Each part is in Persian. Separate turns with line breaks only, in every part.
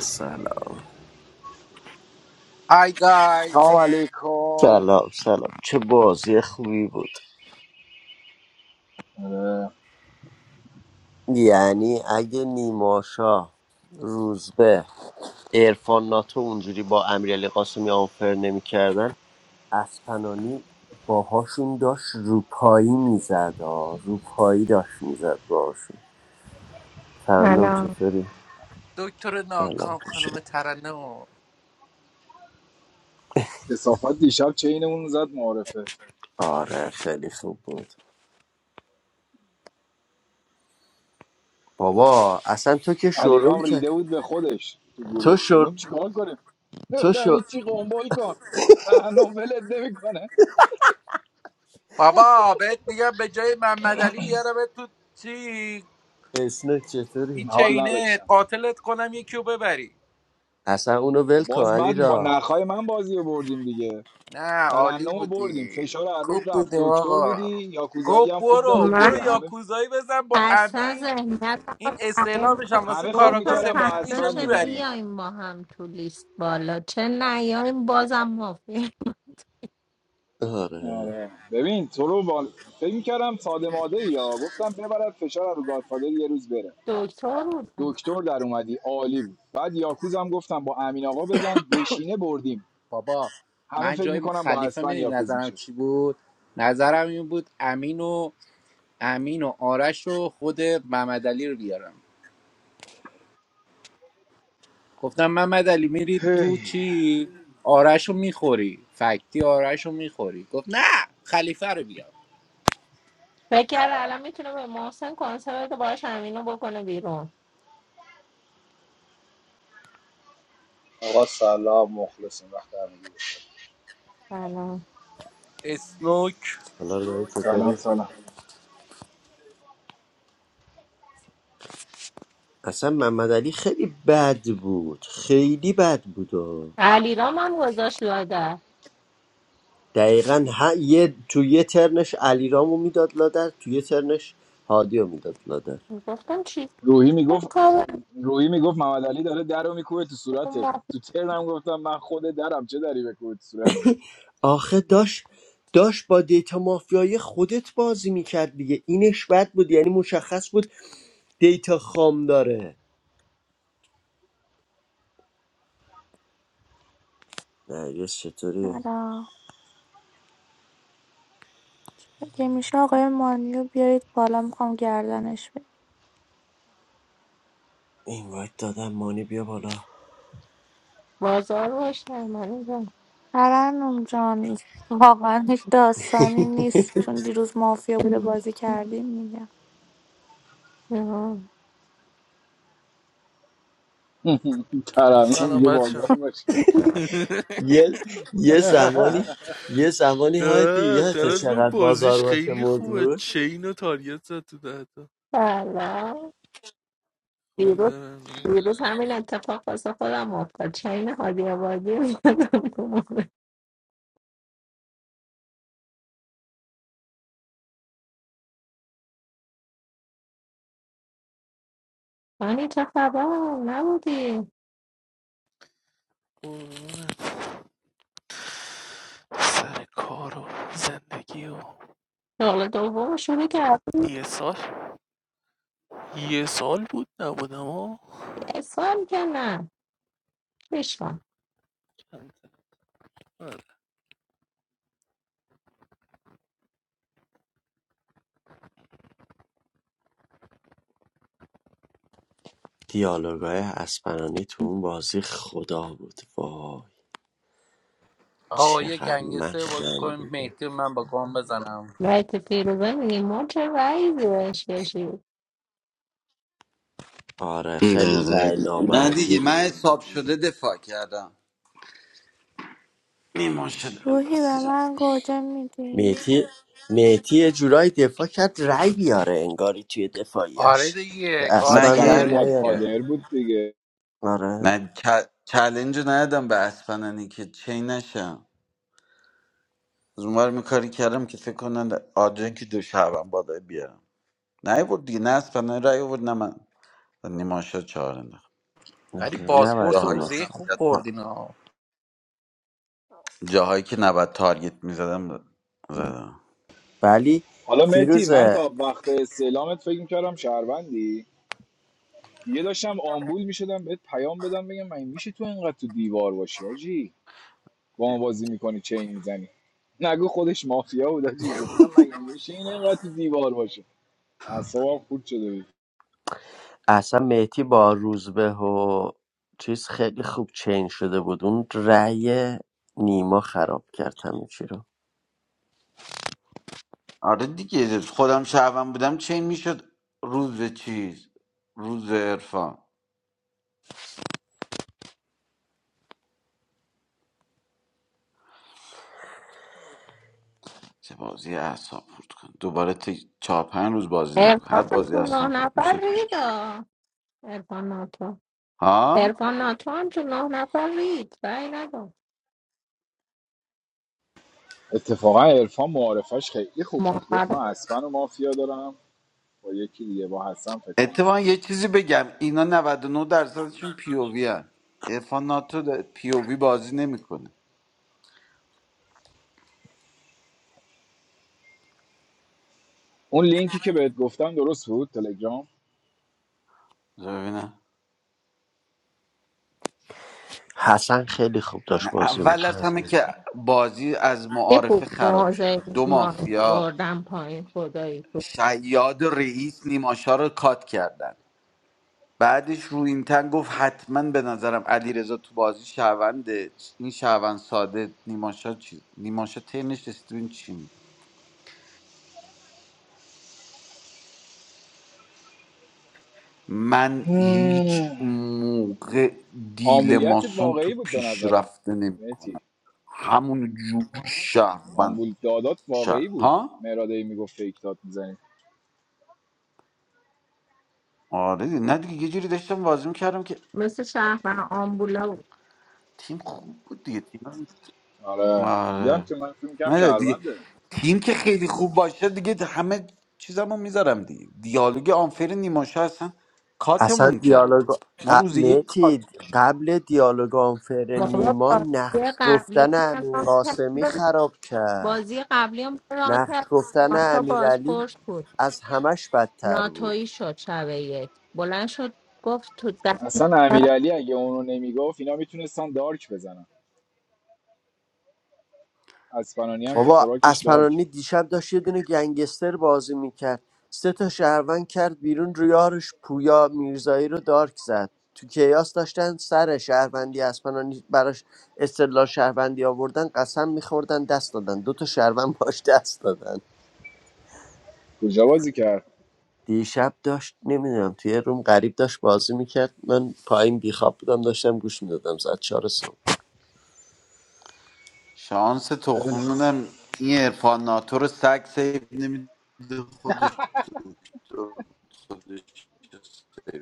سلام
های
سلام
گایز
علیکم
سلام سلام چه بازی خوبی بود
آره.
یعنی اگه نیماشا روزبه ارفان ناتو اونجوری با امیرعلی قاسمی آنفر نمیکردن اسپنانی باهاشون داشت روپایی میزد روپایی داشت میزد باهاشون ترنم
سلام
چطوری؟
دکتر
سلام
ناکام
خوشم.
خانم ترنم
کسافت دیشب چینمون زد معرفه
آره خیلی خوب بود بابا اصلا تو که شروع
علیرام
کرد
ریده بود به خودش تو
تو
گروه
شر...
گفتم چیکار کنیم
تو
گفتم
شر...
هیچی قنبل کن ترنم ولت نمیکنه
بابا بهت میگم به جای محمد علی بیارم تو چی
اسنک
این
چطوری؟
حال
چینه
نداشتم
قاتلت کنم یکی رو ببری
اصلا اونو
خب
ول کن
باز
علی
بعد با
را
نخای من بازی رو بردیم دیگه
نه عالی
ترنم رو بردیم
بودی
فشار هر
خوب
رود رفت
بودیم
دکتر
آقا
بودی یاکوزایی
گفت
هم خوب
برو
زدیم
برو
دیگه
من
همه
یاکوزایی بزن با
اصلا
امین
ذهنیت
این
رو تغییر
استعلامش هم
ندادم.
واسه
همه فکر
کاراگاه
گفتم
میکردم
سفید
با
فردا
میشه
اسفل
چه
میزنیم
میبریم
بیایم با هم تو لیست بالا چه نیایم بازم مافی
آره
آره. ببین تو رو با... فکر میکردم ساده ماده یا گفتم ببرد فشار رو گادفادر یه روز بره
دکتر بودم
دکتر در اومدی عالی بود بعد یاکوز هم گفتم با امین آقا بزن بشینه بردیم
بابا
همه
من
فکر
جای
میکنم با
خلیفه
اسپن
میدین
یاکوز
نظرم
میشه
چی بود نظرم این بود امین و امین و آرش و خود محمد رو بیارم گفتم محمد میری تو
هی
چی آرش رو میخوری فکتی آرش رو میخوری گفت نه خلیفه رو بیار
فکر کرد الان میتونه به محسن کنسرت بده باش همینو بکنه بیرون
Allahumma khlasin rachdani.
سلام
اسنوک
حالا رو این
سلام
چطوری؟
سلام
اصلا محمد علی خیلی بد بود خیلی بد بود و
علیرام هم گذاشت لاده
دقیقا ه... یه... تو یه ترنش علیرامو میداد لادر تو یه ترنش هادیو میداد لادر
گفتم چی
روحی میگفت
کار
روحی میگفت محمد علی داره درو میکوبه تو صورته
مافی
تو ترنم گفتم من خود درم چه دری بکوبه تو صورت
آخه داشت داشت با دیتا مافیای خودت بازی میکرد دیگه اینش بد بود یعنی مشخص بود دیتا خام داره نه یه چطوری
سلام اگه میشه آقای مانیو بیارید بالا میخوام گردنش بگیرم
این وایت دادم مانی بیا بالا
بازار باشه من اینجا.
ترنم جان واقعا هیچ داستانی نیست چون دیروز مافیا بوده بازی کردیم میگم
آه.
ترنم
سلام
میگه بازار
بچه
باشه
یه یه زمانی یه زمانی هایدی
نه
یادت
ترنم
چقدر بازار
بازیش
باشه
خیلی
مود
خوبه
بود
چین و تاریت زد تو دهتا
سلام
خوبی ترنم
دیروز همین اتفاق واسه خودم افتاد چین هادی آبادی اومدم تو موقع. هانی چه خبر نبودی
قربونت. سر کار و زندگی و
شغل دوم شروع کردی
یه سال یه سال بود نبودم ها
اسفال که نه بشم
دیالوگای اسپنانی تو اون بازی خدا بود وای
آقا یه
چقدر من
گنگسه بازی کنیم
خندیدم
مهدی رو من با گام بزنم
رایت فیروزه میگی ما چه رایی زیرش کشید
آره خیلی
دقیقه
رأی
نه
نامردی
دیگه من
بود
حساب شده دفاع کردم نیمان شده
روحی به
انداختیرم
من گوجه میدی
میتی میتی یه جورایی دفاع کرد رأی بیاره انگاری توی
آره
دفاعیش که
دیگه
نه
اصلا
گادش
اسپنانی
رأی
یه
نره
نیاره
دیگه
گادفادر بود دیگه
آره
نه چ- چلنج رو ندادم به اسپنانی که چی نشم از اون ور می کاری کردم که فکر کنن آجان که دو شبم بادا بیارم نه بود دیگه نه اسپنانی رای بود نه من نیمان شد چهار انداخت
ولی
آره نباید
باسپورس رو
جاهایی که
نیماس
روزه
کنه.
خوب
نباید
بردین ها
جاهایی که نباید تارگت می زدم زدم
ولی
حالا متی من
فیروز
تا وقت استعلامت فکر میکردم شهروندی یه داشتم آمبول میشدم بهت پیام بدم بگم من میشه تو اینقدر تو دیوار باشی آجی با ما بازی میکنی چین میزنی نگو خودش مافیا بود آجی گفتم مگه میشه این اینقدر تو دیوار باشه اعصابم خورد شده بود
اصلا مهدی با روزبه و چیز خیلی خوب چین شده بود اون رأی نیما خراب کرد همه چی رو
آره دیگه خودم شهروند بودم چین میشد روز چیز روز عرفان چه بازی اعصاب خورد کن دوباره تی... چهار پنج روز بازی نمیکن هر
ارفان
بازی
تو نه
اعصاب خورد
نفر
میشه
ریدا ارفان ناتو
ها
ارفان ناتو هم تو نه نفر رید رای نداد
اتفاقا عرفان معارفش خیلی خوب بود گفت من
محمد
اسفن و مافیا دارم با یکی دیگه با حسن فکر کنم
اتفاقا یه چیزی بگم اینا نود و نه درصدشون پی او وی ان عرفان ناتو پی او وی بازی نمیکنه
اون لینکی که بهت گفتم درست بود تلگرام
ببینم
حسن خیلی خوب داشت
نه
بازی
اول از
میکرد
همه که بازی از
یه
معارفه
خوب
خراب شد
موضع
دو
ما
مافیا
بردم پایین خدایی تو
شیاد و رئیس نیماشا رو کات کردن بعدش رو این تن گفت حتما به نظرم علیرضا تو بازی شهرونده این شهروند ساده نیماشا چی نیماشا ترنش رسید ببین چی میگه من هیچ
هم.
موقع دیل
آمبولیتت
ماسون تو
واقعی بود به نظرم
پیشرفته
مهتی
نمیکنم همون جور شهروند
آمبول دادات
شهر
واقعی بود
ها
مرادی میگفت فیک داد میزنی
آره دیگه. نه دیگه یه جوری داشتم بازی میکردم که
مثل شهر آمبولا بود.
تیم خوب بود دیگه تیم
آره
آره
میگم که من فیلم کم
من دیگه
شهرونده
تیم که خیلی خوب باشه دیگه همه چیزمو میذارم دیگه دیالوگ آنفر نیماشه اصلا
اصلا
کاتمون
دیالوگ
کرد ما
ق...
روز یک
مهدی
کات
قبل دیالوگ آنفر
بابا
نیما
بازی
نقش
قبلی هم
گفتن امین
ران
قاسمی
کرده
خراب کرد
بازی قبلی هم ران
نقش
کرد
گفتن
تا
امیرعلی
بازپرس بود
از همش بدتر بود
ناتویی شد شب یک بلند شد گفت تو ده
اصلا امیرعلی اگه اونو نمیگفت اینا میتونستن دارک بزنن اسپانانی هم که
بابا
خوراکش دارک
اسپرانی دیشب داشت یه دونه گنگستر بازی میکرد سه تا شهروند کرد بیرون ریارش پویا میرزایی رو دارک زد تو کیاس داشتن سر شهروندی اسپرانی براش استدلال شهروندی آوردن قسم میخوردن دست دادن دو تا شهروند باش دست دادن
کجا بازی کرد
دیشب داشت نمیدونم توی یه روم غریب داشت بازی میکرد من پایین بیخواب بودم داشتم گوش میدادم زد چهار صبح
شانس
خیلی خوب.
تخمونم این ارفان ناتو رو سگ سیف نمیده خودش دکتر بود، خودش سیو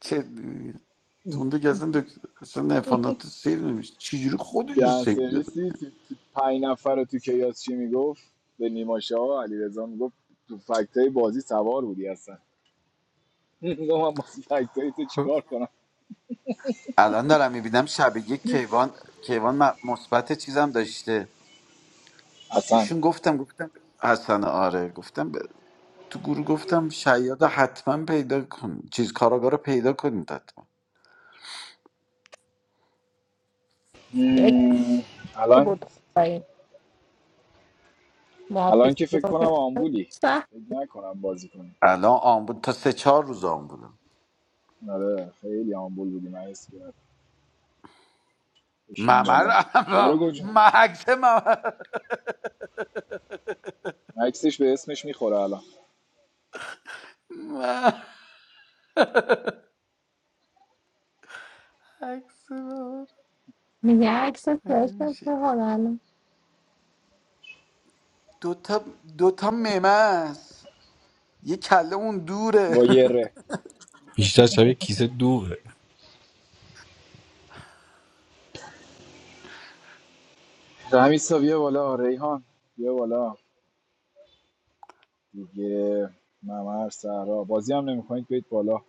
چه اون دیگه اصلا دکتر اصلا عرفان ناتو سیو نمیشه چجوری خودش رو
دهن
سیو داده
سرویسی تو- پنج نفر رو تو کیاس چی میگفت به نیماشه ها میگفت تو فکتای بازی سوار بودی اصلا میگم من بازی فکتای تو چیکار کنم
الان دارم میبینم شب یک کیوان کیوان م- مثبت چیزم داشته
اصلا
بهشون گفتم گفتم حسن آره گفتم ب- تو گروه گفتم شیادا حتما پیدا کن چیز کاراگاه رو پیدا کنید حتما
یک
مم،
که
الان
بود پایین معافی
الان که فکر
رو
کنم
کردن
آمبولی
سه
فکر نکنم بازی کنی
الان آن بود تا سه چهار روز آن بودم
آره خیلی آمبول بودی من اسم بشین
ممر
بالا کیارو گوجون
محکس ممر
عکسش به اسمش میخوره الان
محکس ممر
میگه عکس
مگه
فرشت
میشه
به حالا
دوتا دوتا ممه است یه کله اون دوره
با یه ره
بیشتر شبیه کیسه دوه
رمیسا بیا بالا ریحان بیا بالا دیگه ممر سهرا بازی هم نمیکنید بیاید بالا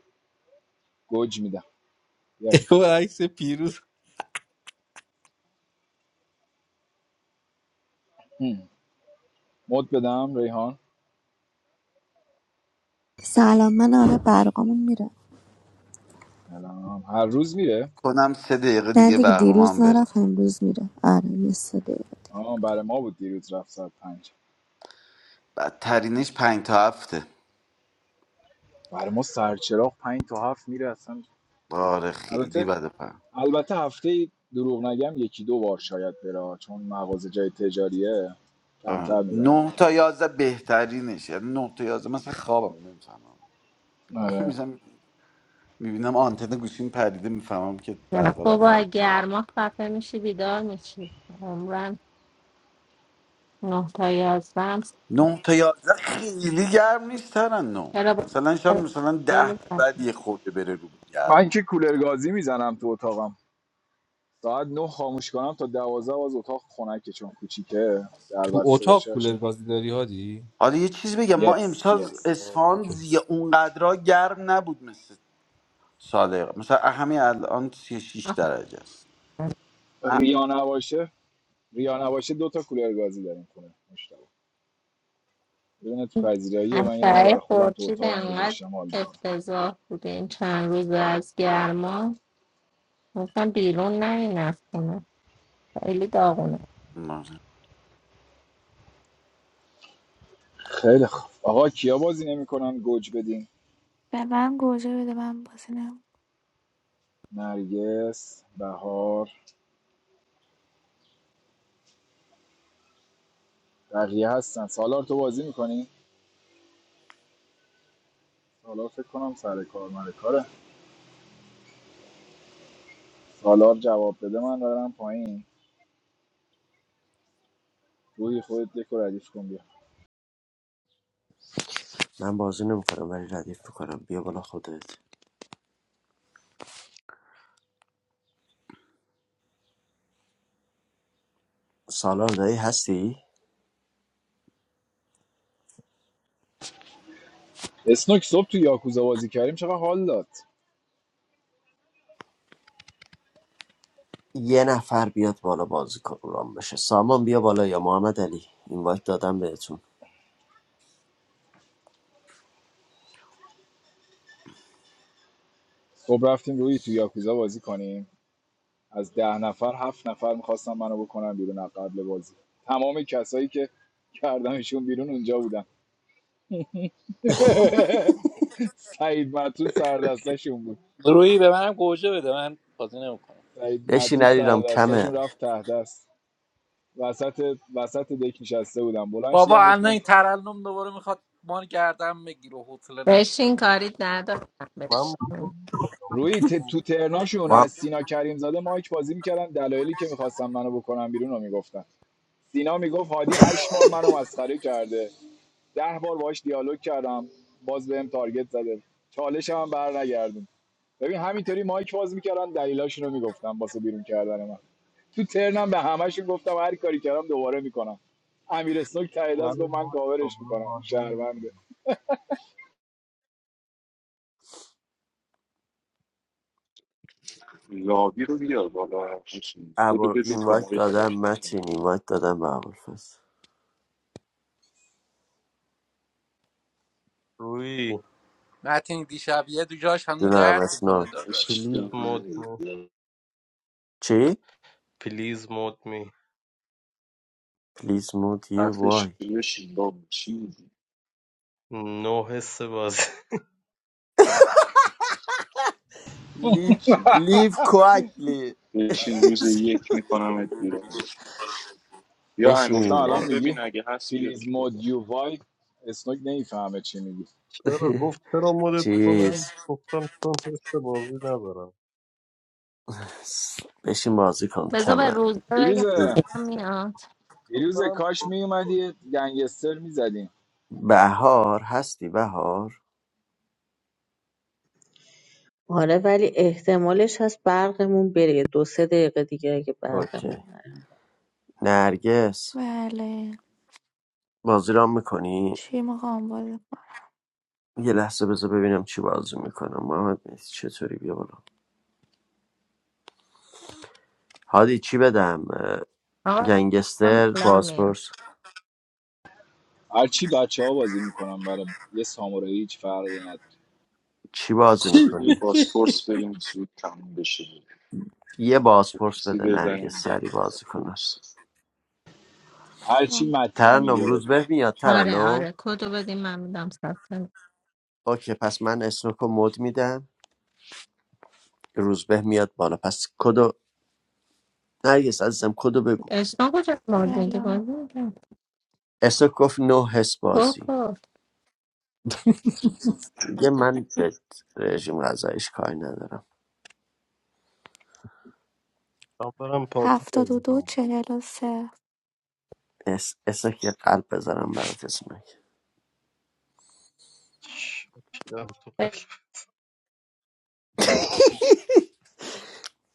گوج میدم بیاید
او عکس پیروز
هم. مد بدم ریحان
سلام من آره برقامون میره
سلام هر روز میره
کنم سه دقیقه
نه
دیگه
دیگه دیروز
برقمان بره
نرفت امروز میره آره yesterday
آه برای ما بود دیروز رفت ساعت پنج
بدترینش پنج تا هفته
برای ما سرچراغ پنج تا هفت میره اصلا
آره خیلی
البته
بده
البته هفته ای دروغ نگم یکی دو بار شاید بره چون مغازه جای تجاریه
آره.
کمتر میبرم
نه تا یازده بهترینش یعنی نه تا یازده مثلا خوابم نمیفهمم
برای. آره
میشم میبینم آنتن گوشیم پریده میفهمم که
نه
برقا
بابا
رفته
گرما خفه میشی بیدار میشی عمرن نه تا یازدم
نه تا یازده خیلی گرم نیست ترن نه
چرا با
مثلا شاید مثلا ده
خیلی
به
خفه.
بعد یه خورده بره رو به
من
گرما
که کولر گازی میزنم تو اتاقم ساعت نه خاموش کنم تا دوازده باز اتاق خنکه چون کوچیکه در
تو
بسته
اتاق
باشه
کولر
باشه
گازی داری هادی
حالا یه چیز بگم ما
یس
امسال
یس
آه،
اصفهان
اوکی.
زیه اونقدرها گرم نبود مثل سال قبل. مثلا همین الان 36 درجه است اه،
ریا نباشه ریا نباشه دو تا کولر گازی داریم خونه مشتبه یه دونه تو پذیراییه من یه دونه برای
قطعه
خودم تو
خورشید
اتاقم
انقدر
گذاشتم حال میکنم
افتضاح بوده این چند روز از گرما گفتم بیرون نرین از خونه خیلی داغونه
نه.
خیلی خوب آقا کیا بازی نمیکنن گوج بدین
به من گوجه بده من بازی نم
نرگس بهار بقیه هستن سالار تو بازی میکنی سالار فکر کنم سر کار مال کاره سالار جواب بده من برم پایین روحی خودت یک ردیف کن بیا
من بازی نمیکنم ولی ردیف میکنم بیا بالا خودت سالار دایی هستی
اسنوک صبح تو یاکوزا بازی کردیم چقدر حال داد
یه نفر بیاد بالا بازیکن رام بشه سامان بیا بالا یا محمد علی اینوایت دادم بهتون
صبح رفتیم روی تو یاکوزا بازی کنیم از ده نفر هفت نفر میخواستم منو بکنم بیرون از قبل بازی تمام کسایی که کردمشون بیرون اونجا بودن سعید مطرود سردستاشون بود
روی به منم گوجه بده من بازی نمیکنم
سعید
بشین
معتود
علیرام کمه
سردستاشون رفت ته دست وسط وسط دک نشسته بودم بلند شدم
بابا الان
گفتم
این ترنم دوباره میخواد مان گردم بگیره حوصله نداره
بشین کاری ندارم
من
بشین
موضوع-
روی ت... تو ترناشون
ما
از سینا کریم زاده مایک بازی میکردن دلایلی که میخواستم منو بکنم بیرون رو میگفتن سینا میگفت هادی هشت بار منو مسخره کرده ده بار باهاش دیالوگ کردم باز بهم تارگت زده چالش هم بر نگردیم ببین همینطوری مایک باز میکردن دلیلاشونو میگفتم واسه بیرون کردن من تو ترنم به همشون گفتم هر کاری کردم دوباره میکنم امیر اسنوک ته
من
دست گفت من
موضوع
کاورش
دوباره
میکنم این
واضحه.
شهرونده
لاوی رو بیار بالا حسین. بودو
ابر
بدید
اینوایت
کماری در
دادم
من
متین اینوایت دادم به ابوالفضل
روی
متین دیشب یه دو جاش هنو
جونم
درد میکنه
اسناک
داداش
پلیز
عشق
مود
من
می
چی
پلیز مود می
Please مود you
حرفش
why?
بشین با چی می‌گی؟
نو حس بازی
Leave
بشین
لیو کوکلی
بشین روز یک میکنم بیرون یا
گفتم
امیر
بشین
الان
خان
میگی
ببین اگه هست
پلیز
بیارش
مود
بالا
یو وای اسنوک نمیفهمه چی میگی
چرا گفت چرا مودت
چیز
کنم گفتم چون حس بازی ندارم
بشین بازی کن
بذار به
کمه
روز
پیروز
بگم میاد
من
پیروز
برم
کاش میومدی گنگستر میزدیم
بهار هستی بهار
آره ولی احتمالش هست برقمون بره یه ۲ ۳ دقیقه دیگه اگه
اوکی
برقمون نره.
نرگس
بله
بازی رام میکنی؟
چی میخوام بازی
یه لحظه بذار ببینم چی بازی میکنم محمد مهدی چطوری بیا بالا هادی چی بدم اه،
آقا هم
گنگستر
الان میاد
بازپرس
هرچی بچه ها بازی میکنن برای یه سامورایی هیچ فرقی نداره
چی بازی
بگیر
میکنی
باسپورس بریم زود تموم بشه
یه بازپرس
روزی
بده
بزنیم
نرگس
به
سری
بعد
بازی کنن
خروسی
هرچی
کنم
متین
ترنم
میگه بده
روزبه میاد
آره
ترنم
آره کدو بدیم من میدم ثبت
اوکی پس من اسنوکو مد میدم روزبه میاد بالا پس کدو نرگس عزیزم کدو بگو
اشنا کجا مارد میده
الان
بازی میکنم
اسنوک گفت نو حس بازی
بکن
دیگه من به رژیم غذایش کاری ندارم
من برم پابی
هفتاد و
بازی
دو
کنم.
چهل و سه
اس... اسنوک یه قلب بذارم برات اسنوک
شیرم تو قلب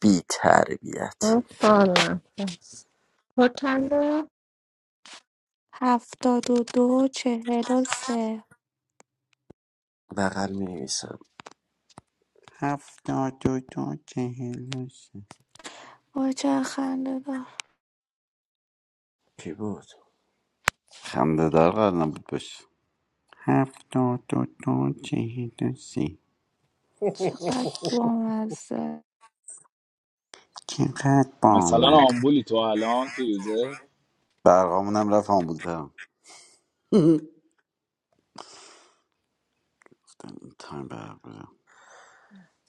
بی تربیت
اون سال نفس کد چنده؟
هفتاد و دو چهل و سه
بغل می نویسم
هفتاد و دو چهل و سه
وای چه خنده دار
کی بود
خنده دار قرار نبود باشه هفتاد و دو چهل و سه
چقدر بامزه
چقدر با
مثلا
من
آمبولی تو الان تو یوزه
برقامون هم رفت آن بودم این تایم برق بودم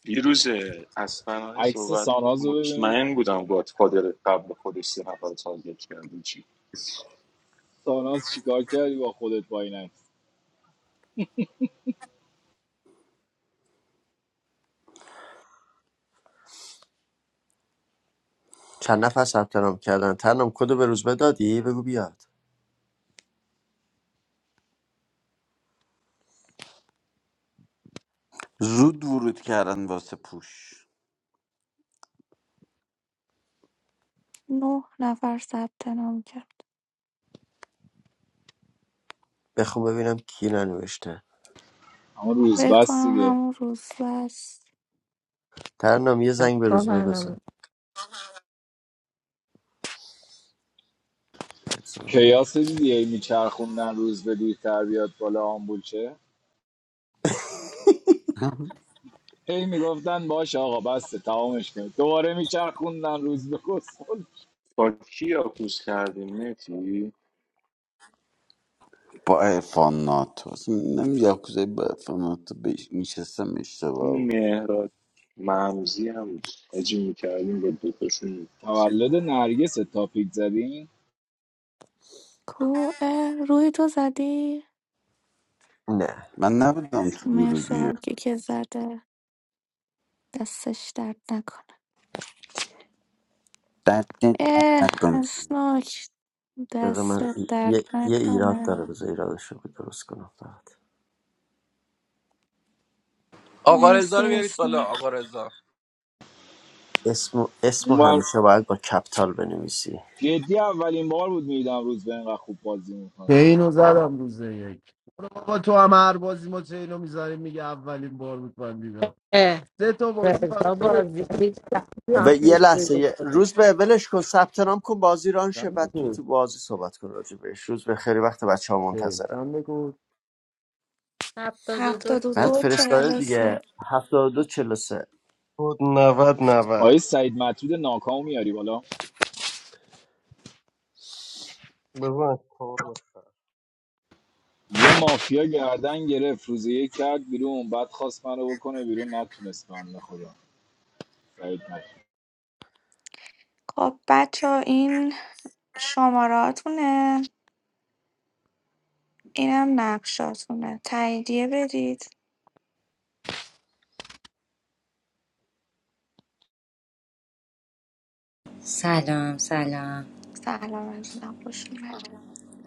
دیروز از پناهی
عکس
صحبت کرد
ساناز رو ببینید
مطمئن بودم گادفادر قبل خودش سه نفر تارگت کرده چی
ساناز چیکار کردی با خودت با این عکس
چند نفر ثبت نام کردن ترنم کدو به روزبه دادی بگو بیاد
زود ورود کردن واسه پوش
نه نفر ثبت نام کرد
بخون ببینم کی ننوشته
اما روز
فکر
بس
کنم
دیگه
همون روز بس
ترنم یه
نه،
زنگ به
با
روزبه بزن
برنامه.
بزن.
کیاس دیدی هی میچرخوندن روز به دیرتر بیاد بالا آمبول شه هی میگفتن باش آقا بسته تمامش کنید دوباره میچرخوندن روز به کسخل
با کی یاکوس کردیم متی
با ارفان ناتو اصلا نمی‌دونم یاکوزای با ارفان ناتو بش... میشستم اشتباه
اون
بود.
مهراد ممزی هم اجی میکردیم با دوتاشون می‌کنیم.
تولد نرگس تاپیک زدین
کو اه، روی تو زدی
نه
من نبودم تو گروه
مرسی
دیگه
هرکی که زده دستش درد نکنه
دست درد
اه
نکن
اسنوک
بذار
دست
من ای-
درد
یه, یه ایراد
نکنه
داره بذار ایرادش رو درست کنم فقط
آقا رضا
مرسی
رو بیارید بالا
اسنوک
آقا رضا
اسم اسمو
اونور
همیشه باید با کپتال بنویسی
جدی اولین بار بود میدم روز به اینقدر خوب بازی
چه
میکنه
اینو زدم روز یک برو بابا تو هم هر بازی ما چه میذاریم میگه اولین بار بود من دیدم سه تا بازی فقط
رضا
خودت
بازی
چه
و یه لحظه یه
زدم.
روز به ولش کن ثبت نام کن بازی ران شه
چند
بعد تو
بکن
تو بازی صحبت کن راجع بهش روز به خیلی وقت بچه ها
چه؟
منتظرن
چند بکن
هفتاد و دو
هفتاد و
بعد
دو چهل
فرستاده
و سه
دیگه 72 سه
خود نود نود
آقای سعید مطرود ناکامو میاری بالا
بزن کار
یه مافیا گردن گرفت روز یک کرد بیرون بعد خواست من رو بکنه بیرون نتونست بنده خدا سعید مطرود
خب بچه این شماراتونه اینم نقشاتونه تاییدیه بدید
سلام سلام
سلام عزیزم خوش اومد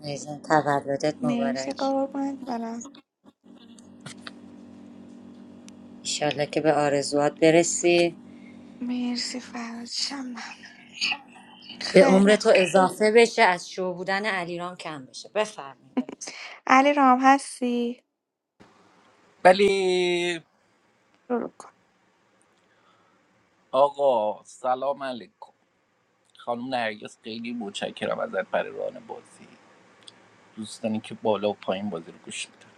عزیزم تولدت
مرسی
مبارک
قربونت برم
ایشالله که به آرزوات برسی
مرسی فراد شمم
به
خیلی
عمر تو
خوب
اضافه بشه از شو بودن علیرام کم بشه بفرمایید بفرمایید.
علی رام هستی
ولی
شروع کن
آقا سلام علیکم خانم نرگس خیلی متشکرم ازت برای ران بازی دوستانی که بالا و پایین بازی رو گوش میدن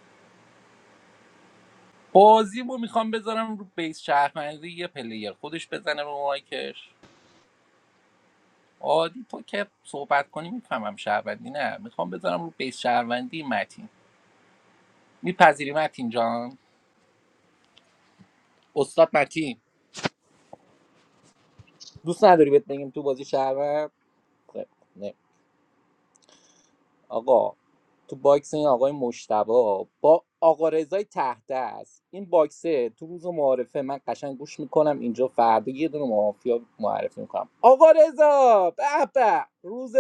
بازی رو میخوام بذارم رو بیس شهروندی یه پلیر خودش بزنه رو مایکش عادی تو که صحبت کنی میفهمم شهروندی نه میخوام بذارم رو بیس شهروندی متین میپذیری متین جان استاد متین دوست نداری بهت بگیم تو بازی شهروند خب، نه. آقا تو باکس این آقای مشتبا با آقا رضای تحت است این باکسه تو روز معارفه من قشنگ گوش میکنم اینجا فردا یه دونه مافیا معرفی میکنم آقا رضا به به روز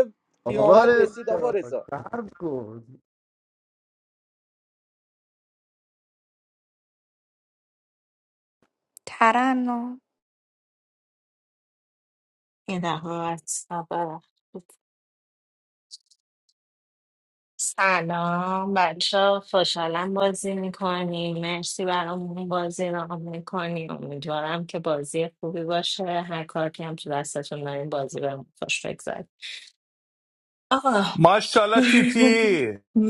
آقا
قیامت رسید آقا
رضا،
رضا
صبر کن
ترنم
این دفعه از خبر. سلام بچه ها، خوشحالم بازی میکنیم مرسی برامون بازی را میکنیم امیدوارم که بازی خوبی باشه هر کار که هم تو دستتون داریم بازی به خوش بگذاریم آقا
MashaAllah, she did.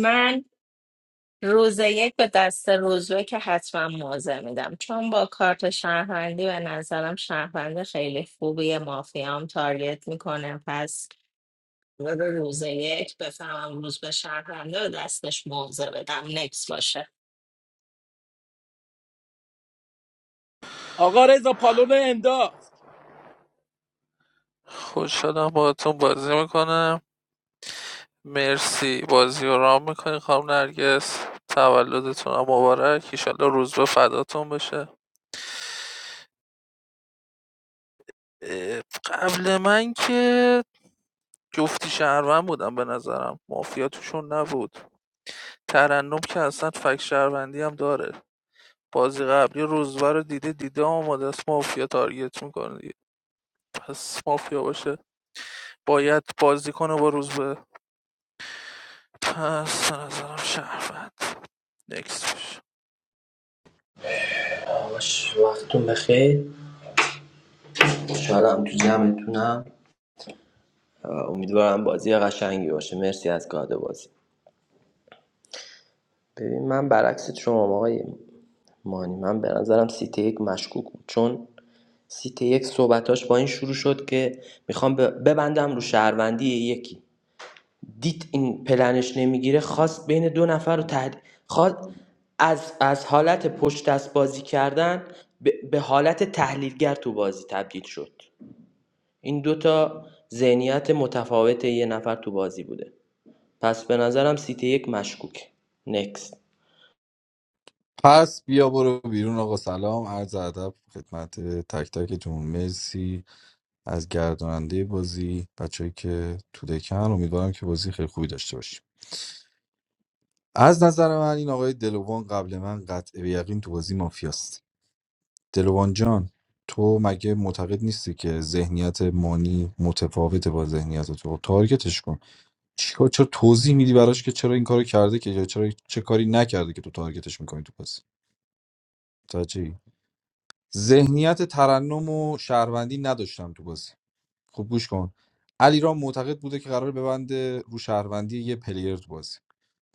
من روز یک به دست روزبه که حتما موضع میدم چون با کارت شهروندی به نظرم شهروند خیلی خوبیه مافیام تارگت میکنه پس قرار روز یک بفهمم روز به شهرونده و دستش موضع بدم نکس باشه
آقا رضا پالون انداخت
خوش شدم باهاتون بازی میکنم مرسی بازی رو رام میکنی خانم نرگس تولدتون هم مبارک ایشالله روز به فداتون بشه اه، قبل من که جفتی شهروند بودن به نظرم مافیا توشون نبود ترنم که اصلا فک شهروندی هم داره بازی قبلی روزبه رو دیده دیده آماده است مافیا تارگت میکنه دیگه پس مافیا باشه باید بازی کنه با روزبه پس به نظرم شهروند نکس باشه
باش وقتون بخیر خوشحالم تو جمعتونم امیدوارم بازی قشنگی باشه مرسی از گاد بازی ببین من برعکس شما آقای مانی من به نظرم سیتی یک مشکوک بود چون سیتی یک صحبتاش با این شروع شد که میخوام ب- ببندم رو شهروندی یکی دید این پلنش نمیگیره خواست بین دو نفر رو تحد... خواست از, از حالت پشت دست بازی کردن به, به حالت تحلیلگر تو بازی تبدیل شد این دوتا تا ذهنیت متفاوت یه نفر تو بازی بوده پس به نظرم سیتی یک مشکوک نکست
پس بیا برو بیرون آقا سلام عرض ادب خدمت تک تکتون مرسی از گرداننده بازی بچه‌ای که تو دکن امیدوارم که بازی خیلی خوبی داشته باشیم از نظر من این آقای دلوان قبل من قطع به یقین تو بازی مافیاست دلوان جان تو مگه معتقد نیستی که ذهنیت مانی متفاوته با ذهنیت تو خب تارگتش کن چیکار چرا توضیح میدی براش که چرا این کارو کرده که یا چرا چه کاری نکرده که تو تارگتش میکنی تو بازی متوجهی ذهنیت ترنم و شهروندی نداشتم تو بازی خوب گوش کن علی را معتقد بوده که قرار ببنده رو شهروندی یه پلیر تو بازی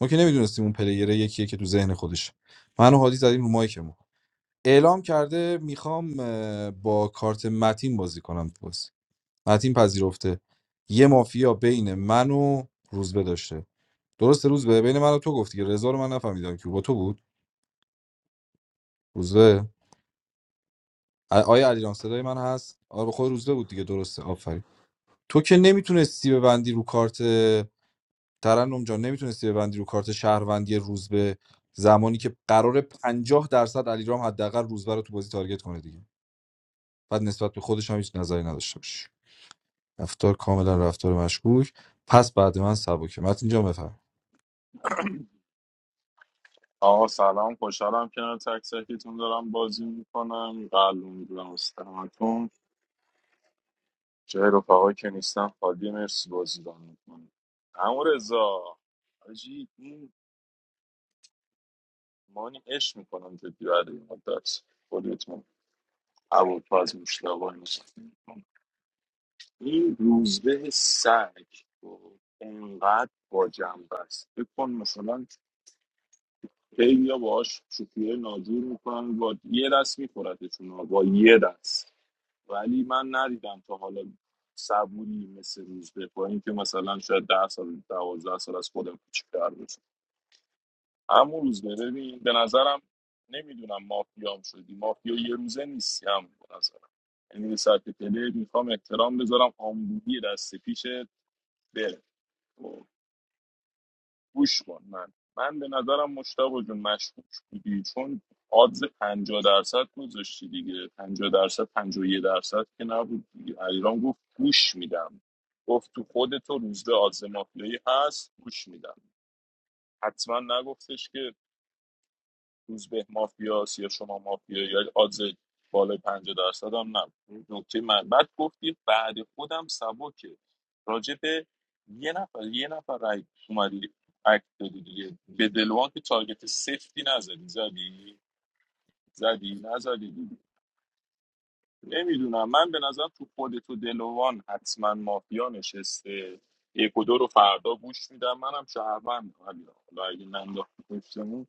ما که نمیدونستیم اون پلیر یکیه که تو ذهن خودش من و هادی زدیم رو مایکمون اعلام کرده میخوام اه، با کارت متین بازی کنم تو بازی متین پذیرفته یه مافیا بین من و روزبه داشته درسته روزبه بین من و تو گفتی که رضا رو من نفهمیدم که با تو بود روزبه آ- آیا علیرام صدای من هست آره به خود روزبه بود دیگه درسته آفرین تو که نمیتونستی ببندی رو کارت ترنم جان نمیتونستی ببندی رو کارت شهروندی روزبه زمانی که قرار 50 درصد علیرام حداقل روزبه رو تو بازی تارگت کنه دیگه بعد نسبت به خودش هم هیچ نظری نداشته باشی رفتار کاملا رفتار مشکوک پس بعد من سبکه متین جان بفرم
آقا سلام خوشحالم کنار تک تکیتون دارم بازی میکنم قلب میدونم استمتون جای رفقایی که نیستم خالی مرسی بازی دارم میکنم همون رضا حاجی این مانی عشق میکنم جدی بعد این مدت خودت عبالفز مشتبه این روزبه سگ خب، انقدر با جنب است فکر کن مثلا خیلی ها باهاش شوخی نادور میکنن با یه دست میخوردتون با یه دست ولی من ندیدم تا حالا صبوری مثل روزبه با اینکه مثلا شاید ده سال دوازده سال از خودم کوچیک‌تر باشه همون روز ببین به نظرم نمیدونم مافیام شدی مافیا یه روزه نیستی هم به نظرم یعنی به سطح پله میخوام احترام بذارم آمبولی دست پیش بره خب، گوش کن من من به نظرم مشتاق جون مشکوک بودی چون آدز 50 درصد گذاشتی دیگه 50 درصد 51 درصد که نبود دیگه علیرام گفت گوش میدم گفت تو خودت و روزبه آدز مافیایی هست گوش میدم حتما نگفتش که روز به مافیاس یا شما مافیا یا آدز بالای پنجاه درصد هم نه نکته من بعد گفتی بعد خودم سبکه راجع به یه نفر یه نفر رای اومدی اکت دادی دیگه به دلوان که تارگت سفتی نزدی زدی زدی نزدی نمیدونم من به نظر تو خود تو دلوان حتما مافیا نشسته یک و دو رو فردا گوش میدم منم شهروند حالا اگه ننداختی پشتمون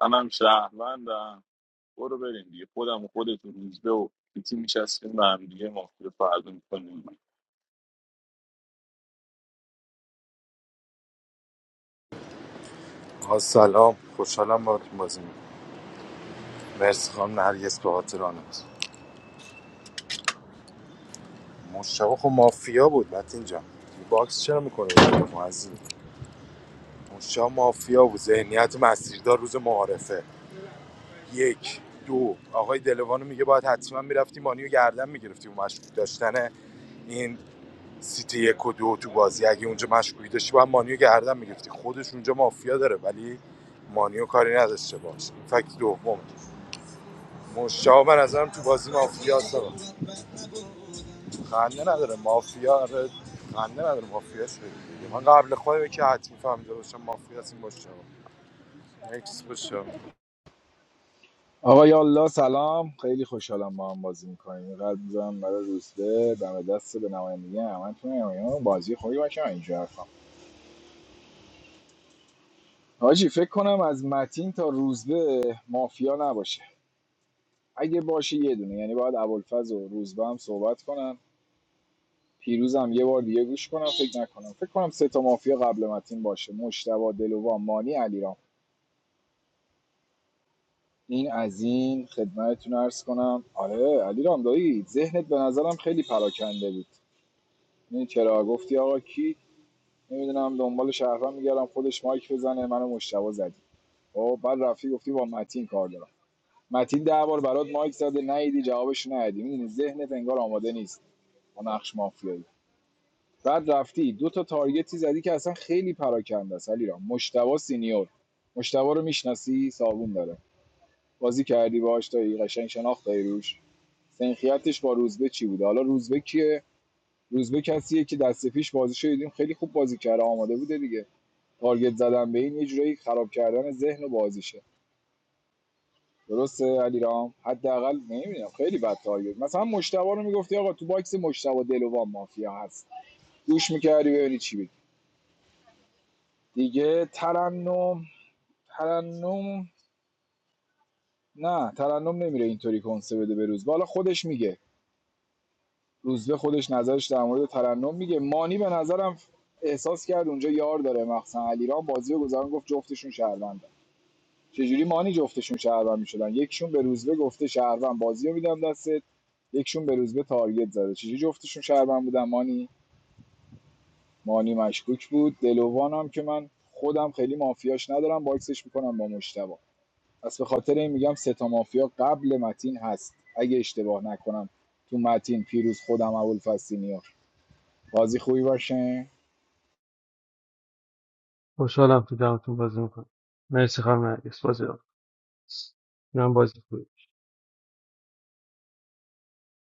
منم شهروندم برو بریم دیگه خودم و خودت و روزبه و بیتی میشستیم به هم دیگه مافیا فردا میکنیم
آقا سلام خوشحالم با تو بازی میکنم مرسی خانم نرگس به خاطر آنت مشتاق خب مافیا بود متین جان باکس چرا میکنه معزی مشتاق مافیا بود ذهنیت مسیردار روز معارفه یک دو آقای دلوانو میگه باید حتما میرفتی مانیو گردن میگرفتی و مشکوک داشتن این سیتی یک و دو تو بازی اگه اونجا مشکوکی داشتی باید مانیو گردن میگرفتی خودش اونجا مافیا داره ولی مانیو کاری نداشته باش این فکت دوم مشتاق به نظرم تو بازی مافیا است. خنده نداره مافیا آره خنده نداره مافیا شدی دیگه. من قبل خودم که حتمی فهمیده باشم مافیا از این باشه نکس باشه
آقا یا الله سلام خیلی خوشحالم با هم بازی میکنیم قلب میزنم برای روزبه دم دست به نمایندگی همتون نمایان بازی خوبی باشه من اینجا حرفم حاجی فکر کنم از متین تا روزبه مافیا نباشه اگه باشه یه دونه یعنی باید ابوالفضل و روزبه هم صحبت کنن پیروزم یه بار دیگه گوش کنم فکر نکنم فکر کنم سه تا مافیا قبل متین باشه مشتبه دلوان مانی علیرام این از این خدمتتون عرض کنم آره علیرام دایی ذهنت به نظرم خیلی پراکنده بود این چرا گفتی آقا کی نمیدونم دنبال شهروند میگردم خودش مایک بزنه منو مشتبه زدی خب بعد رفتی گفتی با متین کار دارم متین ده بار برات مایک زده نیدی جوابش ندی میدونی ذهنت انگار آماده نیست با نقش مافیایی بعد رفتی دو تا تارگتی زدی که اصلا خیلی پراکنده است علیرام مشتبه سینیور مشتبه رو میشناسی صابون داره بازی کردی باهاش تا قشنگ شناخت داری روش سنخیتش با روزبه چی بوده حالا روزبه کیه روزبه کسیه که دست پیش بازی شدیدیم خیلی خوب بازی کرده آماده بوده دیگه تارگت زدن به این یه جورایی خراب کردن ذهن و بازیشه درسته علیرام حداقل نمیدونم خیلی بد تارگت مثلا مشتبه رو میگفتی آقا تو باکس مشتبه دلوان مافیا هست گوش میکردی ببینی چی بگی دیگه ترنم ترنم نه ترنم نمیره اینطوری کنسه بده به روز حالا خودش میگه روزبه خودش نظرش در مورد ترنم میگه مانی به نظرم احساس کرد اونجا یار داره مخصوصا علیرام بازی رو گذارن گفت جفتشون شهروندن چجوری مانی جفتشون شهروند میشدن یکشون به روزبه گفته شهروند بازی رو میدم دستت یکشون به روزبه تارگت زده چجوری جفتشون شهروند بودن مانی مانی مشکوک بود دلوان هم که من خودم خیلی مافیاش ندارم باکسش میکنم با مشتبه پس به خاطر این میگم سه تا مافیا قبل متین هست اگه اشتباه نکنم تو متین پیروز خودم ابوالفضلینی بازی خوبی باشه
خوشحالم تو دمتون بازی میکنم مرسی خانم نرگس بازی رو من بازی خوبی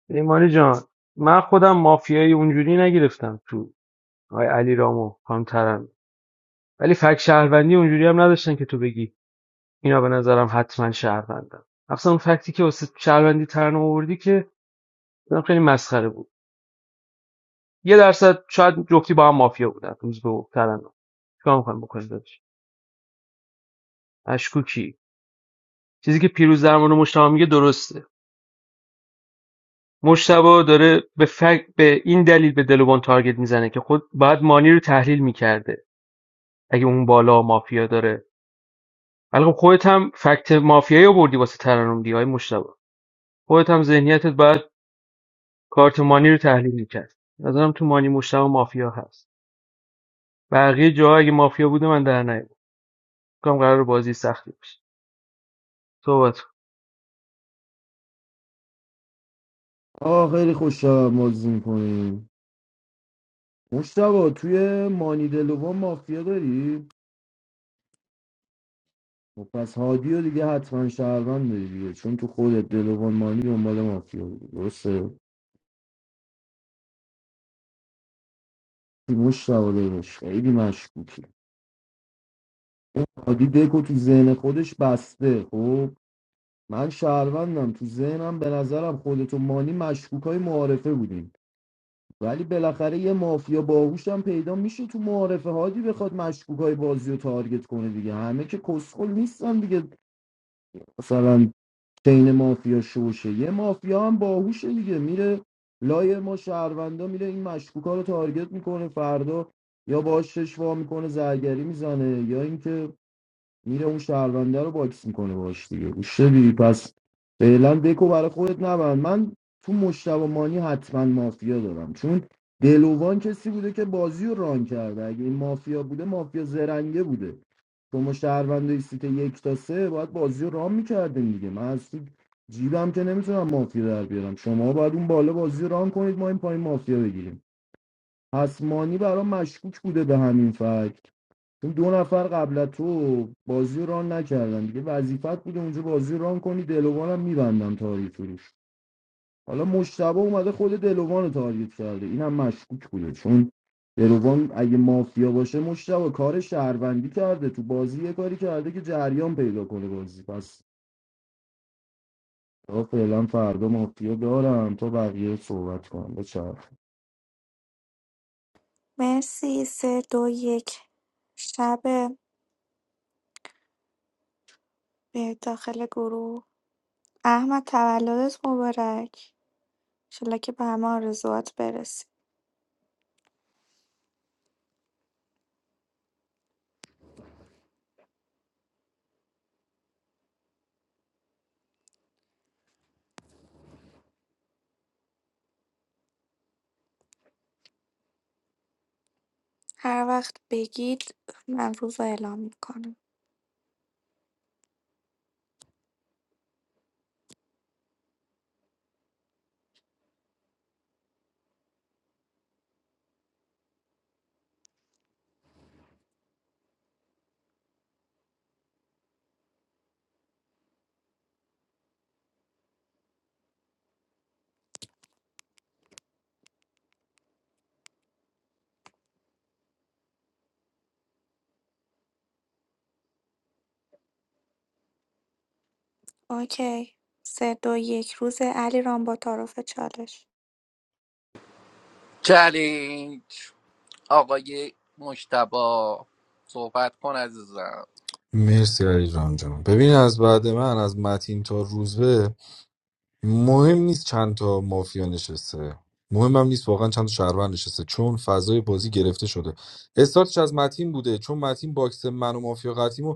ایمانی جان من خودم مافیایی اونجوری نگرفتم تو آقای علی رامو خانم ترن ولی فکت شهروندی اونجوری هم نداشتن که تو بگی اینا به نظرم حتما شهروندن اصلا اون فکتی که واسه شهروندی ترن آوردی که بنام خیلی مسخره بود یه درصد شاید جفتی با هم مافیا بودن روز به ترن چیکار میخوایم بکنیم داداش اشکوکی چیزی که پیروز در مورد مشتاق میگه درسته مجتبی داره به فکر به این دلیل به دلوان تارگت میزنه که خود باید مانی رو تحلیل میکرده اگه اون بالا مافیا داره ولی خب خودت هم فکت مافیایی آوردی واسه ترانوم دی های مجتبی خودت هم ذهنیتت باید کارت مانی رو تحلیل میکرد نظرم تو مانی مجتبی مافیا هست بقیه جاها اگه مافیا بوده من در نیومد کام قرار بازی سختی بشه صحبت کن.
آه خیلی خوش بازی میکنیم مشتبا توی مانی دلوان مافیا داری؟ خب پس هادی رو دیگه حتما شهروند داری دیگه چون تو خودت دلوان مانی دنبال مافیا بودی درسته؟ مشتبا دارش خیلی مشکوکی عادی دکو تو ذهن خودش بسته خب من شهروندم تو ذهنم به نظرم خودتو مانی مشکوک های معارفه بودیم ولی بالاخره یه مافیا باهوشم پیدا میشه تو معارفه هادی بخواد مشکوک های بازی رو تارگت کنه دیگه همه که کسخل نیستن دیگه مثلا چین مافیا شوشه یه مافیا هم باهوشه دیگه میره لای ما شهروندا میره این مشکوکا رو تارگت میکنه فردا یا باش شش وا میکنه زرگری میزنه یا اینکه میره اون شهرونده رو باکس میکنه باش دیگه گوشتبی پس فعلا دکو برای خودت نبند من تو مشتبه مانی حتما مافیا دارم چون دلوان کسی بوده که بازی رو ران کرده اگه این مافیا بوده مافیا زرنگه بوده شما شهرونده سیت یک تا سه باید بازی رو ران میکردین دیگه من از تو جیبم که نمیتونم مافیا در بیارم شما باید اون بالا بازی رو ران کنید ما این پایین مافیا بگیریم پس مانی برام مشکوک بوده به همین فکت چون دو نفر قبل تو بازی رو ران نکردن دیگه وظیفت بوده اونجا بازی ران کنی دلوانم میبندم تاریخ روش حالا مشتبه اومده خود دلوان رو تارگت کرده اینم مشکوک بوده چون دلوان اگه مافیا باشه مشتبه کار شهروندی کرده تو بازی یه کاری کرده که جریان پیدا کنه بازی پس تا فعلا فردا مافیا دارم تا بقیه صحبت کنم بچه
مرسی سه دو یک شب به داخل گروه احمد تولدت مبارک انشالله که به همه آرزوات برسی هر وقت بگید من روز رو اعلام میکنم اوکی سه دو یک روز علی رام با تعارف چالش
چالش آقای مشتبا صحبت کن عزیزم
مرسی علی جان جان ببین از بعد من از متین تا روزبه مهم نیست چند تا مافیا نشسته مهمم نیست واقعا چند تا شهروند نشسته چون فضای بازی گرفته شده استارتش از متین بوده چون متین باکس من و مافیا قطیمو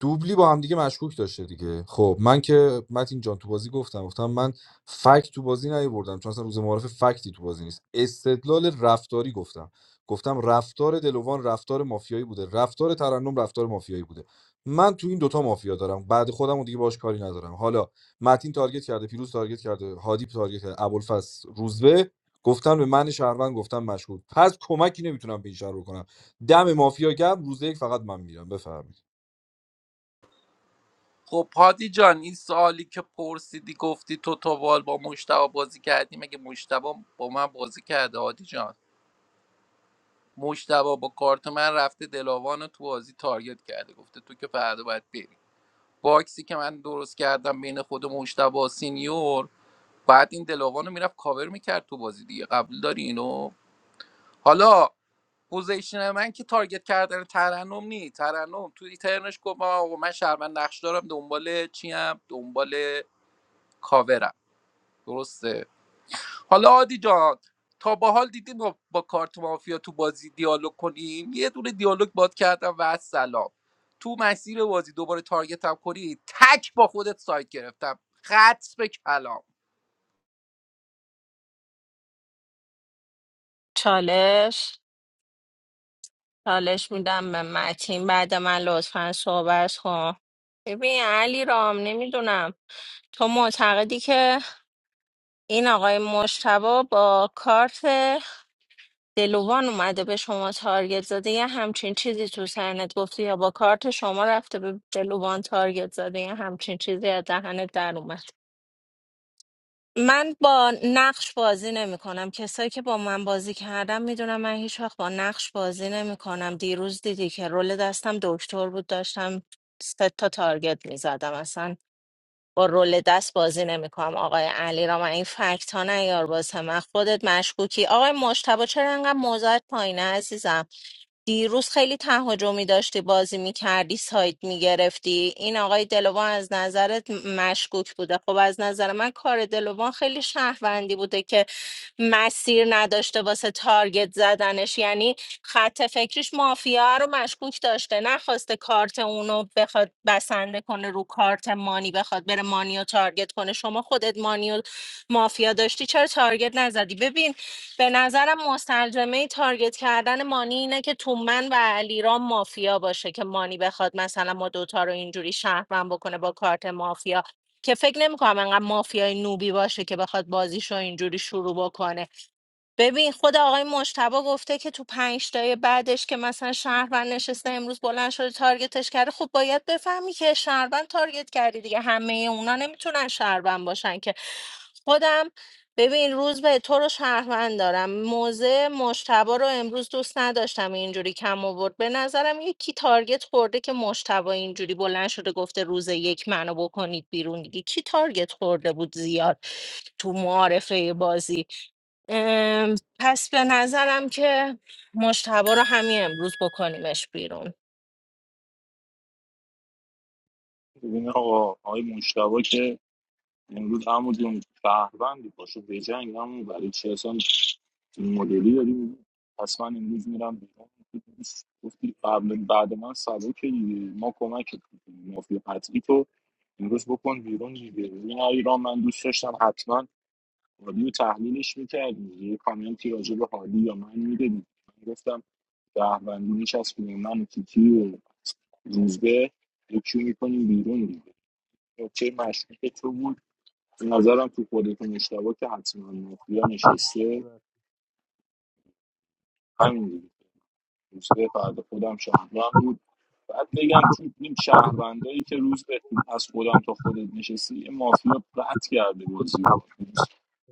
دوبلی با هم دیگه مشکوک داشته دیگه خب من که متین جان تو بازی گفتم گفتم من فکت تو بازی نیاوردم چون اصلا روز معارف فکتی تو بازی نیست استدلال رفتاری گفتم گفتم رفتار دلوان رفتار مافیایی بوده رفتار ترنم رفتار مافیایی بوده من تو این دوتا مافیا دارم بعد خودم و دیگه باش کاری ندارم حالا متین تارگت کرده پیروز تارگت کرده هادی تارگت کرده ابوالفضل روزبه گفتن به من شهروند گفتم مشکوک پس کمکی نمیتونم به این شهر بکنم دم مافیا گرم روز یک فقط من میرم بفرمایید
خب هادی جان این سوالی که پرسیدی گفتی تو توبال با مشتبه بازی کردی مگه مشتبه با من بازی کرده هادی جان مشتبه با کارت من رفته دلاوان رو تو بازی تارگت کرده گفته تو که فردا باید بری باکسی که من درست کردم بین خود مشتبه و سینیور بعد این دلاوان رو میرفت کاور میکرد تو بازی دیگه قبول داری اینو حالا پوزیشن من که تارگت کردن ترنم نی ترنم تو ایترنش گفت من آقا من شهروند نقش دارم دنبال چیم دنبال کاورم درسته حالا عادی جان تا با حال دیدیم ما با کارت مافیا تو بازی دیالوگ کنیم یه دونه دیالوگ باد کردم و از سلام تو مسیر بازی دوباره تارگتم کنی تک با خودت سایت گرفتم خط به کلام
چالش چالش میدم به متین بعد من لطفا صحبت کن ببین علی رام نمیدونم تو معتقدی که این آقای مشتبه با کارت دلوان اومده به شما تارگت زده یه همچین چیزی تو سرنت گفتی یا با کارت شما رفته به دلوان تارگت زده یه همچین چیزی از دهنت در اومد من با نقش بازی نمی کنم کسایی که با من بازی کردم میدونم من هیچ وقت با نقش بازی نمی کنم دیروز دیدی که رول دستم دکتر بود داشتم سه تا تارگت می زدم اصلا با رول دست بازی نمی کنم آقای علی را من این فکت ها نیار واسه من خودت مشکوکی آقای مشتبه چرا انقدر موضوعت پایینه عزیزم دیروز خیلی تهاجمی داشتی بازی میکردی سایت میگرفتی این آقای دلوان از نظرت م- مشکوک بوده خب از نظر من کار دلوان خیلی شهروندی بوده که مسیر نداشته واسه تارگت زدنش یعنی خط فکریش مافیا رو مشکوک داشته نخواسته کارت اونو بخواد بسنده کنه رو کارت مانی بخواد بره مانی رو تارگت کنه شما خودت مانی و مافیا داشتی چرا تارگت نزدی ببین به نظرم مستلزمه تارگت کردن مانی اینه که تو من و علیرام مافیا باشه که مانی بخواد مثلا ما دوتا رو اینجوری شهروند بکنه با کارت مافیا که فکر نمیکنم انقدر مافیای نوبی باشه که بخواد بازیشو اینجوری شروع بکنه ببین خود آقای مجتبا گفته که تو پنج تای بعدش که مثلا شهروند نشسته امروز بلند شده تارگتش کرده خب باید بفهمی که شهروند تارگت کردی دیگه همه اونا نمیتونن شهروند باشن که خودم ببین روز به تو رو شهروند دارم موزه مجتبا رو امروز دوست نداشتم اینجوری کم آورد به نظرم یکی تارگت خورده که مجتبا اینجوری بلند شده گفته روز یک منو بکنید بیرون دیگه کی تارگت خورده بود زیاد تو معارفه بازی ام، پس به نظرم که مشتبه رو همین امروز بکنیمش بیرون
ببین آقا آقای مشتبا که امروز همون جون شهروندی پاشو بجنگ همون برای چی اصلا این مدلی داریم پس من امروز میرم بیرون گفتی قبل بعد من سبکه دیگه ما کمکت میکنیم مافیا قطعی تو امروز بکن بیرون دیگه این ایران من دوست داشتم حتما حالی و تحلیلش میکردی یه کامنتی راجع به حالی یا من میدادی شهروندی میچسبونیم من و تیتی و روزبه یکی میکنیم بیرون دیگه نکته مشکوک تو بود به نظرم تو خودتون اشتباه که حتما مافیا نشسته
بسته.
همین دیگه روزبه فرد خودم شهروند بود بعد بگم تو این شهروندایی که روز به از خودم تا خودت نشستی یه مافیا قطع کرده بازی رو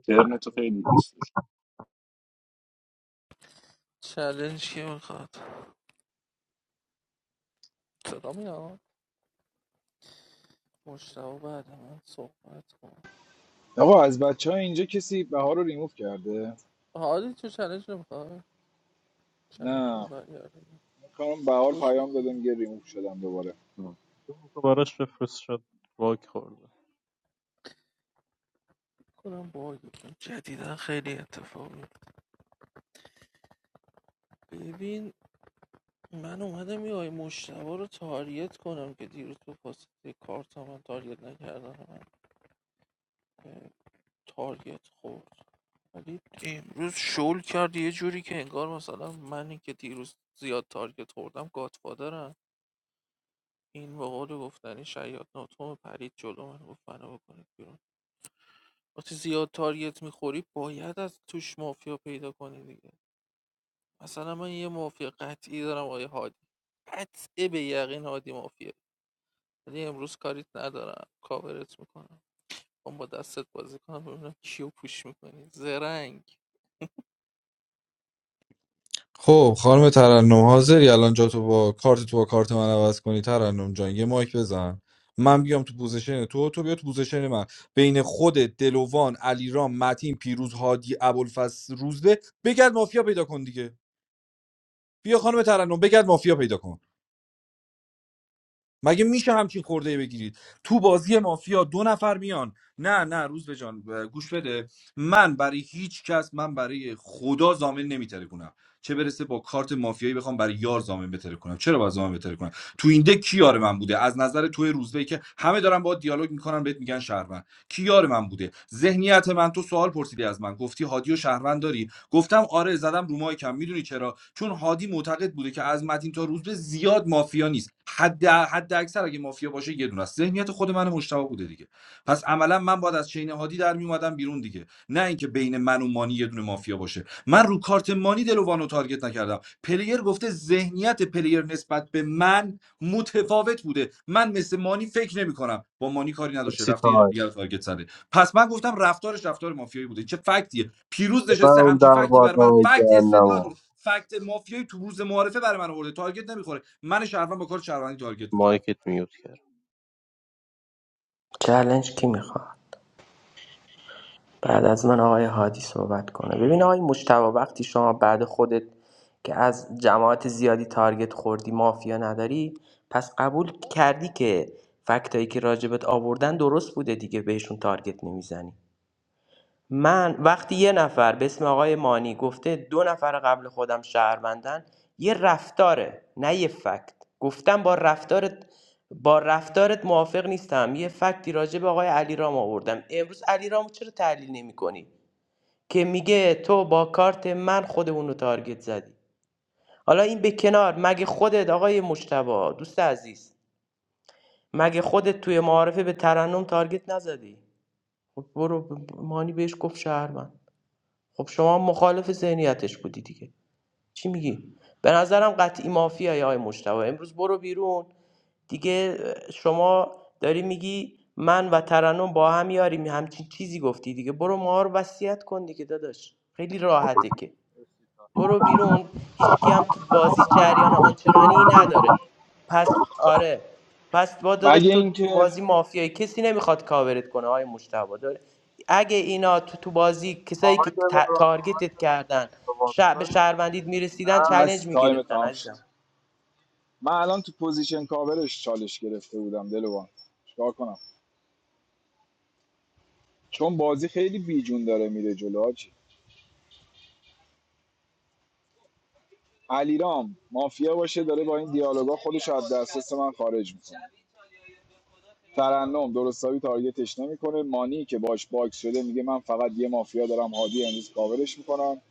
ترنتو خیلی دوست داشت
چلنج که میخواد صدا میاد مشتبه بعد من صحبت کن
آقا از بچه ها اینجا کسی بهار رو ریموف کرده
حالی تو چلنج نمیخواد چلنج رو
نه
برگردیم
کنم بهار
خوش
پیام داده
میکنم
میگه ریموف شدم دوباره
تو براش بفرست شد واک خورده
کنم باگی جدیدا خیلی اتفاقی ببین من اومدم یه آی مشتبه رو تاریت کنم که دیروز به واسطه کارت من تاریت نکردن من اه، تاریت خورد ولی امروز شل کرد یه جوری که انگار مثلا منی که دیروز زیاد تارگت خوردم گاتفادرم این به قول گفتنی شیاد ناتوم پرید جلو من گفت منو بکنید بیرون وقتی زیاد تارگت میخوری باید از توش مافیا پیدا کنی دیگه مثلا من یه مافیا قطعی دارم آقای هادی قطعه به یقین هادی مافیا ولی امروز کاریت ندارم کاورت میکنم میخوام با دستت بازی کنم ببینم کیو پوش میکنی زرنگ
خب خانم ترنم حاضری الان جا تو با کارت تو با کارت من عوض کنی ترنم جان یه مایک بزن من بیام تو پوزیشن تو تو بیا تو پوزیشن من بین خود دلوان علیرام متین پیروز هادی ابوالفضل روزبه بگرد مافیا پیدا کن دیگه بیا خانم ترنم بگرد مافیا پیدا کن مگه میشه همچین خورده بگیرید تو بازی مافیا دو نفر میان نه نه روز به جان گوش بده من برای هیچ کس من برای خدا زامن نمیتره کنم چه برسه با کارت مافیایی بخوام برای یار زامن بتره کنم چرا باید زامن بتره کنم تو این دک کی یار من بوده از نظر توی روزبه که همه دارن با دیالوگ میکنن بهت میگن شهروند کی یار من بوده ذهنیت من تو سوال پرسیدی از من گفتی هادی و شهروند داری گفتم آره زدم رو مایکم میدونی چرا چون هادی معتقد بوده که از متین تا روز به زیاد مافیا نیست حد حد اکثر اگه مافیا باشه یه دونه است ذهنیت خود من مشتاق بوده دیگه پس عملا من باید از چین هادی در میومدم بیرون دیگه نه اینکه بین من و مانی یه دونه مافیا باشه من رو کارت مانی دلوانو تارگت نکردم پلیر گفته ذهنیت پلیر نسبت به من متفاوت بوده من مثل مانی فکر نمیکنم با مانی کاری نداشته
سی
رفته یه جور
تای
دیگه تارگت زده پس من گفتم رفتارش رفتار مافیایی بوده چه فکتیه پیروز
ببر
نشسته
اون
همچین
در
فکتی بر من
بادام
فکت استدلال
جهنمو
فکت مافیایی تو روز معارفه برای من آورده تارگت نمیخوره من شهروند با کار شهروندی تارگت میخوره
مایکت میوت کرد
چلنج کی میخواد بعد از من آقای هادی صحبت کنه ببین آقای مجتبی وقتی شما بعد خودت که از جماعت زیادی تارگت خوردی مافیا نداری پس قبول کردی که فکتایی که راجبت آوردن درست بوده دیگه بهشون تارگت نمیزنی من وقتی یه نفر به اسم آقای مانی گفته دو نفر قبل خودم شهروندن یه رفتاره نه یه فکت گفتم با رفتارت با رفتارت موافق نیستم یه فکتی راجع به آقای علیرام آوردم امروز علیرامو چرا تحلیل نمی‌کنی که میگه تو با کارت من خود اونو تارگت زدی حالا این به کنار مگه خودت آقای مجتبی دوست عزیز مگه خودت توی معارفه به ترنم تارگت نزدی خب برو مانی بهش گفت شهروند خب شما مخالف ذهنیتش بودی دیگه چی میگی به نظرم قطعی مافیای آقای مجتبی امروز برو بیرون دیگه شما داری میگی من و ترنم با هم یاریم همچین چیزی گفتی دیگه برو ما رو وصیت کن دیگه داداش خیلی راحته که برو بیرون هیچکی هم تو
آقای
بازی جریان آنچنانی نداره
دلارام،
پس آره پس با داداش
مگه
تو تو
اینکه
بازی مافیایی کسی نمیخواد کاورت کنه های مشتبه داره اگه اینا تو تو بازی کسایی که
آقای
تا- تارگتت کردن ش... به
دوازده
شهروندید
نه
میرسیدن
بس
چلنج
تایم
میگرفتن
تمام شد
عزیزم
من الان تو پوزیشن کاورش چالش گرفته بودم دلوان چیکار کنم چون بازی خیلی بیجون داره میره جلو حاجی. علیرام مافیا باشه داره با این دیالوگا خودش از دسترس من خارج میکنه ترنم درستاوی تارگتش نمیکنه مانی که باش باکس شده میگه من فقط یه مافیا دارم هادی امروز کاورش میکنم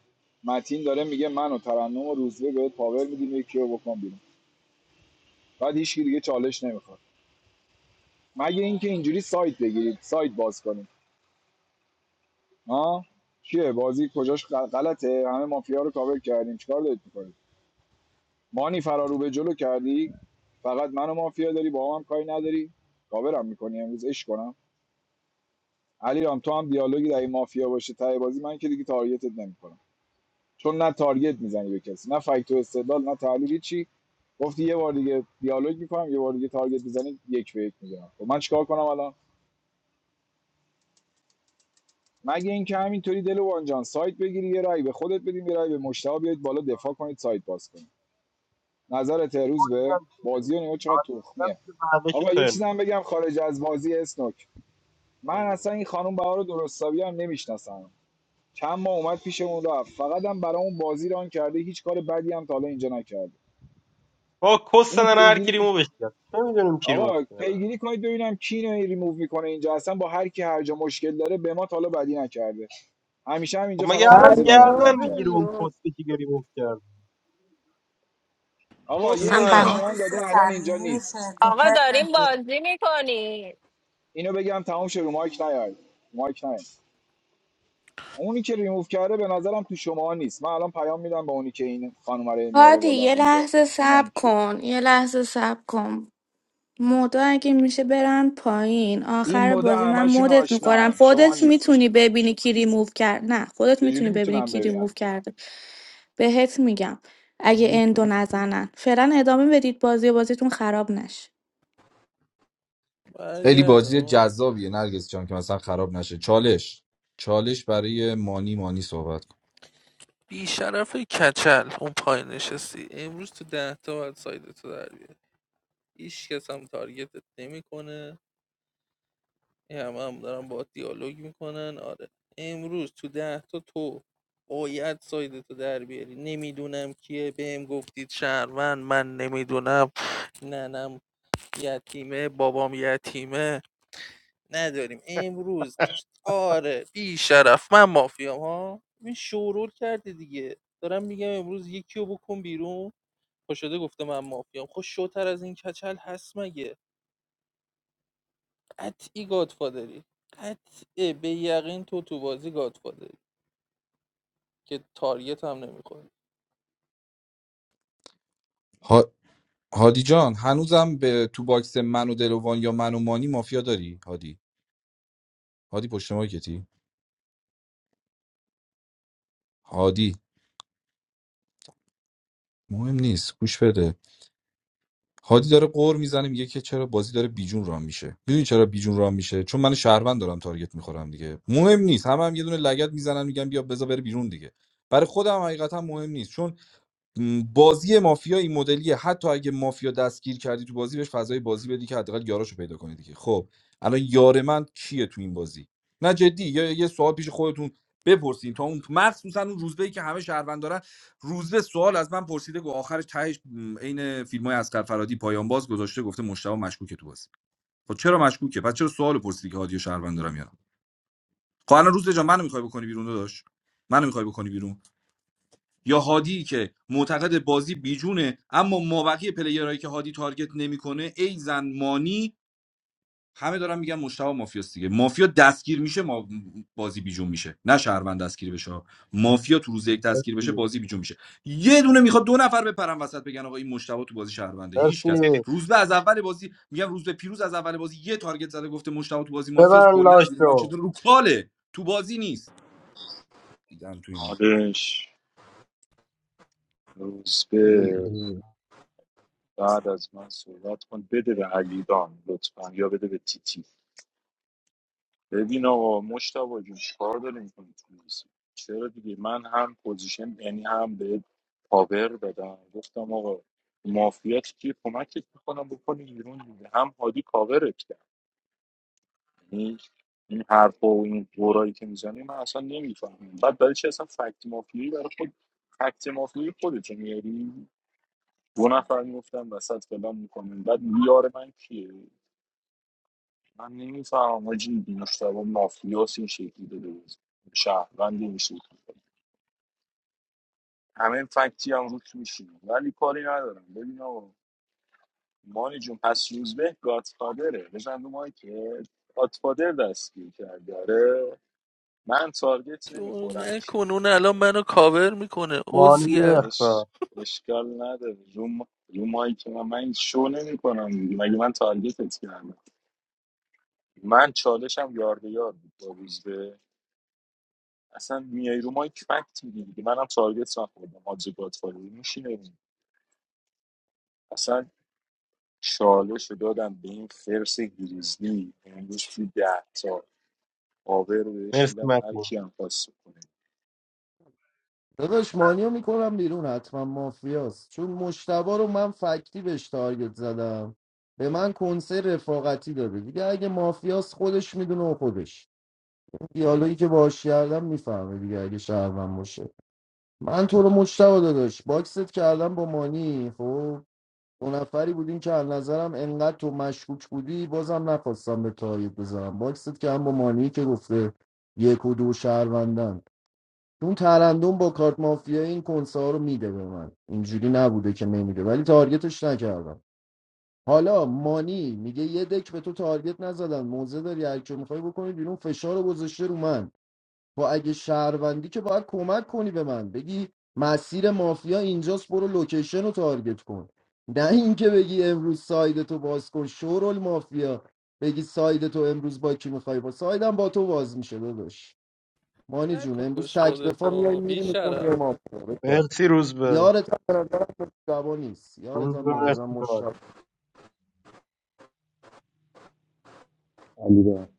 متین داره میگه من و ترنم و روزبه بهت پاور میدیم یکی رو بکن بیرون بعد هیچکی دیگه چالش نمیخواد مگه اینکه اینجوری سایت بگیرید سایت باز کنید ها چیه بازی کجاش غلطه همه مافیا رو کاور کردیم چیکار دارید میکنید مانی فرارو به جلو کردی فقط من مافیا داری با هم کاری نداری کاورم میکنی امروز اش کنم علی رام تو هم دیالوگی در این مافیا باشه ته بازی من که دیگه تارگتت نمیکنم چون نه تارگت میزنی به کسی نه فکت و استدلال نه تحلیل چی گفتی یه بار دیگه دیالوگ میکنم یه بار دیگه تارگت میزنی یک به یک میگیرم خب من چیکار کنم الان مگه اینکه همینطوری دلوان جان سایت بگیری یه رای به خودت بدیم یه رای به مشتاق بیاید بالا دفاع کنید سایت باز کنید نظر روز به
دیدم که-
بازی و نگاه چقدر
آره، دیدم
تخمیه
که بعدش رو
آقا یه
ترم.
چیزم بگم خارج از بازی اسنوک من
بگو.
اصلا این خانم بهار درستابی هم نمیشناسم چند ماه اومد پیشمون رفت فقط هم برای اون بازی ران کرده هیچ کار بدی هم تا حالا اینجا نکرده
با کس
اینو
من هر کی
پیگیری
ریمووش کرد چه میدونیم کی ریموو
آقا
کرده
پیگیری کنید ببینم کی اینو ریموو میکنه اینجا اصلا با هر کی هر جا مشکل داره به ما تا حالا بدی نکرده همیشه هم
خب
اینجا فقط
مگه الان
بازی برامون
گردن
ران
پریناز
میگیره
کرده
اون
ریاض
کسی که ریموو کرد
آقا
کس
یه
من
من
اسمی به
بهار
من
دوست
داده الان اینجا
صمیمی
نیست
شهر تو
آقا داریم
پرت
بازی میکنی
اینو بگم تمام شه رو مایک نیاید مایک نیاید اونی که ریموو کرده به نظرم تو شما نیست من الان پیام میدم به اونی که این خانم رو میاره
هادی یه
بالا اینجا
لحظه صبر
اینم کیه
کن یه لحظه صبر کن مودا اگه میشه برن پایین
این
آخر
مدل
بازی من
همشون
مدت
آشنا
میکنم
هم. شما
خودت
نیستی
میتونی ببینی کی ریموو کرد نه خودت میتونی
چجوری
ببینی
میتونم
کی ریموو
ببینم
کرده بهت میگم اگه اندو نزنن فعلا ادامه بدید بازی بازیتون خراب نشه
خیلی بازی
برگردم
جذابیه نرگس جان که مثلا خراب نشه چالش چالش برای مانی مانی صحبت کن
بی شرف کچل اون پای نشستی امروز تو ده تا باید سایدتو تو در بیاری هیچ کس هم تارگتت نمیکنه این همه هم دارن با دیالوگ میکنن آره امروز تو ده تا تو باید سایدتو تو در بیاری نمیدونم کیه بهم گفتید شهروند من نمیدونم نه یتیمه بابام یتیمه نداریم امروز آره بی شرف من مافیام ها این شورول کرده دیگه دارم میگم امروز یکی رو بکن بیرون پاشده گفته من مافیام خب شوتر از این کچل هست مگه قطعی گادفادری قطعه به یقین تو تو بازی گادفادری که تاریت هم نمیخوری
ها... هادی جان هنوزم به تو باکس من و دلوان یا من و مانی مافیا داری هادی هادی پشت ما کتی هادی مهم نیست گوش بده هادی داره قور میزنه میگه که چرا بازی داره بیجون رام میشه میدونی چرا بیجون رام میشه چون من شهروند دارم تارگت میخورم دیگه مهم نیست همه هم یه دونه لگت میزنن میگن بیا بذار بره بیرون دیگه برای خودم حقیقتا مهم نیست چون بازی مافیا این مدلیه حتی اگه مافیا دستگیر کردی تو بازی بهش فضای بازی بدی که حداقل یاراشو پیدا کنی دیگه خب الان یار من کیه تو این بازی نه جدی یا یه سوال پیش خودتون بپرسین تا اون مخصوصا اون روزبه ای که همه شهروند دارن روزبه سوال از من پرسیده گفت آخرش تهش م، عین فیلم های فرادی پایان باز گذاشته گفته مشتاق مشکوکه تو بازی خب چرا مشکوکه پس چرا سوال پرسیدی که هادی و شهروند دارم یا نه خب الان روزبه جان منو میخوای بکنی بیرون داداش منو میخوای بکنی بیرون یا هادی که معتقد بازی بیجونه اما مابقی پلیرهایی که هادی تارگت نمیکنه ای زن مانی همه دارن میگن مشتاق مافیاست دیگه مافیا دستگیر میشه ما بازی بیجون میشه نه شهروند دستگیر بشه مافیا تو روز یک دستگیر بشه
مرسی
بازی بیجون میشه یه دونه میخواد دو نفر بپرن وسط بگن آقا این مشتاق تو بازی شهرونده هیچ کس
مرسی
روزبه از اول بازی میگم روزبه پیروز از اول بازی یه تارگت زده گفته مشتاق تو بازی مافیاست
ببن
کلا زیر ما
لاشو
چطور رو کاله تو بازی نیست دیدم تو این
حالش روزبه بعد از من صحبت کن بده به علیرام لطفا یا بده به تیتی ببین آقا مشتاق جون چیکار داری میکنی تو لیست؟ چرا دیگه من هم پوزیشن یعنی هم به پاور دادم گفتم آقا مافیات که کمکت میکنم بکنی بیرون دیگه هم هادی کاورت کرد یعنی این حرفا و این دورایی که میزنی من اصلا نمیفهمم بعد برای چی اصلا فکت مافیایی برای خود فکت مافیایی خودت میاری دو نفر میگفتن وسط فلان میکنن بعد یار من کیه من نمیفهمم حاجی مشتبه مافیاس این شکلی داده بود شهروند این شکلی داده. همه فکتی هم روت میشینه ولی کاری ندارم ببین آقا مانی جون پس روزبه گاتفادره بزن رو مایی که گاتفادر دستگیر کرده آره من تارگت
شو
نمیخورم کی
نکن اون الان منو کاور میکنه
مانی
عزگر
اش
اخرا
اشکال نداره رو, م... رو مایی که من, من این شو نمی کنم مگه من تارگتت کردم من چالشم یار به یار بود با روزبه اصلا میای رو مایک فکت میگی دیگه منم تارگت نخوردم آجز گادفادر میشینم اصلا چالش رو دادم به این خرس گریزلی امروز تو ده تا آور رو بهش
مرسی
میدم هر
مکی
کی هم پاس کنه
داداش مانیو میکنم بیرون حتما مافیاست چون مشتبا رو من فکتی بهش تارگت زدم به من کنسه رفاقتی داده دیگه اگه مافیاس خودش میدونه و خودش اون دیالوگی که باهاش کردم میفهمه دیگه اگه شهروند باشه من تو رو مشتبا داداش باکست کردم با مانی خب دو نفری بودیم که از نظرم انقدر تو مشکوک بودی بازم نخواستم به تایید بزنم باکست کردم با مانی که گفته یک و دو شهروندن اون ترندون با کارت مافیا این کنسه ها رو میده به من اینجوری نبوده که نمیده ولی تارگتش نکردم حالا مانی میگه یه دک به تو تارگت نزدن موزه داری هر که میخوای بکنی بیرون فشار رو گذاشته رو من با اگه شهروندی که باید کمک کنی به من بگی مسیر مافیا اینجاست برو لوکیشن رو تارگت کن نه اینکه بگی امروز ساید تو باز کن شورل مافیا بگی ساید تو امروز با کی میخوای با سایدم با تو باز میشه داداش مانی جون امروز
نکش
تک دفاع میای
خودتا بی
میریم میخون
شرف.
یه ما
مرسی روزبه
یارت هم به نظرم مشتبا نیست یارت هم
روزبه
به نظرم
مرسی تای
مشتبا
علی را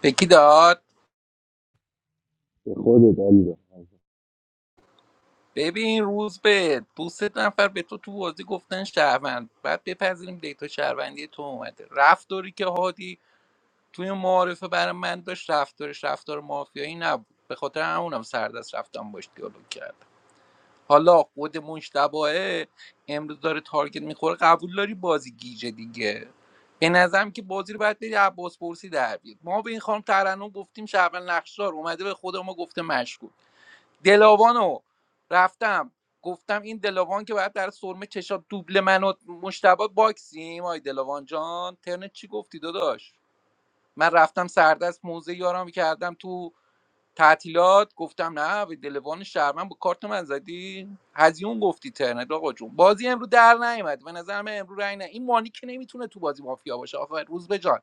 به کی داد
به خودت علی را
ببین روز به دو سه نفر به تو تو بازی گفتن شهروند بعد بپذیریم دیتا شهروندی تو اومده رفتاری که هادی توی معارفه برای من داشت رفتارش رفتار مافیایی نبود به خاطر همونم سردست رفتم باش دیالوگ کردم حالا خود مشتبه امروز داره تارگت میخوره قبول داری بازی گیجه دیگه به نظرم که بازی رو باید بری عباس پرسی در بیاد ما به این خانم ترنم گفتیم شعبان نقشدار اومده به خود ما گفته مشکوک دلاوانو رفتم گفتم این دلاوان که باید در سرمه چشات دوبل من و مشتبه باکسیم آی دلاوان جان ترنت چی گفتی داداش من رفتم سردست موزه یارم کردم تو تعطیلات گفتم نه به دلوان شهرمن با کارت من زدی هزیون گفتی ترنت آقا جون بازی امرو در نیومد به نظر من امرو رای نه این مانی که نمیتونه تو بازی مافیا باشه آقا روز به جان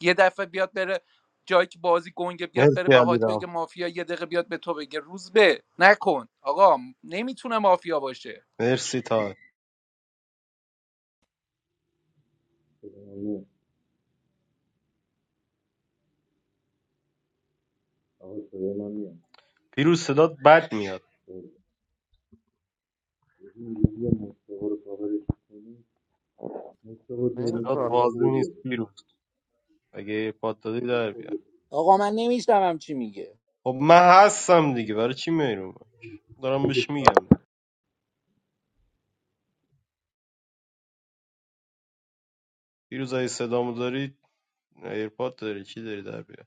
یه دفعه بیاد بره جایی که بازی گنگه بیاد بره
مرسی
به هادی بگه
علیرام
مافیا یه دقیقه بیاد به تو بگه روز به نکن آقا نمیتونه مافیا باشه
مرسی تای
آقا صدای من میاد
پیروز صدات بد میاد
این روزی مصطفی رو کاورش کنی مصطفی تهران
نیست
صدات
فقط
واضح
قول
نیست
داده
پیروز اگه یه پاد دادی در بیار
آقا من نمیشتم
خب من هستم دیگه برای چی میای رو دارم بهش میگم دیگه پیروز اگه صدامو داری ایرپاد داری چی داری در بیار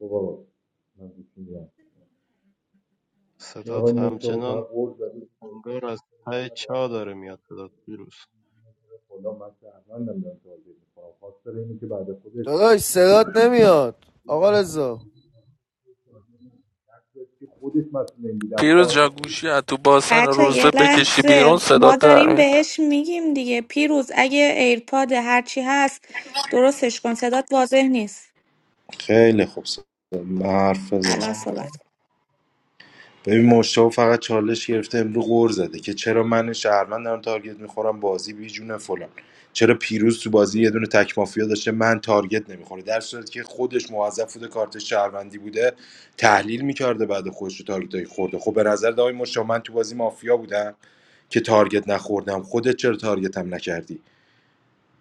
بابا این آقای
صدات
مصطفی
همچنان
فقط قول داده
انگار از
من
ته
ندارم
چا داره میاد صدات پیروز
خدا من شهروندم دارم توجه میکنم خواستار اینه که بعد خودش
داداش صدات نمیاد آقا رضا
که خودش مسئول این بوده از
پیروز دیروز
کارت خودش
جاگوشی از تو باسن
بچه یه
روزبه بکشی بیرون
لحظه ما
صدات در
داریم
میاد
بهش میگیم دیگه پیروز اگه ایرپاد هرچی هست درستش کن صدات واضح نیست
خیلی خوب سلام. من حرف
الان
بزنم
آه،
صحبت کن.
ببین مشتاق فقط چالش گرفته امرو غور زده که چرا من شهروند دارم تارگت میخورم بازی بیجونه فلان چرا پیروز تو بازی یه دونه تک مافیا داشته من تارگت نمیخوره در صورتی که خودش موظف بوده کارت شهروندی بوده تحلیل میکرده بعد خودش رو تارگت های خورده خب به نظر آقای مشتاق من تو بازی مافیا بودم که تارگت نخوردم خودت چرا تارگتم نکردی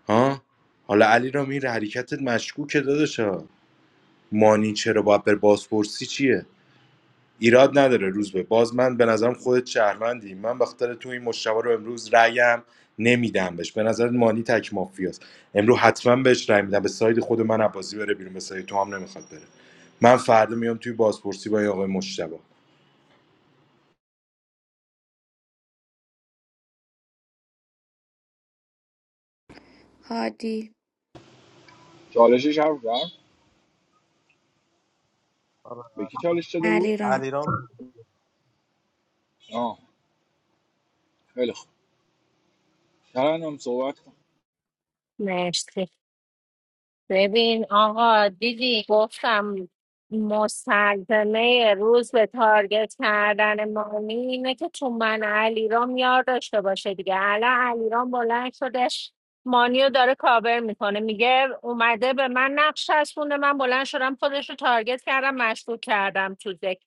ها حالا علی را این حرکتت مشکوکه داداشا مانی چرا باید بر بازپرسی چیه ایراد نداره روز به باز من به نظرم خودت شهروندی من به خاطر تو این مشتبه رو امروز رأیم نمیدم بهش به نظر مانی تک مافیاست امروز حتما بهش رأی میدم به ساید خود من عباسی بره بیرون به ساید تو هم نمیخواد بره من فردا میام توی بازپرسی با این آقای مشتبه
هادی
چالشش هم رفت
آره.
به کی چالش شده بود
علیرام
علیرام
آه خیلی خوب ترنم صحبت کن
مرسی ببین آقا دیدی گفتم مستلزمه روز به تارگت کردن مانی اینه که تو من علیرام یار داشته باشه دیگه الان علیرام بلند شدش مانیو داره کاور میکنه میگه اومده به من نقش چسبونده من بلند شدم خودش رو تارگت کردم مشکوک کردم تو دک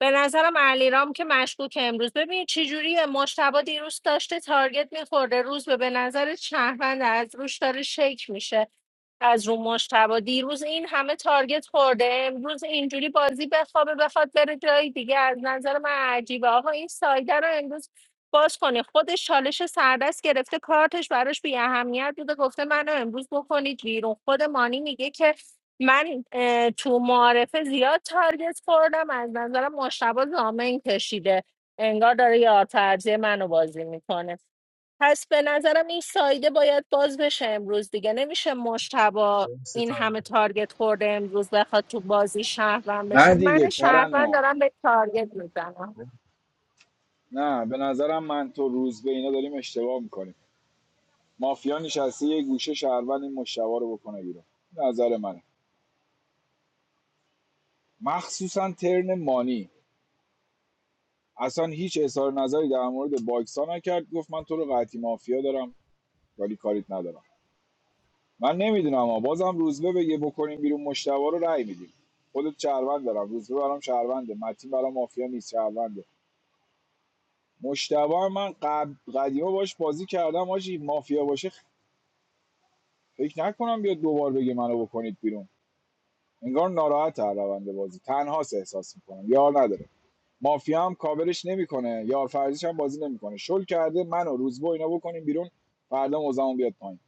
به نظرم علیرام که مشکوک امروز ببین چه جوریه مشتبه دیروز داشته تارگت میخورده روز به به نظر شهروند از روش داره شک میشه از رو مشتبه دیروز این همه تارگت خورده امروز اینجوری بازی بخوابه بخواد بره جای دیگه از نظر من عجیبه آقا این سایده رو امروز باز کنه خودش چالش سردست گرفته کارتش براش بی اهمیت بوده گفته منو امروز بکنید بیرون خود مانی میگه که من اه، تو معارفه زیاد تارگت خوردم از نظر مشتبه زامن کشیده انگار داره یار فرضی منو بازی میکنه پس به نظرم این سایده باید باز بشه امروز دیگه نمیشه مشتبا
مرسی
این
تا
همه تارگت خورده امروز بخواد تو بازی شهروند بشه
نه دیگه
من شهروند
ترنم
دارم به تارگت میزنم
نه به نظرم من تو روز به اینا داریم اشتباه میکنیم مافیا نشسته یه گوشه شهروند این مشتبا رو بکنه بیرون نظر منه مخصوصا ترن مانی اصلا هیچ اظهار نظری در مورد باکسا نکرد گفت من تو رو قطعی مافیا دارم ولی کاریت ندارم من نمیدونم اما بازم روزبه بگه بکنیم بیرون مشتبه رو رأی میدیم خودت شهروند دارم روزبه برام شهرونده متین برام مافیا نیست شهرونده مشتبه هم من قب... قدیما باش بازی کردم آجی مافیا باشه فکر نکنم بیاد دوبار بگه منو بکنید بیرون انگار ناراحت از روند بازی تنهاست احساس میکنم یار نداره مافیا هم کاورش نمیکنه یار فرضیش هم بازی نمیکنه شل کرده منو روزبه و اینا بکنیم بیرون فردا موزمون بیاد پایین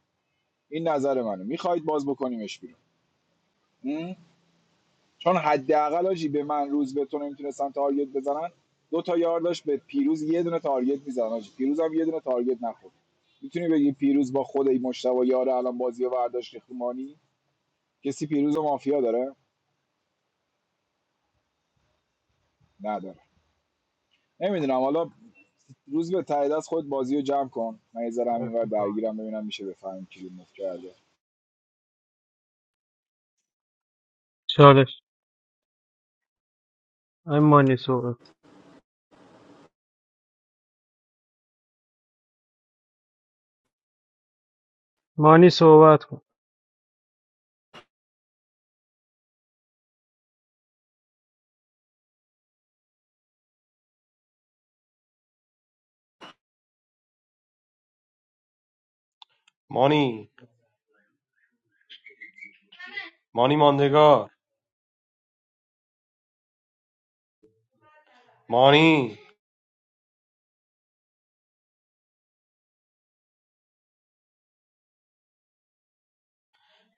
این نظر منه میخواید باز بکنیمش بیرون چون حداقل آجی به من روز به تو نمیتونستن تارگت بزنن دو تا یار داشت به پیروز یه دونه تارگت میزنن آجی پیروز هم یه دونه تارگت نخورد میتونی بگی پیروز با خود این مشتبه یار الان بازی رو برداشت ریخت کسی پیروز و مافیا داره نداره نمیدونم حالا روز به ته دست خود بازی رو جمع کن من یه ذره هم اینور درگیرم ببینم میشه بفهمیم کی رو مفت کرده
چالش آی مانی صحبت مانی صحبت کن
مانی مانی ماندگار مانی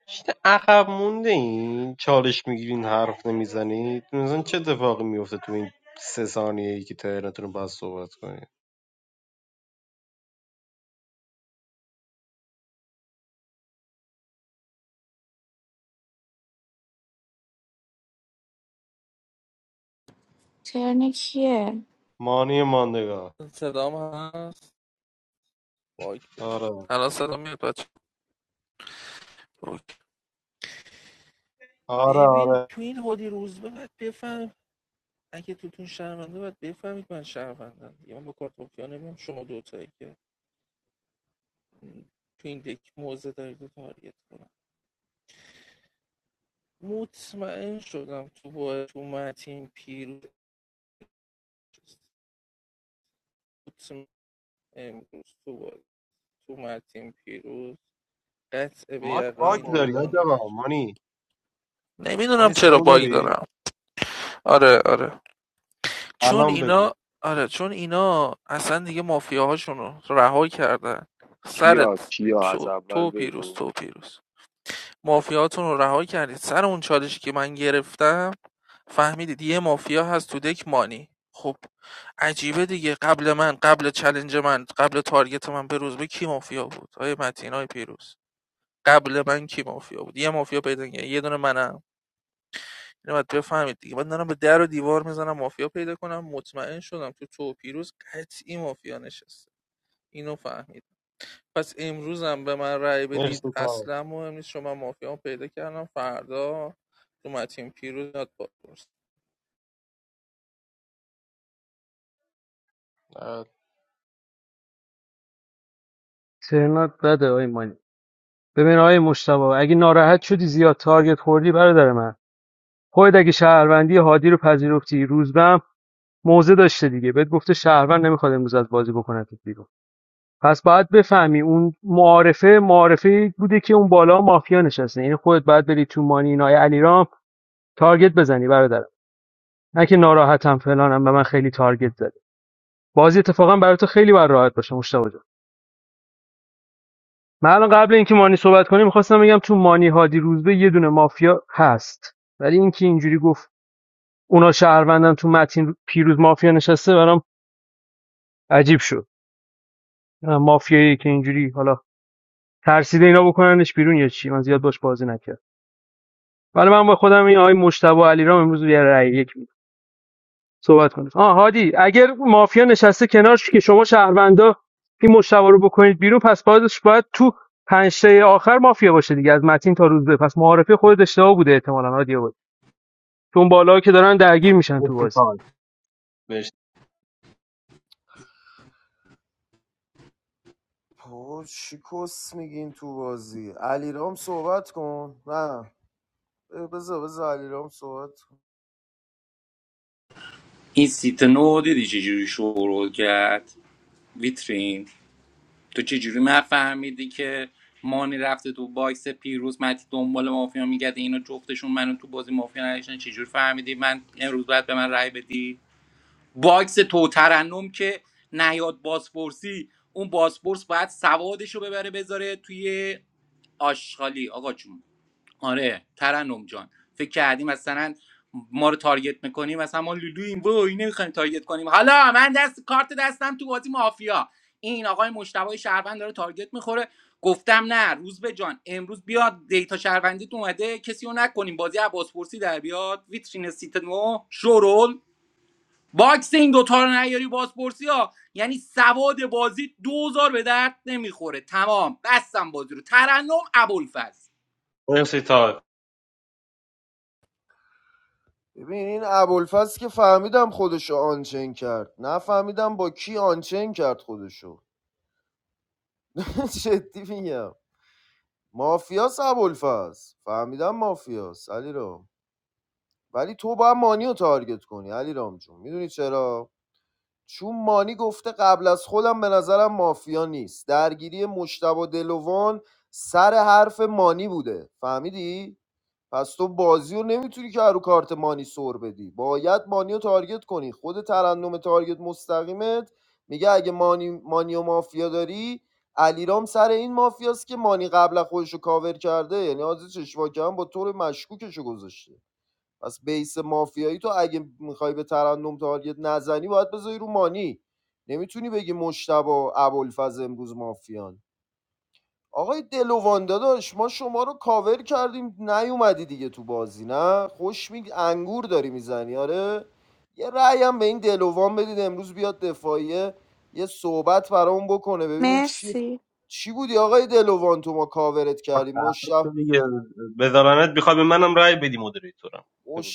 شیت عقب مونده این چالش میگیرین حرف نمیزنید مثلا چه اتفاقی میفته تو این سه ثانیه ای که تهرانتون رو باز صحبت کنید
چرن کیه
مانی ماندگار
صدام هست باگ بودم
آره
الان صدا میاد بچه اوکی.
آره
ببین
آره
تو این هودی روزبه باید بفهم اگه توتون شرمنده باید بفهمید من شهروندم دیگه من با کارت مافیا نمیام شما دوتایی که تو این دک موزه دارید و تارگت کنم مطمئن شدم تو با تو متین پیروز مطمئن امروز تو با تو متین پیروز قطع به
مانی باگ
من
یقین
داری
مافیا
حاج
باید
نوشته.
آقا مانی
نمیدونم
مانی
چرا
صدامو
باگ
داری
دارم آره آره چون
الان بگو
اینا آره چون اینا اصلا دیگه مافیاهاشون رو رها کردن
کیا
سرت
کیا از
تو
اول
تو پیروز
بگو
تو پیروز مافیاتون رو رها کردید سر اون چالشی که من گرفتم فهمیدید یه مافیا هست تو دک مانی خب عجیبه دیگه قبل من قبل چلنج من قبل تارگت من به روز به کی مافیا بود آیه متین آیه پیروز قبل من کی مافیا بود یه مافیا پیدا کردن. یه دونه منم اینو باید بفهمید دیگه من دارم به در و دیوار میزنم مافیا پیدا کنم مطمئن شدم تو تو و پیروز قطعی مافیا نشسته اینو فهمید پس امروزم به من رأی بدید
مرسی تا
اصلا مهم نیست شما مافیا پیدا کردم فردا تو متین پیروز یاد بپرس
ترنات بده آی مانی ببین آی مجتبی اگه ناراحت شدی زیاد تارگت خوردی برادر من خودت اگه شهروندی هادی رو پذیرفتی روزبه هم موزه داشته دیگه بهت گفته شهروند نمیخواد امروز از بازی بکنتت بیرون پس باید بفهمی اون معارفه معارفه بوده که اون بالا مافیا نشسته یعنی خودت باید بری تو مانی نای علیرام تارگت بزنی برادرم نه که ناراحتم فلانم به من خیلی تارگت زد بازی اتفاقا برای خیلی بر راحت باشه مشتاق جان من الان قبل اینکه مانی صحبت کنیم میخواستم بگم تو مانی هادی روزبه یه دونه مافیا هست ولی اینکه اینجوری گفت اونا شهروندن تو متین پیروز مافیا نشسته برام عجیب شد مافیایی که اینجوری حالا ترسیده اینا بکننش بیرون یا چی من زیاد باش بازی نکردم. ولی من با خودم این آقای مجتبی علیرام امروز یه رأی یک میدم صحبت کنید آه هادی اگر مافیا نشسته کنارش که شما شهروندا این مجتبی رو بکنید بیرون پس بازش باید تو پنج تای آخر مافیا باشه دیگه از متین تا روز به پس معارفه خود اشتباه بوده احتمالاً هادی بود چون بالا که دارن درگیر میشن تو
مرسی
بازی
تا مرسی
بابا چی کس میگین تو بازی علیرام صحبت کن نه اه، بذار بذار علیرام صحبت کن
این سیت نو دیدی چجوری شروع کرد ویترین تو چجوری من فهمیدی که مانی رفته تو باکس پیروز متی دنبال مافیا میگرده اینا جفتشون منو تو بازی مافیا نداشتن چجوری فهمیدی من امروز باید به من رأی بدی باکس تو ترنم که نیاد بازپرسی اون بازپرس باید سوادش رو ببره بذاره توی آشغالی آقا جون آره ترنم جان فکر کردیم مثلا ما رو تارگت میکنیم مثلا ما لولوییم و اینه نمیخوایم تارگت کنیم حالا من دست کارت دستم تو بازی مافیا این آقای مشتبه شهروند داره تارگت میخوره گفتم نه روز به جان امروز بیاد دیتا شهروندیت اومده کسی رو نکنیم بازی بازپرسی در بیاد ویترین سیت نو شورول باکس این دوتا رو نیاری بازپرسی ها یعنی سواد بازی دوزار به درد نمیخوره تمام بستم بازی رو ترنم ابوالفضل
مرسی تا
ببین این ابوالفضل که فهمیدم خودشو آنچین کرد نه فهمیدم با کی آنچین کرد خودشو جدی میگم مافیاس ابوالفضل فهمیدم مافیاس علیرام ولی تو باید مانی رو تارگت کنی علیرام جون میدونی چرا چون مانی گفته قبل از خودم به نظرم مافیا نیست درگیری مشتبه دلوان سر حرف مانی بوده فهمیدی پس تو بازی رو نمیتونی که رو کارت مانی سر بدی باید مانی رو تارگت کنی خود ترنم تارگت مستقیمت میگه اگه مانی, مانی و مافیا داری علیرام سر این مافیاست که مانی قبل خودش رو کاور کرده یعنی آزی چشواک هم با طور مشکوکش رو گذاشته پس بیس مافیایی تو اگه میخوای به ترنم تارگت نزنی باید بذاری رو مانی نمیتونی بگی مشتبه و ابوالفضل امروز مافیان آقای دلوان داداش ما شما رو کاور کردیم نیومدی دیگه تو بازی نه خوش می انگور داری میزنی آره یه رأی هم به این دلوان بدید امروز بیاد دفاعیه یه صحبت برامون بکنه ببینیم چی
مرسی
چی بودی آقای دلوان تو ما کاورت کردیم
خفه شو
مشتب
دیگه بذارنت بخوای به منم رای بدی مدیریتورم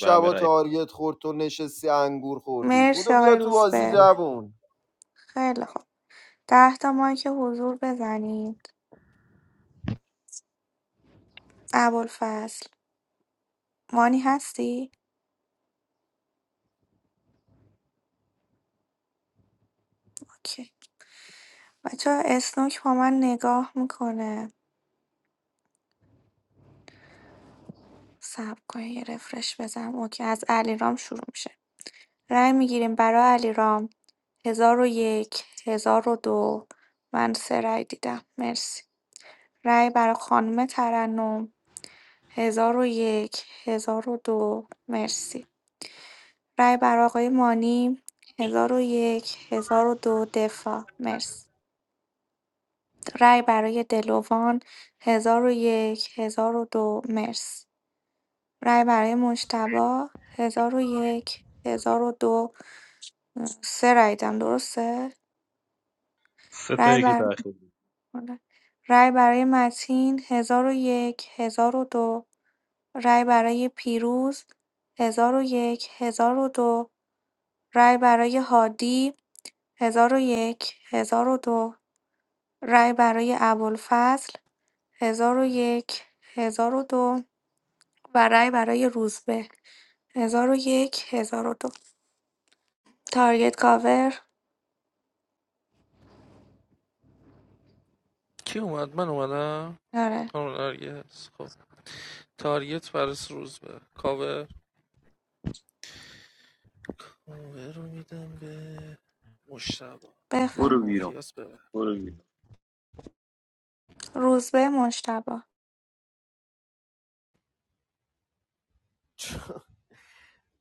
به همه رای بدی
تارگت خورد تو نشستی انگور خوردی
مرسی
بودو بیا
آقای
تو بازی
روزبه
جوون
خیلی خوب ده تا مایک که حضور بزنید ابوالفضل مانی هستی؟ اوکی بچه اسنوک با من نگاه میکنه صبر کنید یه رفرش بزنم اوکی از علیرام شروع میشه رأی میگیریم برای علیرام هزار و یک هزار و دو من سه رأی دیدم مرسی رأی برای خانم ترنم هزار و یک هزار و دو مرسی رای بر آقای مانی هزار و یک، هزار و دو دفاع مرس. رای برای دلوان هزار و یک، هزار و دو مرس. رای برای مجتبی ۱۰۰۱ ۱۰۰۲ سه رای دیدم درسته
سه تا
رای
یکی
بر
تاخیر
رای برای متین هزار و یک، هزار و دو رای برای پیروز هزار هزار و یک هزار و دو رای برای هادی هزار و یک، هزار و دو رای برای ابوالفضل ۱۰۰۱ ۱۰۰۲ و دو و رای برای روزبه ۱۰۰۱ ۱۰۰۲ تارگت کاور
کی اومد من اومدم
آره
خانم نرگس خب تارگت فرس روز به کاور کاور رو میدم به مشتبه روز
برو
بفرم
بیرون
مافیاس ببره.
برو بیرون
روزبه مجتبی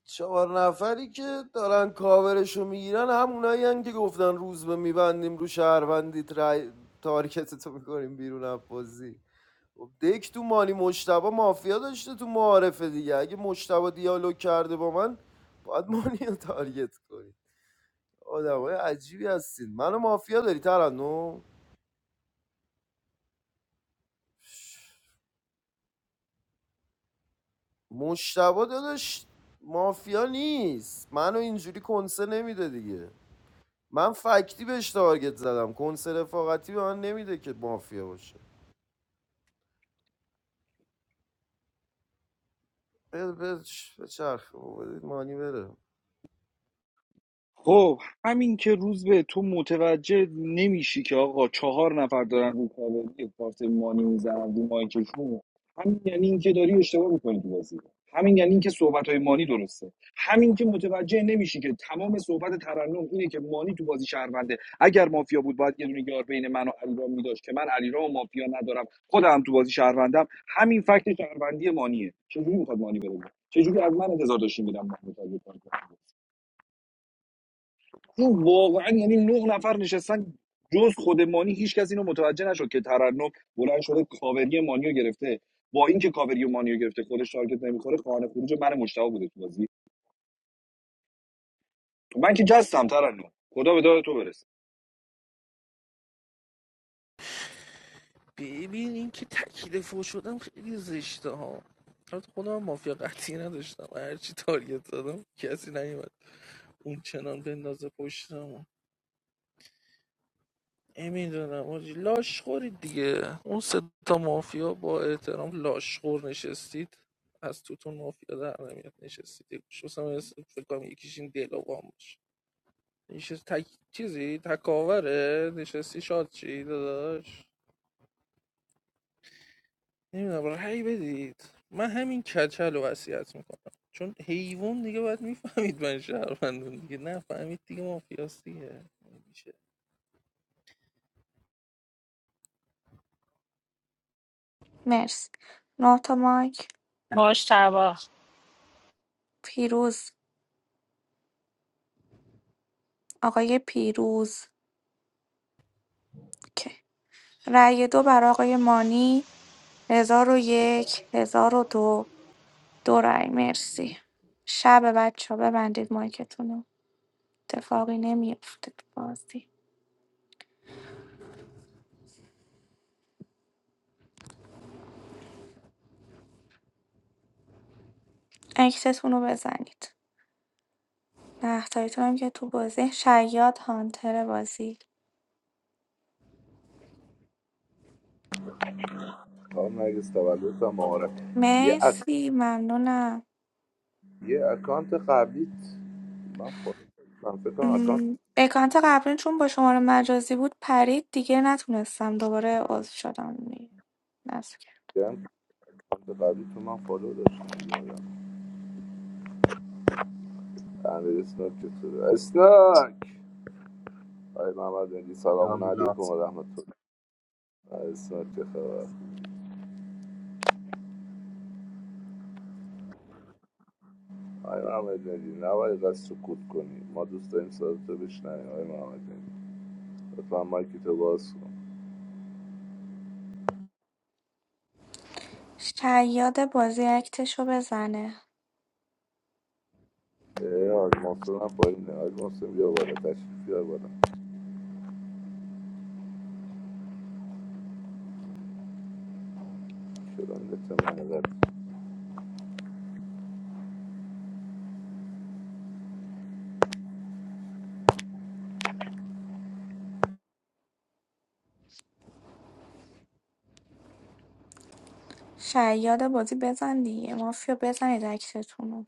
چهار نفری که دارن کاورشو میگیرن همونایی هن که گفتن روز به میبندیم رو شهروندیت رای تارکتتو میکنیم بیرون از بازی خب دک تو مانی مشتبه مافیا داشته تو معارفه دیگه اگه مشتبه دیالوگ کرده با من باید مانی رو تارگت کنی آدمای عجیبی هستین منو مافیا داری ترنم مشتبه داداش مافیا نیست منو اینجوری کنسه نمیده دیگه من فکتی بهش تارگت زدم کنس رفاقتی به من نمیده که مافیا باشه بده بده به چرخ بابا، بدید مانی بره
خب همین که روز به تو متوجه نمیشی که آقا چهار نفر دارن رو کاوری کارت مانی میزنن رو مایکشون همین یعنی اینکه داری اشتباه میکنی تو بازی همین یعنی اینکه صحبت های مانی درسته همین که متوجه نمیشی که تمام صحبت ترنم اینه که مانی تو بازی شهرونده اگر مافیا بود باید یه دونه یار بین من و علیرام میداشت که من علیرام و مافیا ندارم خودم تو بازی شهروندم همین فکت شهروندی مانیه چجوری میخواد مانی بره چجوری از من انتظار داشتیم میدم چون واقعا یعنی نه نفر نشستن جز خود مانی هیچ کس اینو متوجه نشد که ترنم بلند شده کاوری مانیو گرفته با اینکه کاوری مانیو گرفته خودش تارگت نمیخوره خانه خروج من مشتاق بوده تو بازی من که جستم ترنم خدا به داد تو برسه
ببین این که تکیل فو شدم خیلی زشته ها البته خودم مافیا قطعی نداشتم هرچی تارگت زدم کسی نیومد اون چنان بندازه پشتم نمیدونم آجی لاشخوری دیگه اون سه تا مافیا با احترام لاشخور نشستید از توتون مافیا در نمیاد نشستید یه گوشه هم فکر کنم یکیش این دلاوام باشه نشست تک چیزی تکاوره نشستی شاد چی داداش نمیدونم رأی بدید من همین کچل رو وصیت میکنم چون حیوان دیگه باید میفهمید من شهروندون دیگه نه فهمید دیگه مافیاست دیگه میشه
مرسی نه تا مایک
مشتبا
پیروز آقای پیروز که رای دو برای آقای مانی ۱۰۰۱ ۱۰۰۲ دو دو رای مرسی شب بچه ها ببندید مایکتون رو اتفاقی نمیافته تو بازی اکتتون رو بزنید نهتاییتون هم که تو بازی شیاد هانتر بازی
It's not.
مرسی ممنونم م، اکانت قبلی چون با شماره مجازی بود پرید دیگه نتونستم دوباره عضو شدم نصف کرد.
Hey, Imam Adi. Salaamunaykum alaikum. It's not. Hey, Imam Adi. Now, I just succotkoni. My friends don't want to be with me. Hey, Imam Adi. If I make it to Basra,
شیاد بازی اکتشو بزنه
I'll be a Muslim. I'll
شیاد بازی بزن دیگه مافیا بزنید اکتتون رو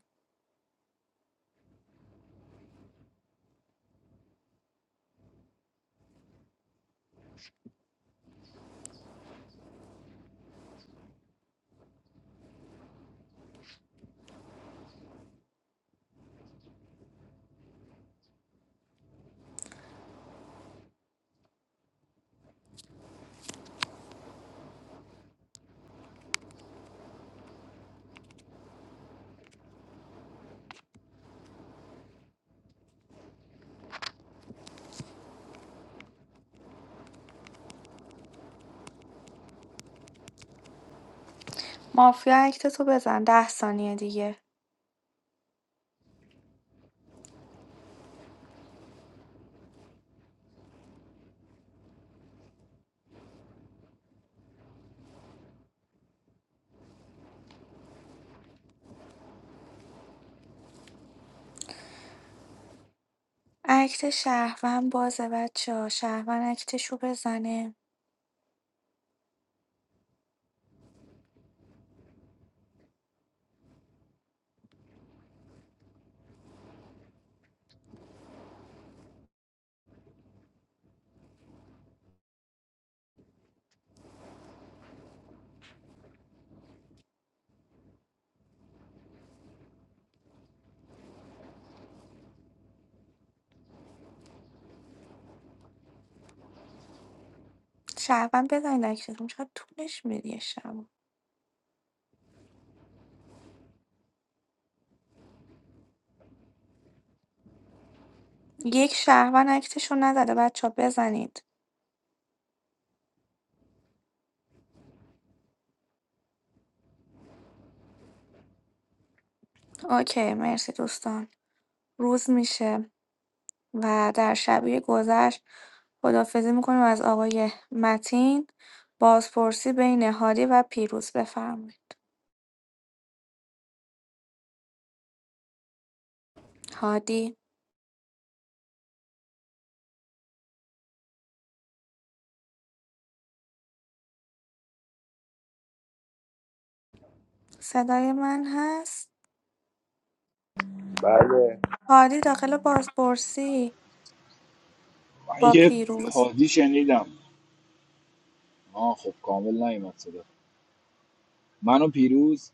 مافیا اکتتو بزن ده ثانیه دیگه اکت شهروند بازه بچه ها شهروند اکتشو بزنه شهروند بزنید اکتتون چقدر طولش میدی یه شب یک شهروند اکتشو نزده بچه ها، بزنید اوکی مرسی دوستان روز میشه و در شبیه گذشت خدافزی میکنیم از آقای متین بازپرسی بین هادی و پیروز بفرمایید هادی صدای من هست
be a Muslim.
هادی داخل بازپرسی
من
با
یه
پیروز
حادی شنیدم آه خب کامل نیومد صدا من و پیروز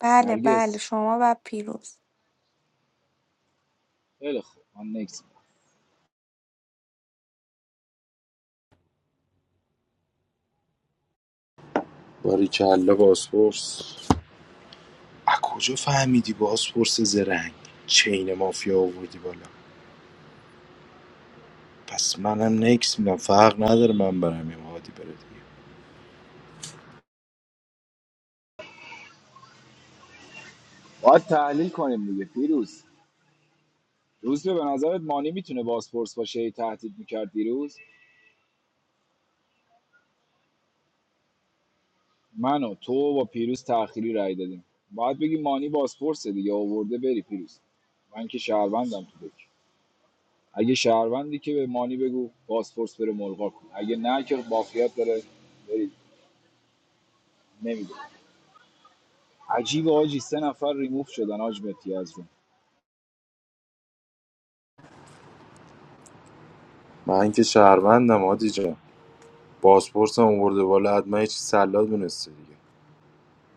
بله بله
نرگس
شما و پیروز
خیلی خوب من نکس
باریکلا بازپرس از کجا فهمیدی بازپرس زرنگ چین مافیا آوردی بالا پس منم نکس میدم فرق نداره من برم یا هادی بره دیگه
باید تحلیل کنیم دیگه پیروز روز به نظرت مانی میتونه بازپرس باشه هی تهدید میکرد دیروز من و تو و پیروز تأخیری رای دادیم باید بگی مانی بازپرسه دیگه آورده بری پیروز من که شهروندم تو دک اگه شهروندی که به مانی بگو بازپرس بره ملغا کن اگه نه که بافیت داره برید نمیده عجیب آجی سه نفر ریموف شدن آج متی از روم
من که شهروندم هادی جان. بازپرسم آورده بالا حتما یه چیز سلات دونسته دیگه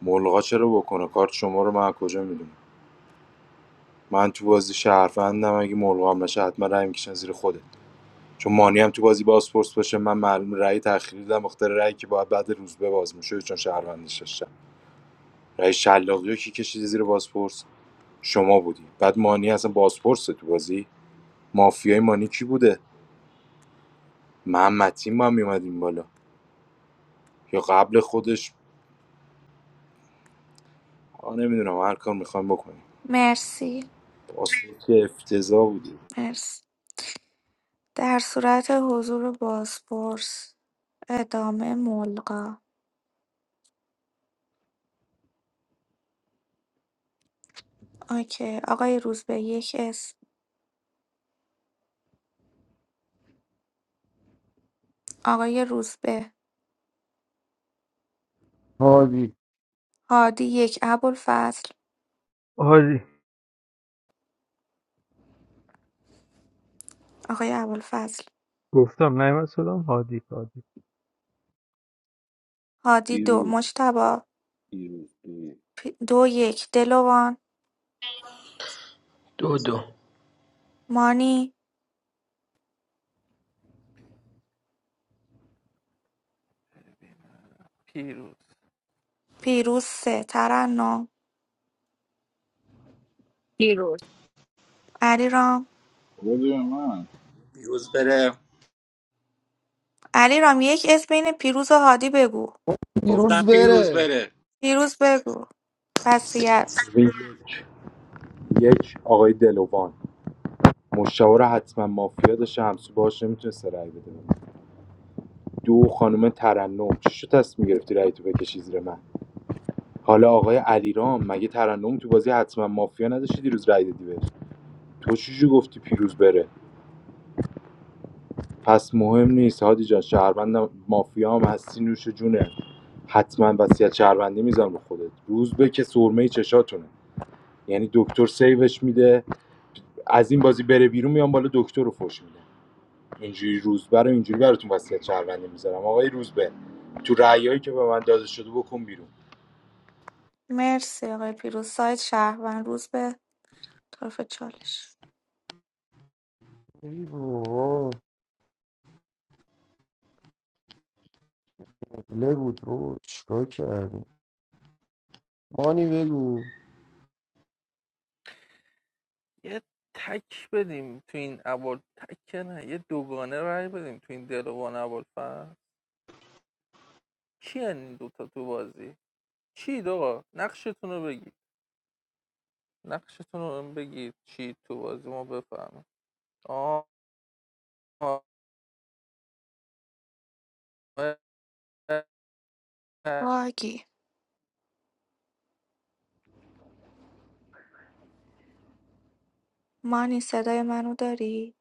ملغا چرا بکنه کارت شما رو من از کجا میدونم من تو بازی شهروندم اگه ملغا هم نشه حتما رأی میکشن زیر خودت چون مانی هم تو بازی بازپرس باشه من معلوم رأی تأخیری دادم مختار رأی که باید بعد روز به باز میشه چون شهروندش داشتم رأی شلاقی رو کی کشید زیر بازپرس شما بودی بعد مانی اصلا بازپرس تو بازی مافیای مانی کی بوده محمد تیم با هم میومدیم بالا یا قبل خودش آ نمیدونم هر کار میخوایم بکنیم
مرسی
اصلا که افتضاح بودیم
مرسی در صورت حضور بازپرس ادامه ملغی اوکی آقای روزبه یک اسم آقای روزبه
هادی
هادی یک ابوالفضل
هادی
آقای ابوالفضل
گفتم نیومد صدام هادی هادی
هادی دو
پیروز
مجتبی
پیروز پیروز.
پ- دو یک دلوان
دو دو
مانی
پیروز
پیروز سه ترنم
دیروز
علیرام
خدا من
علیرام یک اسم بین پیروز و هادی بگو
دیروز بره
پیروز بگو وصیت
ببین، یک آقای دلوان مشاور رو حتما مافیا داشته همسو باهاش نمیتونسته رأی بده دو خانم ترنم چی شد تصمیم گرفتی رأی تو بکشی زیر من حالا آقای علیرام مگه ترنم تو بازی حتما مافیا نداشتی دیروز رأی دادی بهش تو چی گفتی پیروز بره پس مهم نیست هادی جان شهروند مافیا هم هستی نوش جونه حتما وصیت شهروندی میذارم به خودت روز به که سرمه چشاتونه یعنی دکتر سیوش میده از این بازی بره بیرون میام بالا دکتر رو فوش میدم اینجوری روزبه رو اینجوری براتون وصیت شهروندی میذارم آقای روزبه تو رأیایی که به من داده شده بکن بیرون
مرسی آقای پیروز سایت شهروند روز به طرف چالش
ای بابا قبله بود رو چیکار کردی مانی بگو
یه تک بدیم تو این عبال تک نه یه دوگانه رأی بدیم تو این دلوان عبال فرد کی هن این دوتا تو بازی چی آقا نقشتون رو بگید نقشتون رو بهم بگید چی تو بازی ما بفهمیم آه آه، آه.
باگی مانی صدای منو داری؟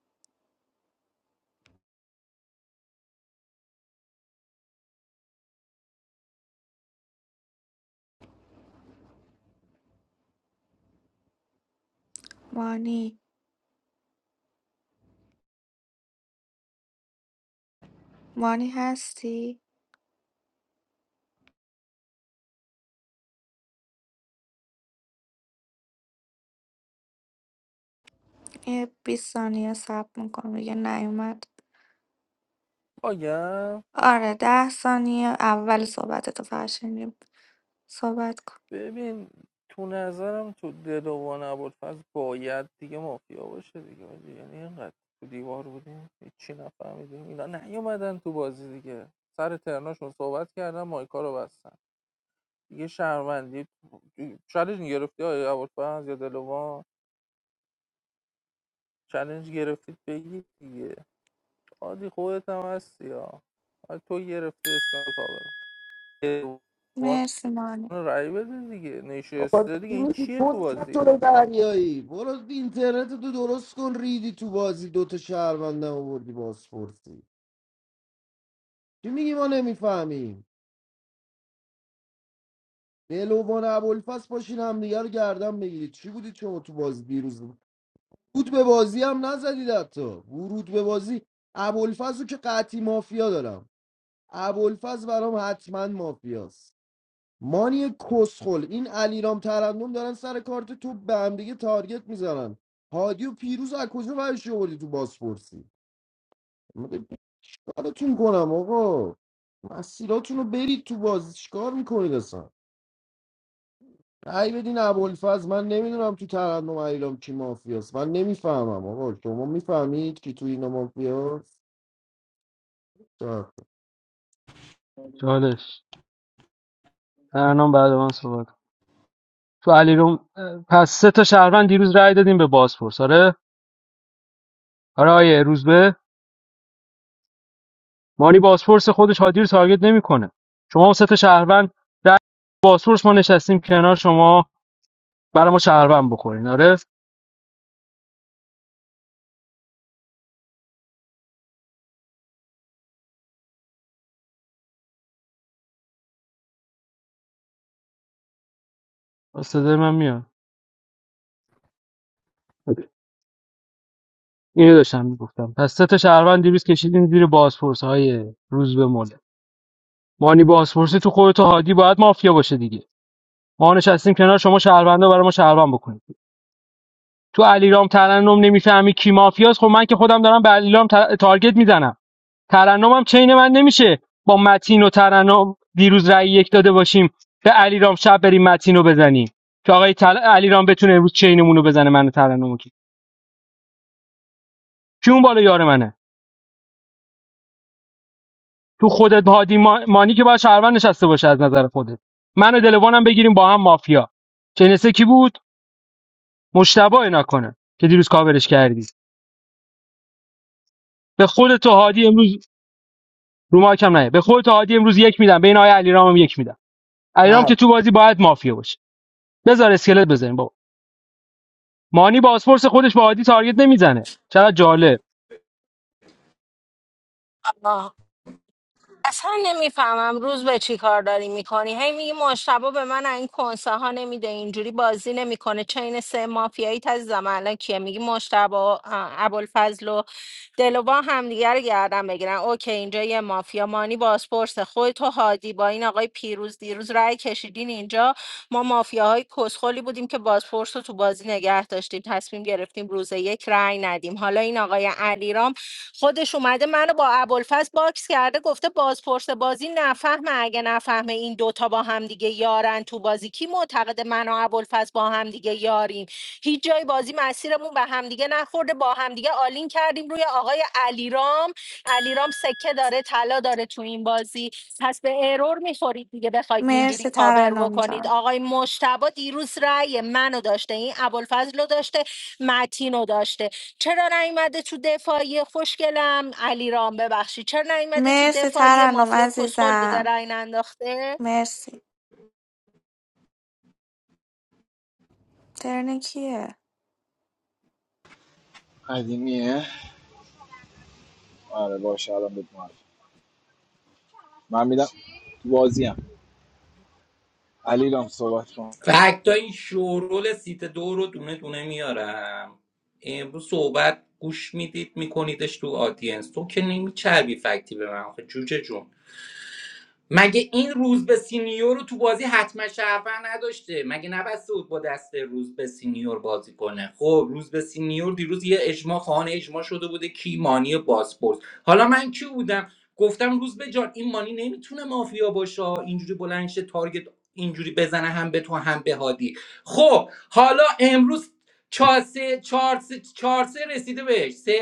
مانی مانی هستی؟ یه 20 ثانیه صبر میکنم دیگه نیومد
باگم
آره ده ثانیه اول صحبتتو فقط شنیدیم صحبت کن
ببین تو نظرم تو دلوان ابوالفضل باید دیگه مافیا باشه دیگه یعنی اینقدر تو دیوار بودیم هیچی نفهمیدیم اینا نیومدن تو بازی دیگه سر ترناشون صحبت کردن مایکا رو بستن دیگه شهروندی چالش گرفتی های ابوالفضل یا دلوان چالش گرفتید بگید دیگه عادی خودت هم هستی ها آره تو گرفتی اشکال کابل دلوان
مرسی مانی
رای بده دیگه
بابا
نشسته دیگه
چی
این
میگی
چیه تو
پست تو
بازی
رو دریایی برو اینترنت تو درست کن ریدی تو بازی دوتا شهروندم آوردی بازپرسی چی میگی ما نمیفهمیم دلوان ابوالفضل باشین همدیگه رو گردن بگیرید چی بودید شما تو بازی دیروز ورود به بازی هم نزدید حتی ورود به بازی ابوالفضل رو که قطعی مافیا دارم ابوالفضل برام حتما مافیاست مانی کسخل این علیرام ترندم دارن سر کارت تو به هم دیگه تارگت میزنن هادی و پیروز از کجا برش آوردی تو بازپرسی میگه کارتون کنم آقا مسیراتون رو برید تو بازی چیکار میکنید اصلا ای بدین ابوالفضل من نمیدونم تو ترندم علیرام کی مافیاست من نمیفهمم آقا شما میفهمید که تو اینا مافیاست آه.
چالش ترنم بعد من صحبت تو علیرغم پس سه تا شهروند دیروز رأی دادیم به بازپرس آره آره آیه روزبه مانی بازپرس خودش هادی رو تارگت نمیکنه شما هم سه تا شهروند رأی بازپرس ما نشستیم کنار شما برای ما شهروند بخورین آره صدای من میاد اینو داشتم میگفتم پس سه تا شهروند دیروز کشیدین زیر بازپرس های روزبه مله مانی بازپرسی تو خودتو هادی باید مافیا باشه دیگه ما نشستیم کنار شما شهروندا برای ما شهروند بکنین تو علیرام ترنم نمیفهمی کی مافیاست خب من که خودم دارم به علیرام تا- تارگت میزنم ترنمم چین من نمیشه با متین و ترنم دیروز رأی یک داده باشیم به علیرام شب بریم متین رو بزنیم که آقای تل... علیرام بتونه امروز چینمون رو بزنه منو ترنمو کی کی اون بالا یار منه تو خودت هادی ما... مانی که باید شهروند نشسته باشه از نظر خودت من و دلوانم بگیریم با هم مافیا چنسه کی بود مشتبه نکنه که دیروز کاورش کردی به خودت و هادی امروز رو ما کم نه به خودت عادی امروز یک میدم بین آقای علیرام هم یک میدم علیرام
هر
که تو بازی باید مافیا باشه بذار اسکلت بزنیم بابا مانی بازپرس خودش با عادی تارگت نمیزنه چقدر جالب
اصلا نمیفهمم روز به چی کار داری میکنی هی میگی مشتبا به من این کنسه ها نمیده اینجوری بازی نمیکنه چین سه مافیایی تز الان کیه میگی مشتبا ابوالفضل دل و با همدیگه رو گردن بگیرن اوکی اینجا یه مافیا مانی بازپرسه خود تو هادی با این آقای پیروز دیروز رأی کشیدین اینجا ما مافیاهای کسخلی بودیم که بازپرس رو تو بازی نگه داشتیم تصمیم گرفتیم روز یک رأی ندیم حالا این آقای علیرام خودش اومده منو با ابوالفضل باکس کرده گفته بازپرس بازی نفهمه اگه نفهمه این دوتا با هم دیگه یارن تو بازی کی معتقد من و ابوالفضل با هم دیگه یاریم هیچ جای بازی مسیرمون به همدیگه نخورده با همدیگه آلین کردیم روی آقای علیرام علیرام سکه داره طلا داره تو این بازی پس به ارور میخورید دیگه بخواید اینجوری
مرسی
کاور
ترنم
بکنید
جان
آقای مشتبا دیروز رأی منو داشته این ابوالفضل رو داشته متینو داشته چرا نیومده تو دفاعی خوشگلم علیرام ببخشید چرا نیومده تو
مرسی
دفاعی
ترنم
مافیا کسخل بوده
عزیزم
رأی ننداخته
مرسی ترن کیه؟
قدیمیه آره باشه الان بهت معرفی. من میدم تو بازیم علیرام صحبت کن
فکتا این شورول سیت دو رو دونه دونه میارم امروز صحبت گوش میدید میکنیدش تو آدینس تو که نمیچربی فکتی به من آخه جوجه جون مگه این روز به سینیور رو تو بازی حتما شهروند نداشته مگه نبسته بود با دست روز به سینیور بازی کنه خب روز به سینیور دیروز یه اجماع خانه اجماع شده بوده کی مانی باسپورت حالا من کی بودم گفتم روز به جان این مانی نمیتونه مافیا باشه اینجوری بلند شه تارگت اینجوری بزنه هم به تو هم به هادی خب حالا امروز چهار سه چهار سه- چهار سه رسیده بهش سه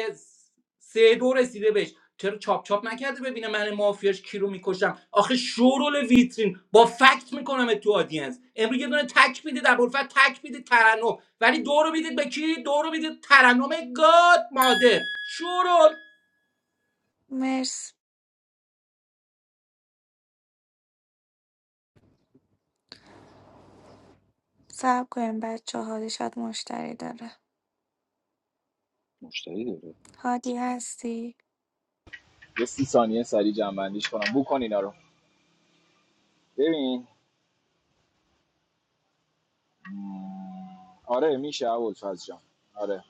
سه دو رسیده بهش چرا چاپ چاپ نکرده ببینه من مافیاش کی رو میکشم آخه شورول ویترین با فکت میکنم تو آدینس امروز یه دونه تک میدید ابوالفضل تک میدید ترنم ولی دو رو میدید به کی دو رو میدید ترنم گاد مادر شورول
مرسی صبر کنیم بچه هادی شاید مشتری داره
مشتری داره
هادی هستی؟
یه سی ثانیه سریع جنبندیش کنم بو کن اینا رو ببین آره میشه اول فاز جان آره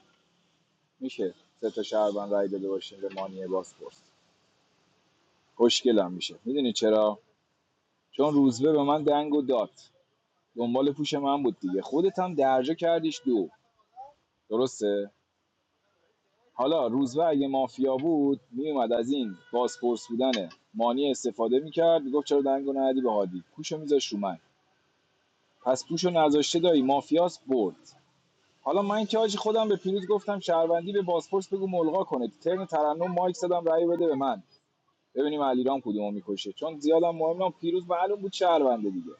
میشه سه تا شهروند رای داده باشیم به مانی باسپورس خوشگلم میشه میدونی چرا چون روزبه به من دنگ و داد دنبال پوش من بود دیگه خودت هم درجا کردیش دو درسته حالا روزبه اگه مافیا بود میومد از این بازپرس بودن مانی استفاده میکرد میگفت چرا دنگو ندی به هادی پوشو میذاش رو من پس پوشو نذاشته دایی مافیاس برد حالا من که حاجی خودم به پیروز گفتم شهروندی به بازپرس بگو ملغا کنه تو ترن ترنم مایک زدم رأی بده به من ببینیم علیرام کدومو میکشه چون زیادم مهم نم پیروز معلوم بود شهرونده دیگه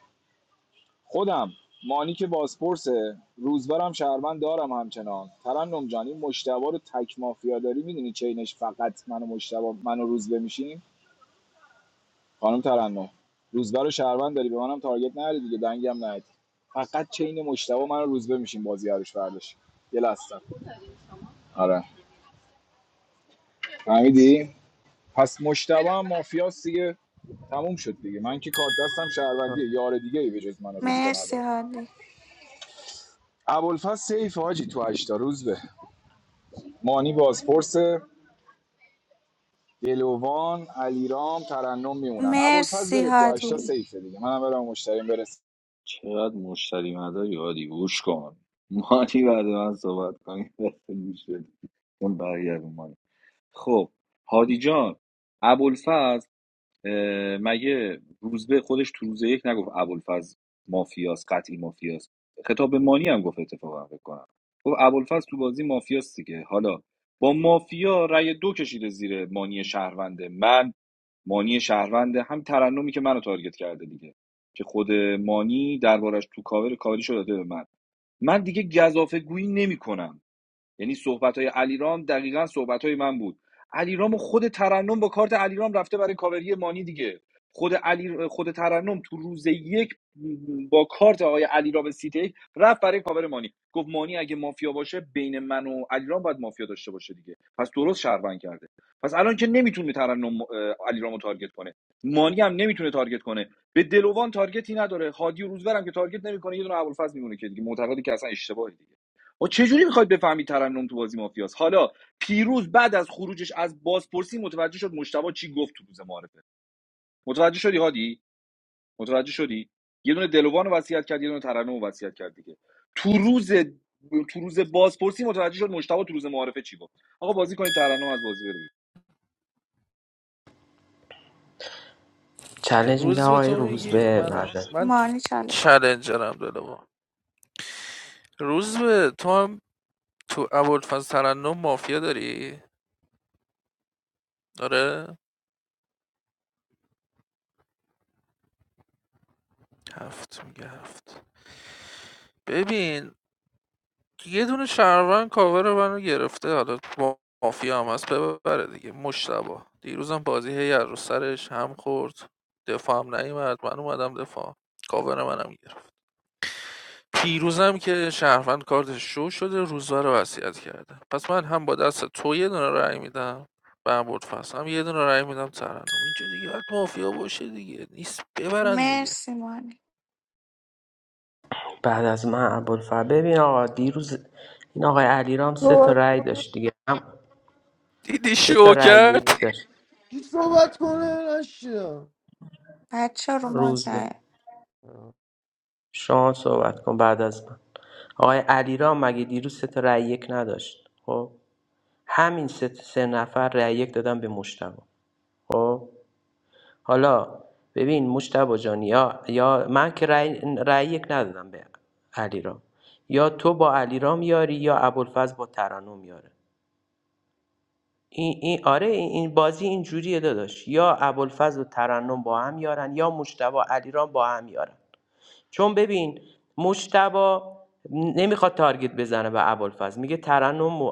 خودم مانی که بازپرسه روزبرم شهروند دارم همچنان ترنم جان این مشتبا رو تک مافیا داری میدونی چینش فقط من و منو من روزبه میشیم خانم ترنم روزبر رو شهروند داری به منم تارگت نری دیگه دنگم ندی فقط چین مشتبا من و روزبه میشیم بازی عروش فرداش یه لحظه آره فهمیدی پس مشتبه هم مافیاس دیگه تموم شد دیگه من که کارت دستم شهروندیه یار دیگه ای به جز من و روزبه
مرسی
نداره
هادی
ابوالفضل سیف حاجی تو هشتا روزبه مانی بازپرس دلوان علیرام ترنم میمونن ابوالفضل
مرسی
بره تو هشتا
هادی
سیفه دیگه منم برم مشتریم برسه
چقدر مشتری مداری هادی گوش کن مانی بعد من صحبت کنی دست گوش بده. اون برگردون مانی خب هادی جان ابوالفضل اه، مگه روزبه خودش تو روز یک نگفت ابوالفضل مافیاس قطعی مافیاس خطاب به مانی هم گفت اتفاقا فکر کنم گفت ابوالفضل تو بازی مافیاست دیگه حالا با مافیا رأی دو کشیده زیر مانی شهرونده من مانی شهرونده هم ترنمی که منو تارگت کرده دیگه که خود مانی دربارش تو کاور کاری شده داده به من من دیگه گزافه گویی نمیکنم یعنی صحبت های علیرام دقیقا صحبت های من بود علیرام و خود ترنم با کارت علیرام رفته برای کاوری مانی دیگه خود علی خود ترنم تو روز یک با کارت آقای علیرام سیتی رفت برای کاور مانی گفت مانی اگه مافیا باشه بین من و علیرام باید مافیا داشته باشه دیگه پس درست شهروند کرده پس الان که نمیتونه ترنم اه، علیرامو تارگت کنه مانی هم نمیتونه تارگت کنه به دلوان تارگتی نداره هادی و روزبرم که تارگت نمیکنه یه دونه ابوالفضل میمونه که دیگه معتقدی که اصلا اشتباهی دیگه و چه جوری میخواید بفهمید ترنم تو بازی مافیاس حالا پیروز بعد از خروجش از بازپرسی متوجه شد مشتبه چی گفت تو روز معارفه متوجه شدی هادی متوجه شدی یه دونه دلوان رو وصیت کرد یه دونه ترنم رو وصیت کرد دیگه تو روز تو روز بازپرسی متوجه شد مشتبه تو روز معارفه چی گفت آقا بازی کنید ترنم از بازی بره
چلنج میدم
روز به
آقای
تو میگی
روزبه
منم
بعد از
من
مانی چالش
چلنجرم دلوا روز به تو هم تو ابوالفضل ترنم مافیا داری آره هفت میگه هفت ببین یه دونه شهروند کاور منو گرفته حالا با مافیا هم هست ببره دیگه مشتبه دیروزم بازی هی از رو سرش هم خورد دفاع هم نیومد من اومدم دفاع کاور منم گرفت پیروزم که شهروند کارتش شو شده روزبه رو وصیت کرده پس من هم با دست تو یه دونه رأی میدم بربرد فصل هم یه دونه رأی میدم ترنم اینجا دیگه باید مافیا باشه دیگه نیست ببرن دیگه
مرسی مانی
بعد از من ابوالفضل ببین آقا دیروز این آقای علیرام سه تا
تو
رأی داشت دیگه هم
دیدی
سه تا
شو
رأی
کرد
یک داشت
کی صحبت کنه نشیدم
بچه ها رو
روزبه
مزه
شما صحبت کن بعد از من آقای علیرام مگه دیروز سه تا رأی یک نداشت خب همین سه سه نفر رأی یک دادن به مشتبه خب حالا ببین مشتبه جان یا یا من که رأی, رأی یک ندادم به علیرام یا تو با علیرام یاری یا ابوالفضل با ترنم یاره این, این آره این بازی این جوریه داداش یا ابوالفضل و ترنم با هم یارن یا مشتبه و علیرام با هم یارن چون ببین مشتبا نمیخواد تارگت بزنه به ابوالفضل میگه ترنم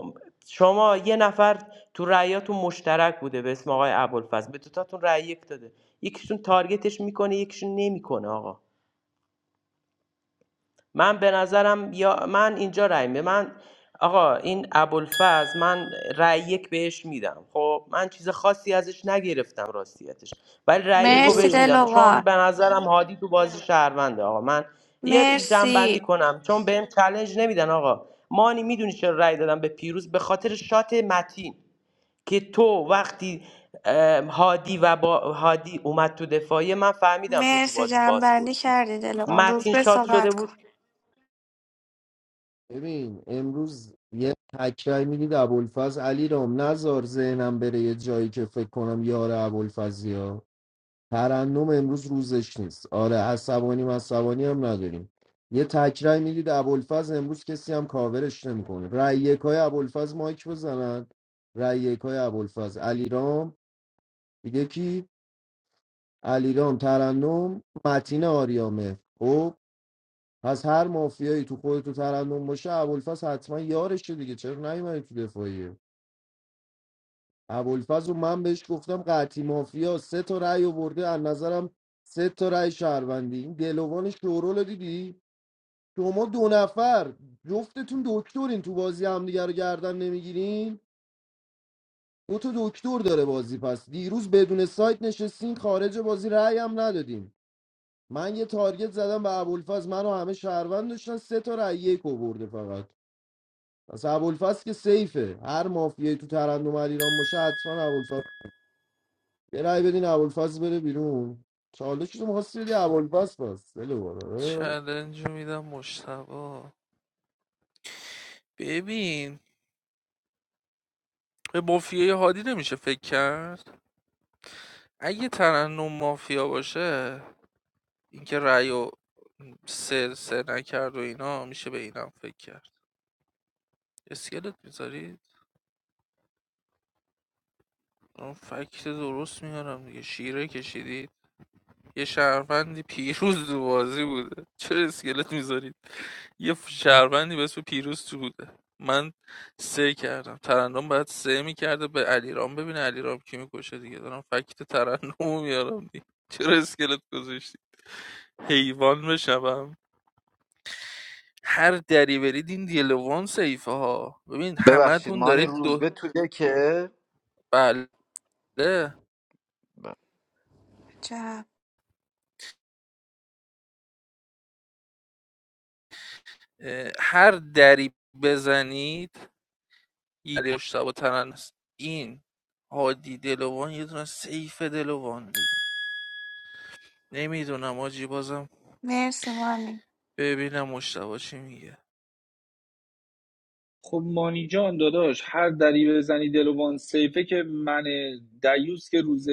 شما یه نفر تو رأیاتون مشترک بوده به اسم آقای ابوالفضل به دوتاتون رأی یک داده یکیشون تارگتش میکنه یکیشون نمیکنه آقا من به نظرم یا من اینجا رأی می من آقا این ابوالفضل من رأی یک بهش میدم خب من چیز خاصی ازش نگرفتم راستیتش ولی رأی یک رو
مرسی
بهش
ببین
میدم چون
دلوان
به نظرم هادی تو بازی شهرونده آقا من یه جنبندی
مرسی
کنم چون بهم چلنج نمیدن آقا مانی میدونی چرا رأی دادم به پیروز به خاطر شات متین که تو وقتی اه، هادی و با هادی اومد تو دفاعیه من فهمیدم تو تو
مرسی
بازی
جنبندی
بازپرسی
کردی دلوان روز
متین
به
شات شده
صحبت کن
بود
ببین امروز یه تکرای میدید ابوالفز علی رام نزار ذهنم بره یه جایی که فکر کنم یار ابوالفزی ها ترنم امروز روزش نیست آره عصبانی عصبانی هم نداریم یه تکرای میدید ابوالفز امروز کسی هم کاورش نمیکنه رای یکای ابوالفز مایک بزنن رای یکای ابوالفز علی رام دیگه کی علیرام ترنم متین آریامه خب پس هر مافیایی تو خود تو ترنم باشه ابوالفضل حتما یارشه دیگه چرا نیومدی تو دفاعیه ابوالفضل و من بهش گفتم قطعی مافیا سه تا رأی آورده از نظرم سه تا رأی شهروندی این دلوان شورو رو دیدی شما دو نفر جفتتون دکترین تو بازی همدیگه رو گردن نمیگیرین دو تا دکتر داره بازی پس دیروز بدون سایت نشستین خارج بازی رأی هم ندادین من یه تارگت زدم به ابوالفضل منو همه شهروند داشتن سه تا رای یک آورده فقط پس ابوالفضل که سیفه هر مافیایی تو ترندم ایران باشه حتما ابوالفضل یه رای بدین ابوالفضل بره بیرون چالش تو می‌خواستی بدی ابوالفضل پس دل باره.
چلنج رو میدم مشتبا ببین به مافیای هادی نمیشه فکر کرد اگه ترنم مافیا باشه اینکه رأی و سر سر نکرد و اینا میشه به اینم فکر کرد اسکلت میذاری من فکت درست میارم دیگه شیره کشیدید یه شهروندی پیروز تو بازی بوده چرا اسکلت میذارید یه ف- شهروندی به اسم پیروز تو بوده من سه کردم ترنم باید سه میکرده به علیرام ببینه علیرام کی میکشه دیگه دارم فکت ترنم میارم دیگه چرا اسکلت گذاشتی حیوان بشم هر دری برید این دیلوان سیفه ها ببین همه
ببخشید
تون
مانی
دارید دو
روزبه تو دکه
بله
جب
اه، هر دری بزنید علی مشتبه ترن است این هادی دلوان یه دونه سیف دلوان دیگه نمیدونم آجی بازم
مرسی مانی
ببینم مشتبه چی میگه
خب مانی جان داداش هر دری بزنی دلوان سیفه که من دیوس که روز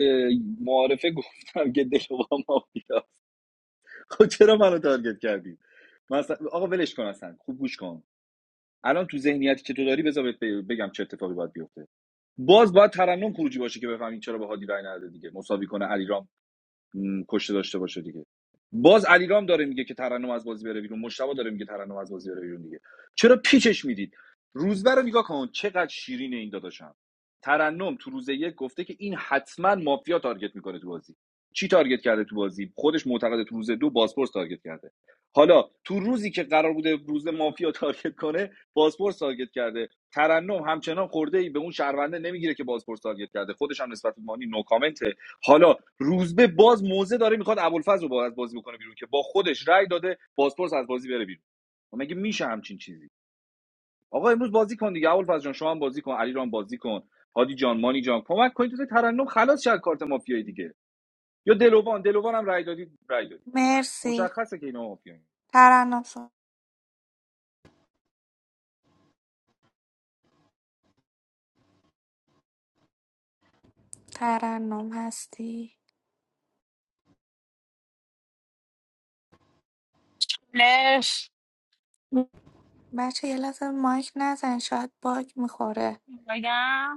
معارفه گفتم که دلوان مافیا خب چرا منو تارگت کردی مثلا آقا ولش کن اصلا خوب گوش کن الان تو ذهنیتی که تو داری بذار بگم چه اتفاقی باید بیفته باز باید ترنم خروجی باشه که بفهمین چرا به هادی رای نداده دیگه مساوی کنه علیرام. م، کشته داشته باشه دیگه باز علیرام داره میگه که ترنم از بازی بره بیرون مشتبه داره میگه ترنم از بازی بره بیرون دیگه چرا پیچش میدید روزبه رو نگاه کن چقدر شیرین این داداشم ترنم تو روز یک گفته که این حتما مافیا تارگت میکنه تو بازی چی تارگت کرده تو بازی خودش معتقده تو روز دو بازپرس تارگت کرده حالا تو روزی که قرار بوده روز مافیا تارگت کنه بازپرس تارگت کرده ترنم همچنان خورده ای به اون شهرونده نمیگیره که بازپرس تارگت کرده خودش هم نسبت به مانی نو کامنت، حالا روزبه باز موزه داره میخواد ابوالفضل رو باز بازی بکنه بیرون که با خودش رأی داده بازپرس از بازی بره بیرون و مگه میشه همچین چیزی آقا امروز بازی کن دیگه ابوالفضل جان شما هم بازی کن علی رام بازی کن هادی جان مانی جان کمک کنید تو ترنم خلاص شد کارت مافیایی دیگه یا دلوان دلوان هم رأی دادی رأی دادی
مرسی
مشخصه که اینا مافیایی
ترنم صحبت. ترنم هستی
لش
بچه یه لحظه مایک نزن شاید باگ میخوره
بگم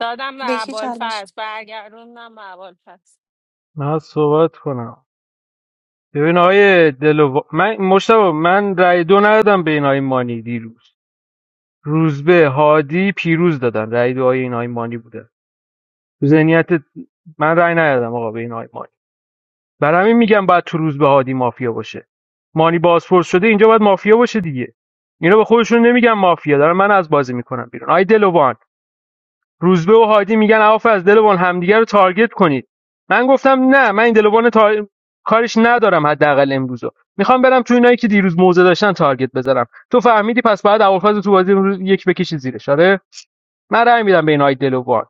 دادم به
بکی چالش
ابوالفضل برگردوندم به ابوالفضل
من صحبت کنم ببین آقای دلو من مشتاق من رای دو ندادم به این آقای مانی دیروز روزبه هادی پیروز دادن رای دو آقای این آقای مانی بوده تو ذهنیت من رای ندادم آقا به این آقای مانی برا همین میگم بعد تو روز به هادی مافیا باشه مانی بازپرس شده اینجا باید مافیا باشه دیگه اینا به خودشون نمیگن مافیا دارن من از بازی میکنم بیرون آی دلوان روزبه و هادی میگن عوف از دلوان همدیگه رو تارگت کنید من گفتم نه من این دلوان تار... کارش ندارم حداقل امروزو میخوام برم تو اینایی که دیروز موزه داشتن تارگت بزنم تو فهمیدی پس بعد اول تو بازی امروز یک بکشی زیرش آره من رأی میدم به این آی دلوان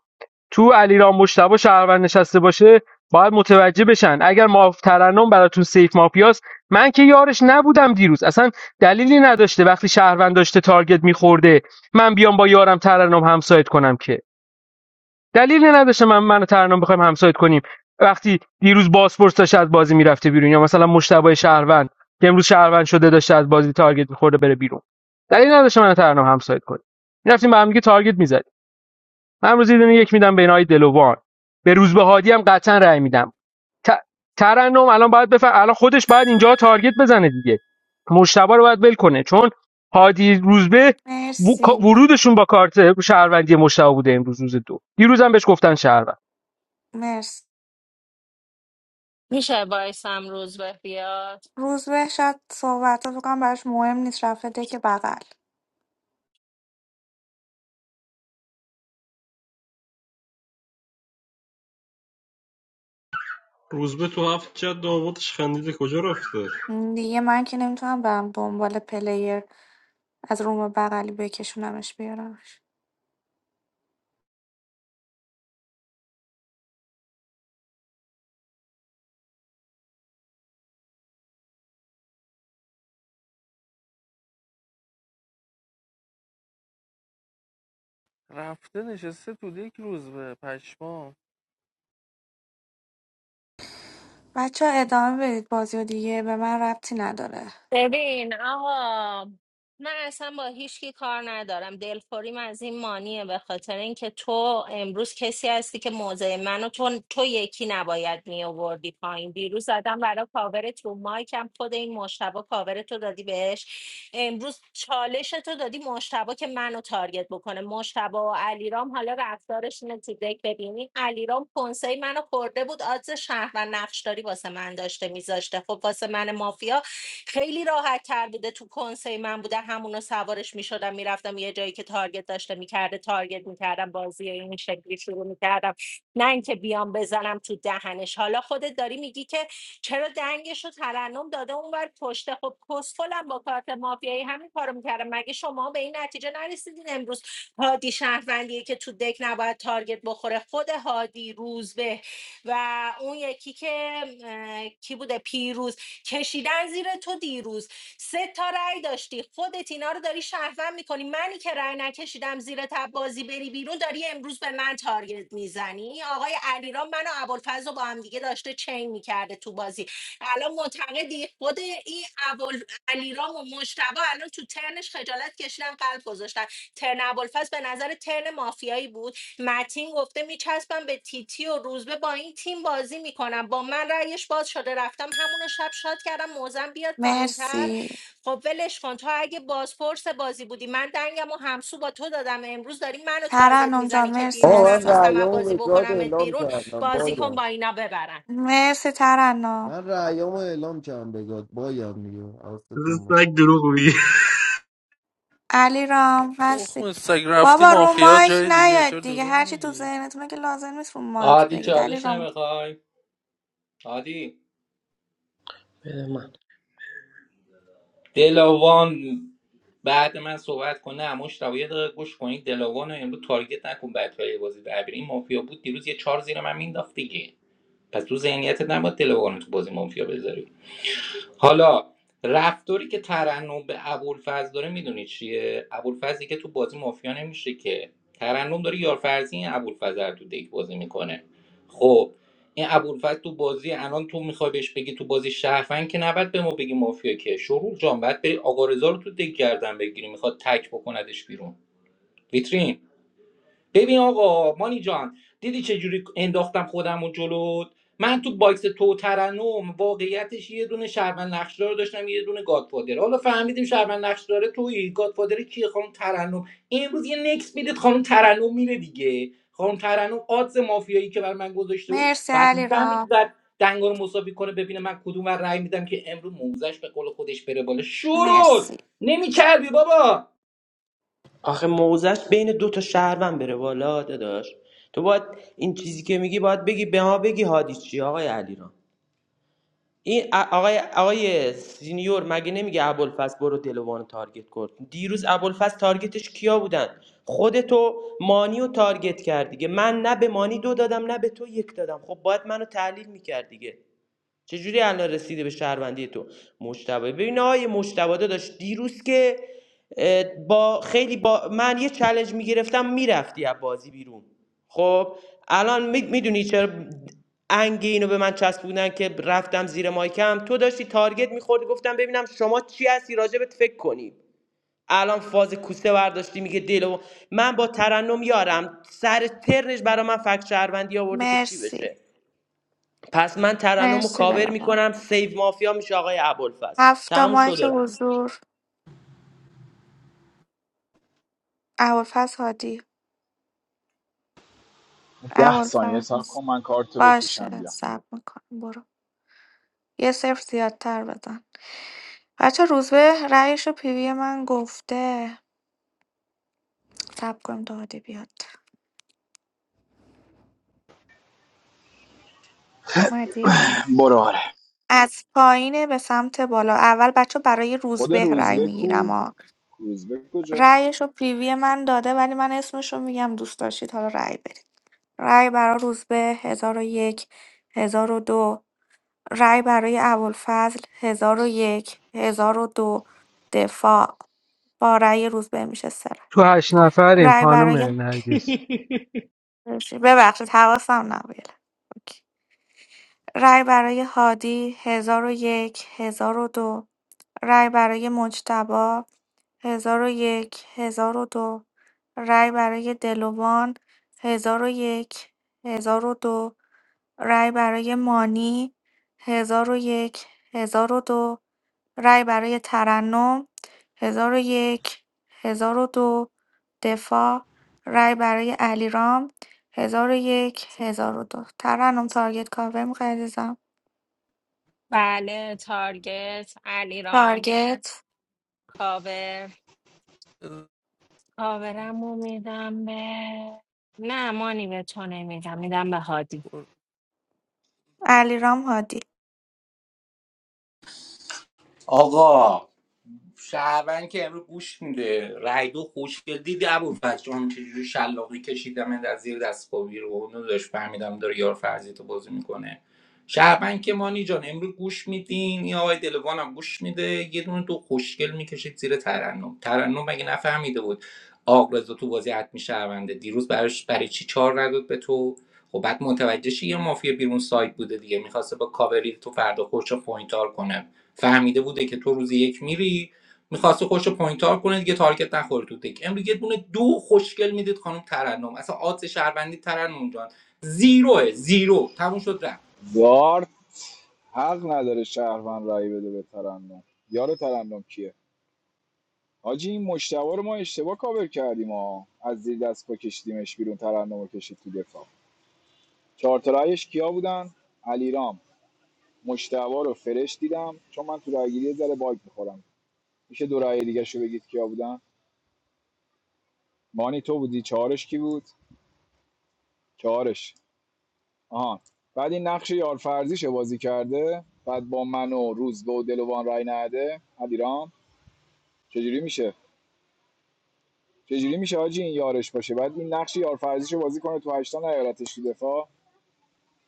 تو علیرام مجتبی شهروند نشسته باشه باید متوجه بشن اگر ماف ترنم براتون سیف مافیاست من که یارش نبودم دیروز اصلا دلیلی نداشته وقتی شهروند داشته تارگت میخورده من بیام با یارم ترنم همسایت کنم که دلیلی نداشته من منو ترنم بخوایم همسایت کنیم وقتی دیروز باسپورس داشته از بازی میرفته بیرون یا مثلا مشتبه شهروند که امروز شهروند شده داشته از بازی تارگت میخورده بره بیرون دلیلی نداشته منو ترنم همسایت کنیم میرفتیم با هم دیگه تارگت می‌زدیم. من امروز یه دونه یک میدم به اینای دلوان به روزبه هادی هم قطعا رأی میدم ت- ترنم الان باید بفهم الان خودش باید اینجا تارگت بزنه دیگه مشتبه رو باید ول کنه چون هادی روزبه و-
مرسی
ورودشون با کارت شهروندی مشتبه بوده امروز روز دو دیروز هم بهش گفتن شهروند
مرسی
میشه بایستم روز به بیاد
روز به شاید صحبت رو بکنم براش مهم نیست رفته که بغل
روزبه تو هفت جد آبادش خندیده کجا رفته
دیگه من که نمیتونم برم دنبال پلیر از روم بغلی بکشونمش بیارمش
رفته نشسته تو یک روز به پشمام
بچه ها ادامه بدید بازی و دیگه به من ربطی نداره
ببین آقا من اصلا با هیچکی کار ندارم دلخوریم از این مانیه به خاطر اینکه تو امروز کسی هستی که موضع منو تو تو یکی نباید می آوردی پایین دیروز زدم برای کاور تو مایکم خود این مشتبه کاور تو دادی بهش امروز چالش تو دادی مشتبه که منو تارگت بکنه مشتبه و علیرام حالا رفتارش اینه تو دک ببینی علیرام کنسه منو خورده بود آدز شهر و نقش داری واسه من داشته میذاشته خب واسه من مافیا خیلی راحت تر بوده تو کنسه من بوده همونو سوارش میشدم میرفتم یه جایی که تارگت داشته میکرده تارگت میکردم بازی این شکلی شروع میکردم نه اینکه بیام بزنم تو دهنش حالا خودت داری میگی که چرا دنگش رو ترنم داده اونور پشته خب کسفلم با کارت مافیایی همین کارو میکردم مگه شما به این نتیجه نرسیدین امروز هادی شهروندیه که تو دک نباید تارگت بخوره خود هادی روزبه و اون یکی که اه، کی بوده پیروز کشیدن زیر تو دیروز سه تا رأی داشتی خودت اینا رو داری شهروند میکنی منی که رأی نکشیدم زیر تب بازی بری بیرون داری امروز به من تارگت میزنی آقای علیرام من و ابوالفضل رو با هم دیگه داشته چین میکرده تو بازی الان معتقدی خود این ابوال علیرام و مجتبی الان تو ترنش خجالت کشیدن قلب گذاشتن ترن ابوالفضل به نظر ترن مافیایی بود متین گفته میچسبم به تیتی و روزبه با این تیم بازی میکنم با من رأیش باز شده رفتم همونو شب شاد کردم موزم بیاد پایینتر
مرسی
خب ولش کن تو اگه بازپرس بازی بودی من دنگم و همسو با تو دادم امروز داری منو تارگت
ترنم جان
میزنی که
مرسی
دیروز
آه من
عزیزم
نخواستم از
رعیامو
بازی
به زاد
بکنمت
اعلام
بیرون
کردم
بازی کن با
بایم
اینا ببرن
مرسی ترنم
من رأیامو اعلام کردم بگاد بایم دیگه حواستون
سگ دروغ میگه
علی رام هستی
تخم سگ رفتی
بابا رو
مافیا
مایک
جای دیگه
نیاد
چرا
دیگه
دروغ
هرچی تو
میگی
ذهنتونه که لازم نیست رو مایک
عادی
بگید علی
چالش
رام
نمیخوای عادی
بده من
دلاوان بعد من صحبت کنه مشتاق یه دقیقه گوش کنید دلاوان رو امروز تارگت نکن بعد توی بازی بربری این مافیا بود دیروز یه چهار زیر من مینداخت دیگه پس تو ذهنیتت نباید دلاوان رو تو بازی مافیا بذاری حالا رفتاری که ترنم به ابوالفضل داره میدونی چیه ابوالفضلی که تو بازی مافیا نمیشه که ترنم داره یارفرزی این ابوالفضل رو تو دیک بازی میکنه خب این ابوالفضل تو بازی الان تو میخوای بهش بگی تو بازی شهروند که نباید به ما بگی مافیا که شروع جان باید بری آقا رضا رو تو دیک گردن بگیری میخواد تک بکندش بیرون ویترین ببین آقا مانی جان دیدی چه جوری انداختم خودم و جلو من تو باکس تو ترنم واقعیتش یه دونه شهروند نقشدار داشتم یه دونه گادفادر حالا فهمیدیم شهروند نقشدار توی گادفادر کیه خانم ترنم امروز یه نکس میدید خانم ترنم میره دیگه خانم ترنم آدز مافیایی که بر من گذاشته بود
مرسی
بعد
علی
میفهمید
رام
بعد دنگا رو مساوی کنه ببینه من کدوم ور رأی میدم که امروز موزش به قول خودش بره بالا شروع
مرسی
نمیکردی بابا
آخه موزش بین دو تا شهروند بره بالا داداش تو باید این چیزی که میگی باید بگی به ما بگی هادی چی آقای علیرام این ا- آقای آقای سینیور مگه نمیگه ابوالفضل برو دلوان تارگت کن دیروز ابوالفضل تارگتش کیا بودن خودتو مانی رو تارگت کرد دیگه من نه به مانی دو دادم نه به تو یک دادم خب باید منو تحلیل میکرد دیگه چجوری الان رسیده به شهروندی تو مجتبی ببین آقای مجتبی داشت دیروز که با خیلی با من یه چالش میگرفتم میرفتی از بازی بیرون خب الان میدونی چرا انگ اینو به من چسبوندن که رفتم زیر مایکم تو داشتی تارگت میخوردی گفتم ببینم شما چی هستی راجبت فکر کنیم الان فاز کوسه برداشتی میگه دلو من با ترنم یارم سر ترنش برا من فکت شهروندی آورده که چی بشه
مرسی
پس من ترنم رو
مرسی
کاور
دلابا
میکنم سیف مافیا میشه آقای ابوالفضل
هفته
تموم شد
مایک
و رفت
حضور اول فصل هادی
ده
اول
ثانیه صبر
فصل
کن من کارتو بکشم
باشه
بیام
سب میکنم برو یه صفر زیادتر بزن بچه روزبه رأیش رو پیوی من گفته سب کنیم داده بیاد مردی
برو آره
از پایینه به سمت بالا اول بچه برای
خود
روزبه رأی
روزبه کو
میگیرم ها
روزبه کجاست
رأیش رو پیوی من داده ولی من اسمش رو میگم دوست داشتید حالا رأی برید رأی برای روزبه هزار و یک هزار و دو رأی برای ابوالفضل هزار و یک هزار و دو دفاع با رأی روزبه میشه سه رأی
تو هشت نفریم
رأی
خانم
برای
نرگس
ببخشید حواسم نبود رای برای هادی هزار و یک هزار و دو رای برای مجتبی هزار و یک هزار و دو رای برای دلوان هزار و یک هزار و دو رای برای مانی هزار و یک هزار و دو رای برای ترنم هزار و یک هزار و دو دفاع رای برای علیرام هزار و یک هزار و دو ترنم تارگت کاور می‌خوای عزیزم
بله تارگت علیرام
تارگت
کاور کاورم رو میدم به نه مانی به تو نمیدم میدم به هادی
علیرام هادی
آقا شهروند که امروز گوش میده رای دو خوشگل دیدی ابو جان چجوری شلاقی کشیدم از زیر دستگاهی رو اونو داشت فهمیدم داره یار فرضی تو بازی میکنه شهروند که مانی جان امروز گوش میدین یا آقای دلوان هم گوش میده یه دونه دو خوشگل میکشید زیر ترنم ترنم مگه نفهمیده بود آقرزا تو بازی حتمی شهرونده دیروز براش برای چی چار نداد به تو خب بعد متوجه شی یه مافیا بیرون سایت بوده دیگه میخواسته با کاوری تو فردا خودشو پوینتار کنه فهمیده بوده که تو روز یک میری میخواسته خوش پوینت تار کنه دیگه تارگت نخوره تو تک امروز یه دونه دو خوشگل میدید خانم ترنم اصلا آدس شهروندی ترنم جان زیروه زیرو تموم شد رفت
گارد حق نداره شهروند رای بده به ترنم یار ترنم کیه حاجی این مشتبه رو ما اشتباه کاور کردیم ها از زیر دست پا کشیدیمش بیرون ترنم رو کشید تو دفاع چهار تا رأیش کیا بودن علیرام مشتبه رو فرش دیدم چون من تو رأیگیری یه ذره باگ میخورم میشه دو رأی دیگه شو بگید کیا بودن مانی تو بودی چهارش کی بود چهارش آها بعد این نقش یارفرزیش بازی کرده بعد با من و روز و دلوان رای نده علیرام چجوری میشه چجوری میشه حاجی این یارش باشه بعد این نقش یارفرزیشو بازی کنه تو هشتان نیارتش تو دفاع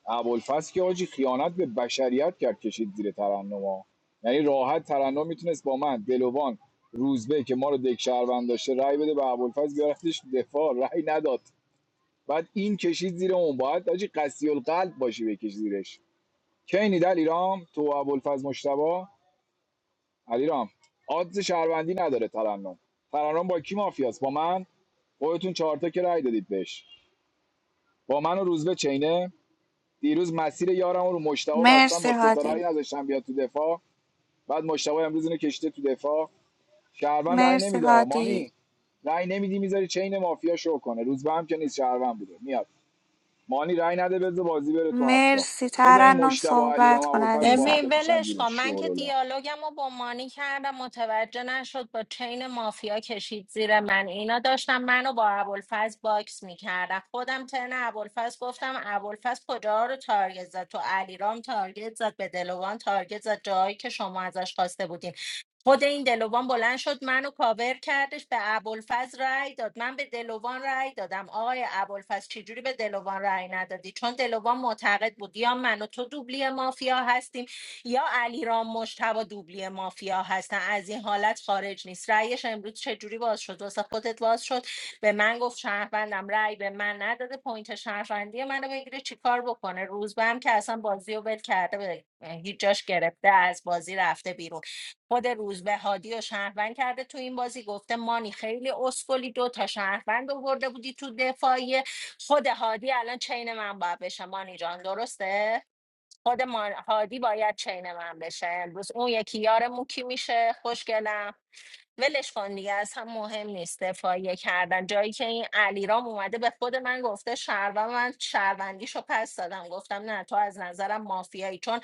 ابوالفضل که حاجی خیانت به بشریت کرد کشید زیر ترنما یعنی راحت ترنم میتونست با من دلوان روزبه که ما رو دک شهروند داشته رأی بده به ابوالفضل بیارتش دفاع رأی نداد بعد این کشید زیر اون باید حاجی قسی القلب باشی بکش زیرش کینی دل ایرام تو و ابوالفضل مشتبا علیرام آدز شهروندی نداره ترنم ترنم با کی مافیاست با من خودتون چهارتا که رأی دادید بهش با من و روزبه چینه دیروز مسیر یارم رو مشتبه بستم
مرسی
با ستاره رأی
هادی
نذاشتم بیاد تو دفاع بعد مشتبه امروز اینو کشته تو دفاع شهروند رأی
مرسی
نمیده مانی
هادی
رأی نمیدی میذاری چین مافیا شو کنه روز به هم که نیست شهروند بوده میاد مانی رأی نده بذار بازی بره تو هفته
مرسی
بذار این
ترنم
مشتبه علی رام
صحبت کن
ابوالفضل با هم
عزیزم
ببین
بکشن
ولش
زیر
کن من که
شورولا
دیالوگم رو با مانی کردم متوجه نشد با چین مافیا کشید زیر من اینا داشتم منو با ابوالفضل باکس میکردم خودم ترن ابوالفضل گفتم ابوالفضل کجا رو تارگت زد تو علیرام تارگت زد به دلوان تارگت زد جایی که شما ازش خواسته بودین خود این دلوان بلند شد منو کاور کردش به ابوالفضل رأی داد من به دلوان رأی دادم آقای ابوالفضل چجوری به دلوان رأی ندادی چون دلوان معتقد بود یا من و تو دوبلی مافیا هستیم یا علیرام مشتبا دوبلی مافیا هستن از این حالت خارج نیست رأیش امروز چجوری باز شد واسه خودت باز شد به من گفت شهروندم رأی به من نداده پوینت شهروندی منو بگیره چیکار بکنه روزبه هم که اصلا بازی رو ول کرده به هیچ جاش گرفته از بازی رفته بیرون خود روزبه هادی و شهروند کرده تو این بازی گفته مانی خیلی اسکلی دو تا شهروند آورده بودی تو دفاعیه خود هادی الان چین من باید بشه مانی جان درسته خود مان- هادی باید چین من بشه امروز اون یکی یارمون کی میشه خوشگلم ولش کن دیگه از هم مهم نیست دفاعیه کردن جایی که این علیرام اومده به خود من گفته شهروند من شهروندیشو پس دادم گفتم نه تو از نظرم مافیایی چون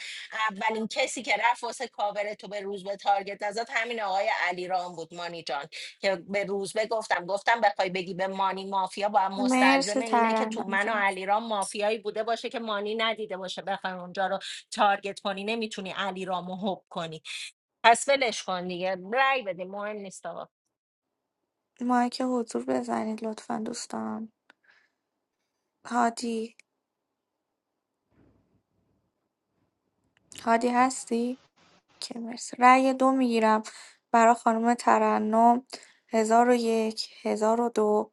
اولین کسی که رفت واسه کاور تو به روزبه تارگت نزد همین آقای علیرام بود مانی جان که به روزبه گفتم گفتم بخوای بگی به مانی مافیا با مستلزم
مرسی
اینه که تو
ترنم
من و
جان
علیرام مافیایی بوده باشه که مانی ندیده باشه بخوای اونجا رو تارگت کنی نمیتونی علیرامو هوب کنی پس ولش کن دیگه رای بدیم مهم نیست آقا
مایک حضور بزنید لطفا دوستان هادی هادی هستی که مرسی رأی دو میگیرم برای خانم ترنم هزار و یک هزار و دو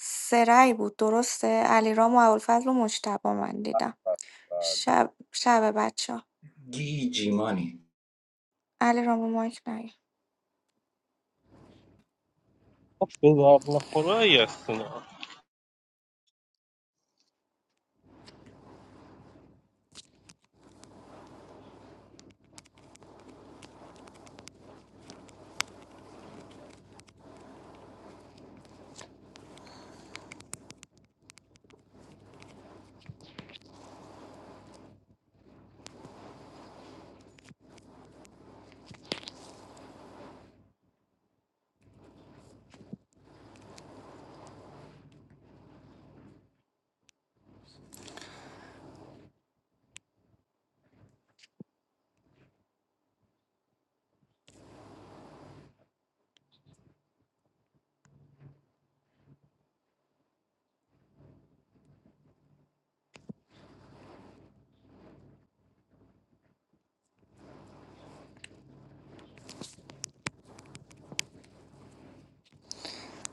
سه رأی بود درسته علیرام و ابوالفضل و مجتبی من دیدم شب شب بچه ها.
گیجی مانی
علیرام و مایک نیار.
به درد نخوره ای هست اینا.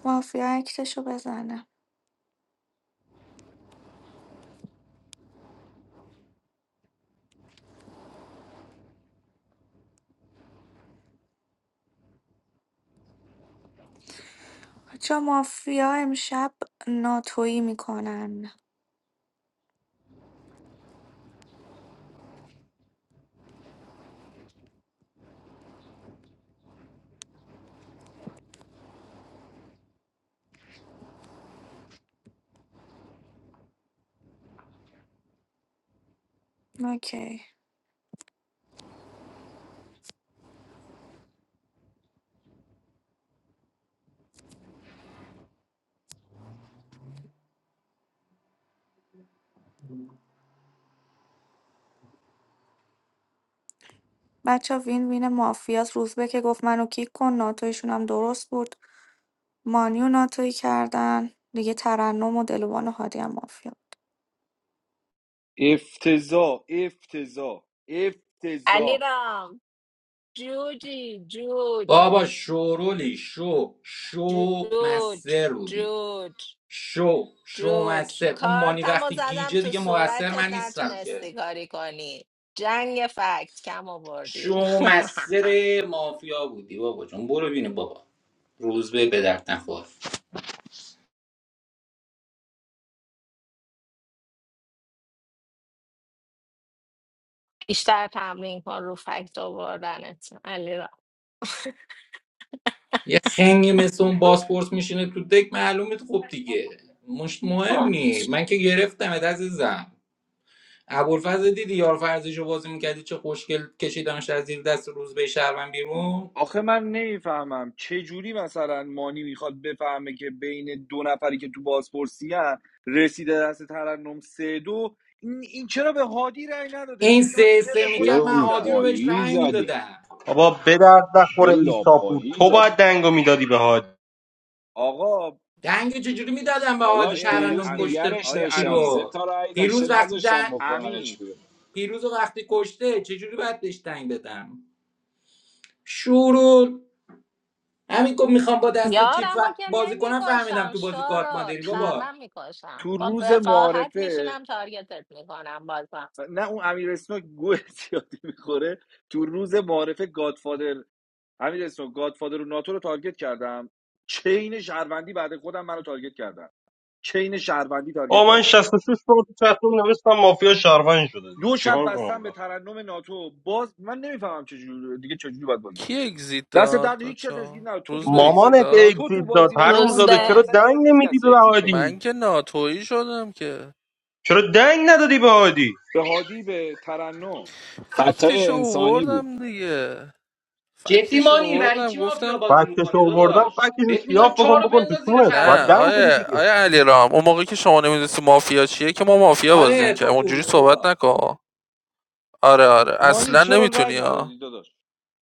مافیا اکتشو بزنه بچه مافیا امشب ناتویی میکنن اوکی بچه وین وین مافیاس روزبه که گفت منو کیک کن ناتویشون هم درست بود مانیو ناتویی کردن دیگه ترنم و دلوان و هادی هم مافیا
افتضاح افتضاح افتضاح
علیرام جوجی جوج
بابا شورولی شو شو
جوج
مستر بودی
جوج
شو شو
جوج
مستر اون مانی
کارتمو
وقتی
زدم
گیجه
تو
دیگه مقصر
صورتت
من نیستم که
نتونستی کاری کنی جنگ فکت کم آوردی
شو مستر مافیا بودی بابا جون برو بینه بابا روز به به درد نخور
بیشتر تمرین کن رو فکت آوردنت علیرام
یه خنگی مثل اون باسپورس میشینه تو دک معلومه خب دیگه مش مهم نی من که گرفتم عزیزم ابوالفضل دیدی یار فرزیشو بازی میکردی چه خوشگل کشیدمش از زیر دست روز به شهرون بیرون
آخه من نمیفهمم چه جوری مثلا مانی میخواد بفهمه که بین دو نفری که تو بازپرسی ان رسیده دست ترنم سه دو این, این چرا به هادی رأی نداده
این
اینو که من تو
سه سه
ترن
چه
خودم
میکرد من
گفتم
هادی رو بهش
روپایی
رأی
زدیم
میدادم
بابا به درد
چه
نخوره ایساپور
لاپایی
تو
زدیم
باید دنگو میدادی به هادی
آقا
دنگ چجوری میدادم به هادی
داداش
آیه
ترنم
دیروز
امیر
کشته
نگرش
آیه
چی
داشتم
امیر
سه
رو
تا رأی داشته
پیروز وقتی
نذاشتم
دن...
بکننش
امیر
بیرون
پیروز رو وقتی کشته چجوری باید بهش دنگ بدم شورول همین که میخوام با دست چی ف...
یارم که
بازی کنم فهمیدم
نمیکشم
تو بازی کارت
شارل
مادری
تو,
بابا
شرم میکشم
تو
با
روز
وقاحت
معارفه
میشینم تارگتت میکنم بازم
نه اون امیر اسنوک گوه زیادی میخوره تو روز معارفه گادفادر امیر اسنوک گادفادر و ناتو رو تارگت کردم چین شهروندی بعد خودم منو تارگت کردم چین شهروندی
آ
تارگت
من
کردن
66 بار تو چطور نوشتم مافیا شهروند شده دیگه.
دو شب
چیکار
بستن
کنم
به
من؟
ترنم ناتو باز من نمیفهمم چجوری دیگه چجوری باید بازی کنه
کی اگزیت
دست
داد
در هیچ کس اسکی
بچه‌ها؟
نه تو
روز
تو
به
بازی
اگزیت
باشی
مامانت
داد
تو
اگزیت
تو
داد
بازی باشی
حروم
مانی
زاده
روزبه
جان
چرا
اصلا
دنگ
نیازی نیست
نمیدی به
کسی اکسیت بده
هادی
من که ناتویی شدم که
چرا دنگ ندادی به هادی
به هادی به ترنم
فکتش
خطای انسانی بود
اووردم دیگه
جدی
فکتش
مانی برای
اووردم
چی
گفتم
مافیا بازی
فکتش
میکنی
آوردم
داداش
فکتش رو
بهت میگم
شیاف
چهار
بکن
رو
بکن تو
بنداز زیر
کونت باید
نه
ترنم
دنگ بدی
دیگه
آیه
دیگه
آیه علیرام اون موقع که شما نمیدونستی مافیا چیه که ما مافیا بازی
آره تو
میکردیم اونجوری
خوبی
صحبت
بابا
نکن آره آره
مانی
اصلا
چرا رأی
نمیتونی ها
ندادی داداش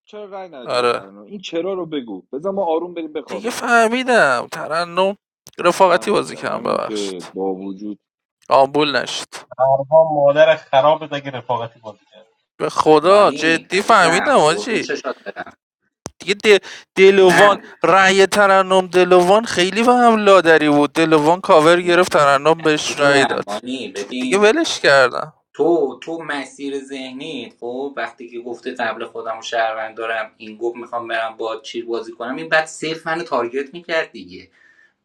چرا رأی ندادی به
آره
ترنم این چرا رو بگو بذار ما آروم بریم
دیگه
بخوابیم
فهمیدم ترنم رفاقتی
دمت
بازی
گرم
کردم
همین که
ببخشید
با وجود
آمبول نشد
اربا مادر خرابت اگه رفاقتی بازی
به خدا
مانی
جدی فهمیدم
عزیزم قربون
آجی
چشات برم
دیگه دل... دلوان
من
رأی ترنم دلوان خیلی به هم لادری بود دلوان کاور گرفت ترنم بهش رأی
میدونم
داد
مانی
دیگه
ببین
ولش کردم
تو تو مسیر ذهنی خب وقتی که گفته قبل خودم و شهروند دارم این گفت میخوام برم با چی بازی کنم این بعد صرف منو تارگت میکرد دیگه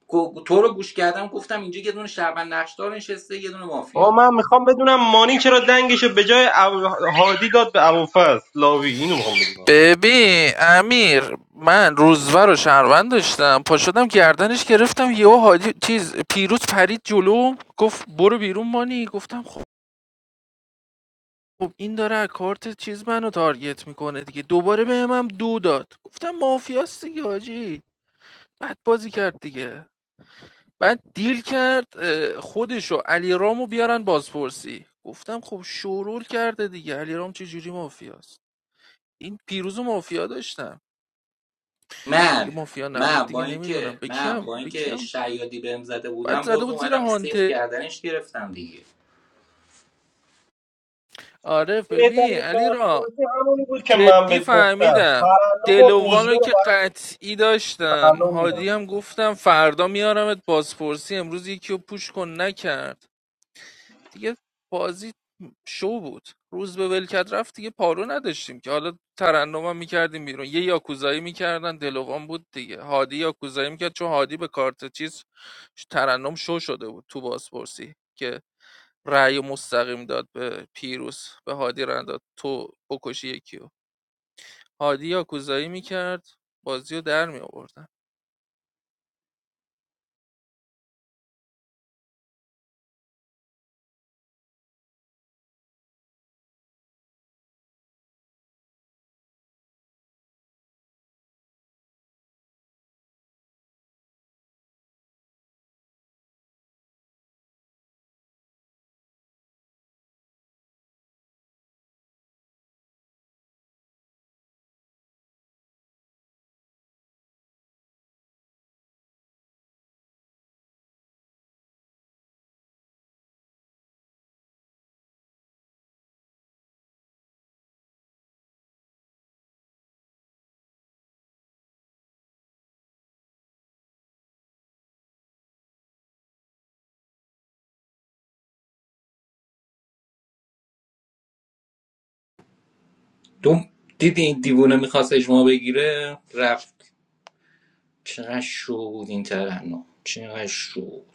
گو- تو رو گوش کردم گفتم اینجا یه دونه شهروند نقشدار نشسته یه دونه
آقا
مافیا
من میخوام بدونم مانی چرا دنگشو به جای ابو- هادی داد به ابوفضل لاوی اینو میخوام بدونم
ببین امیر من روزور رو شهروند داشتم پا شدم گردنش گرفتم یهو حاجی چیز پیروز پرید جلو گفت برو بیرون مانی گفتم خب خب این داره از کارت چیز منو تارگت میکنه دیگه دوباره بهم هم دو داد گفتم مافیاست دیگه حاجی بعد بازی کرد دیگه بعد دیل کرد اه، خودشو علی رامو بیارن بازپرسی گفتم خب شورول کرده دیگه علی رام چجوری مافیاست این پیروز و مافیا داشتم دیگه
من
مافیا نبود
من با
دیگه نمیدونم
اینکه
به
من
کیم
با
به
اینکه
کیم
شیادی بهم زده
بعد
بودم
زده
باز
بود زیر
اومدم سیف
هانته
کردنش گرفتم دیگه
آره ببین
بهترین
علی را
بازپرسی همونی بود که من
جدی
بهت گفتم
فهمیدم
ترنم و روزبه
دلوانو
رو
که
برام
قطعی داشتم
ترنم میدم
هادی هم گفتم فردا میارمت بازپرسی امروز یکی رو پوش کن نکرد دیگه بازی شو بود روز به ولکت رفت دیگه پارو نداشتیم که حالا ترنم هم میکردیم بیرون یه یاکوزایی میکردن دلوان بود دیگه هادی یاکوزایی میکرد چون هادی به کارت چیز ترنم شو شده بود تو بازپرسی که رأی و مستقیم داد به پیروز به هادی رنداد تو بکشی یکیو هادی یاکوزایی میکرد بازی رو در می آوردن.
دوم دیدی این دیوونه میخواست اجماع بگیره رفت چقدر شو بود این ترنم چقدر شو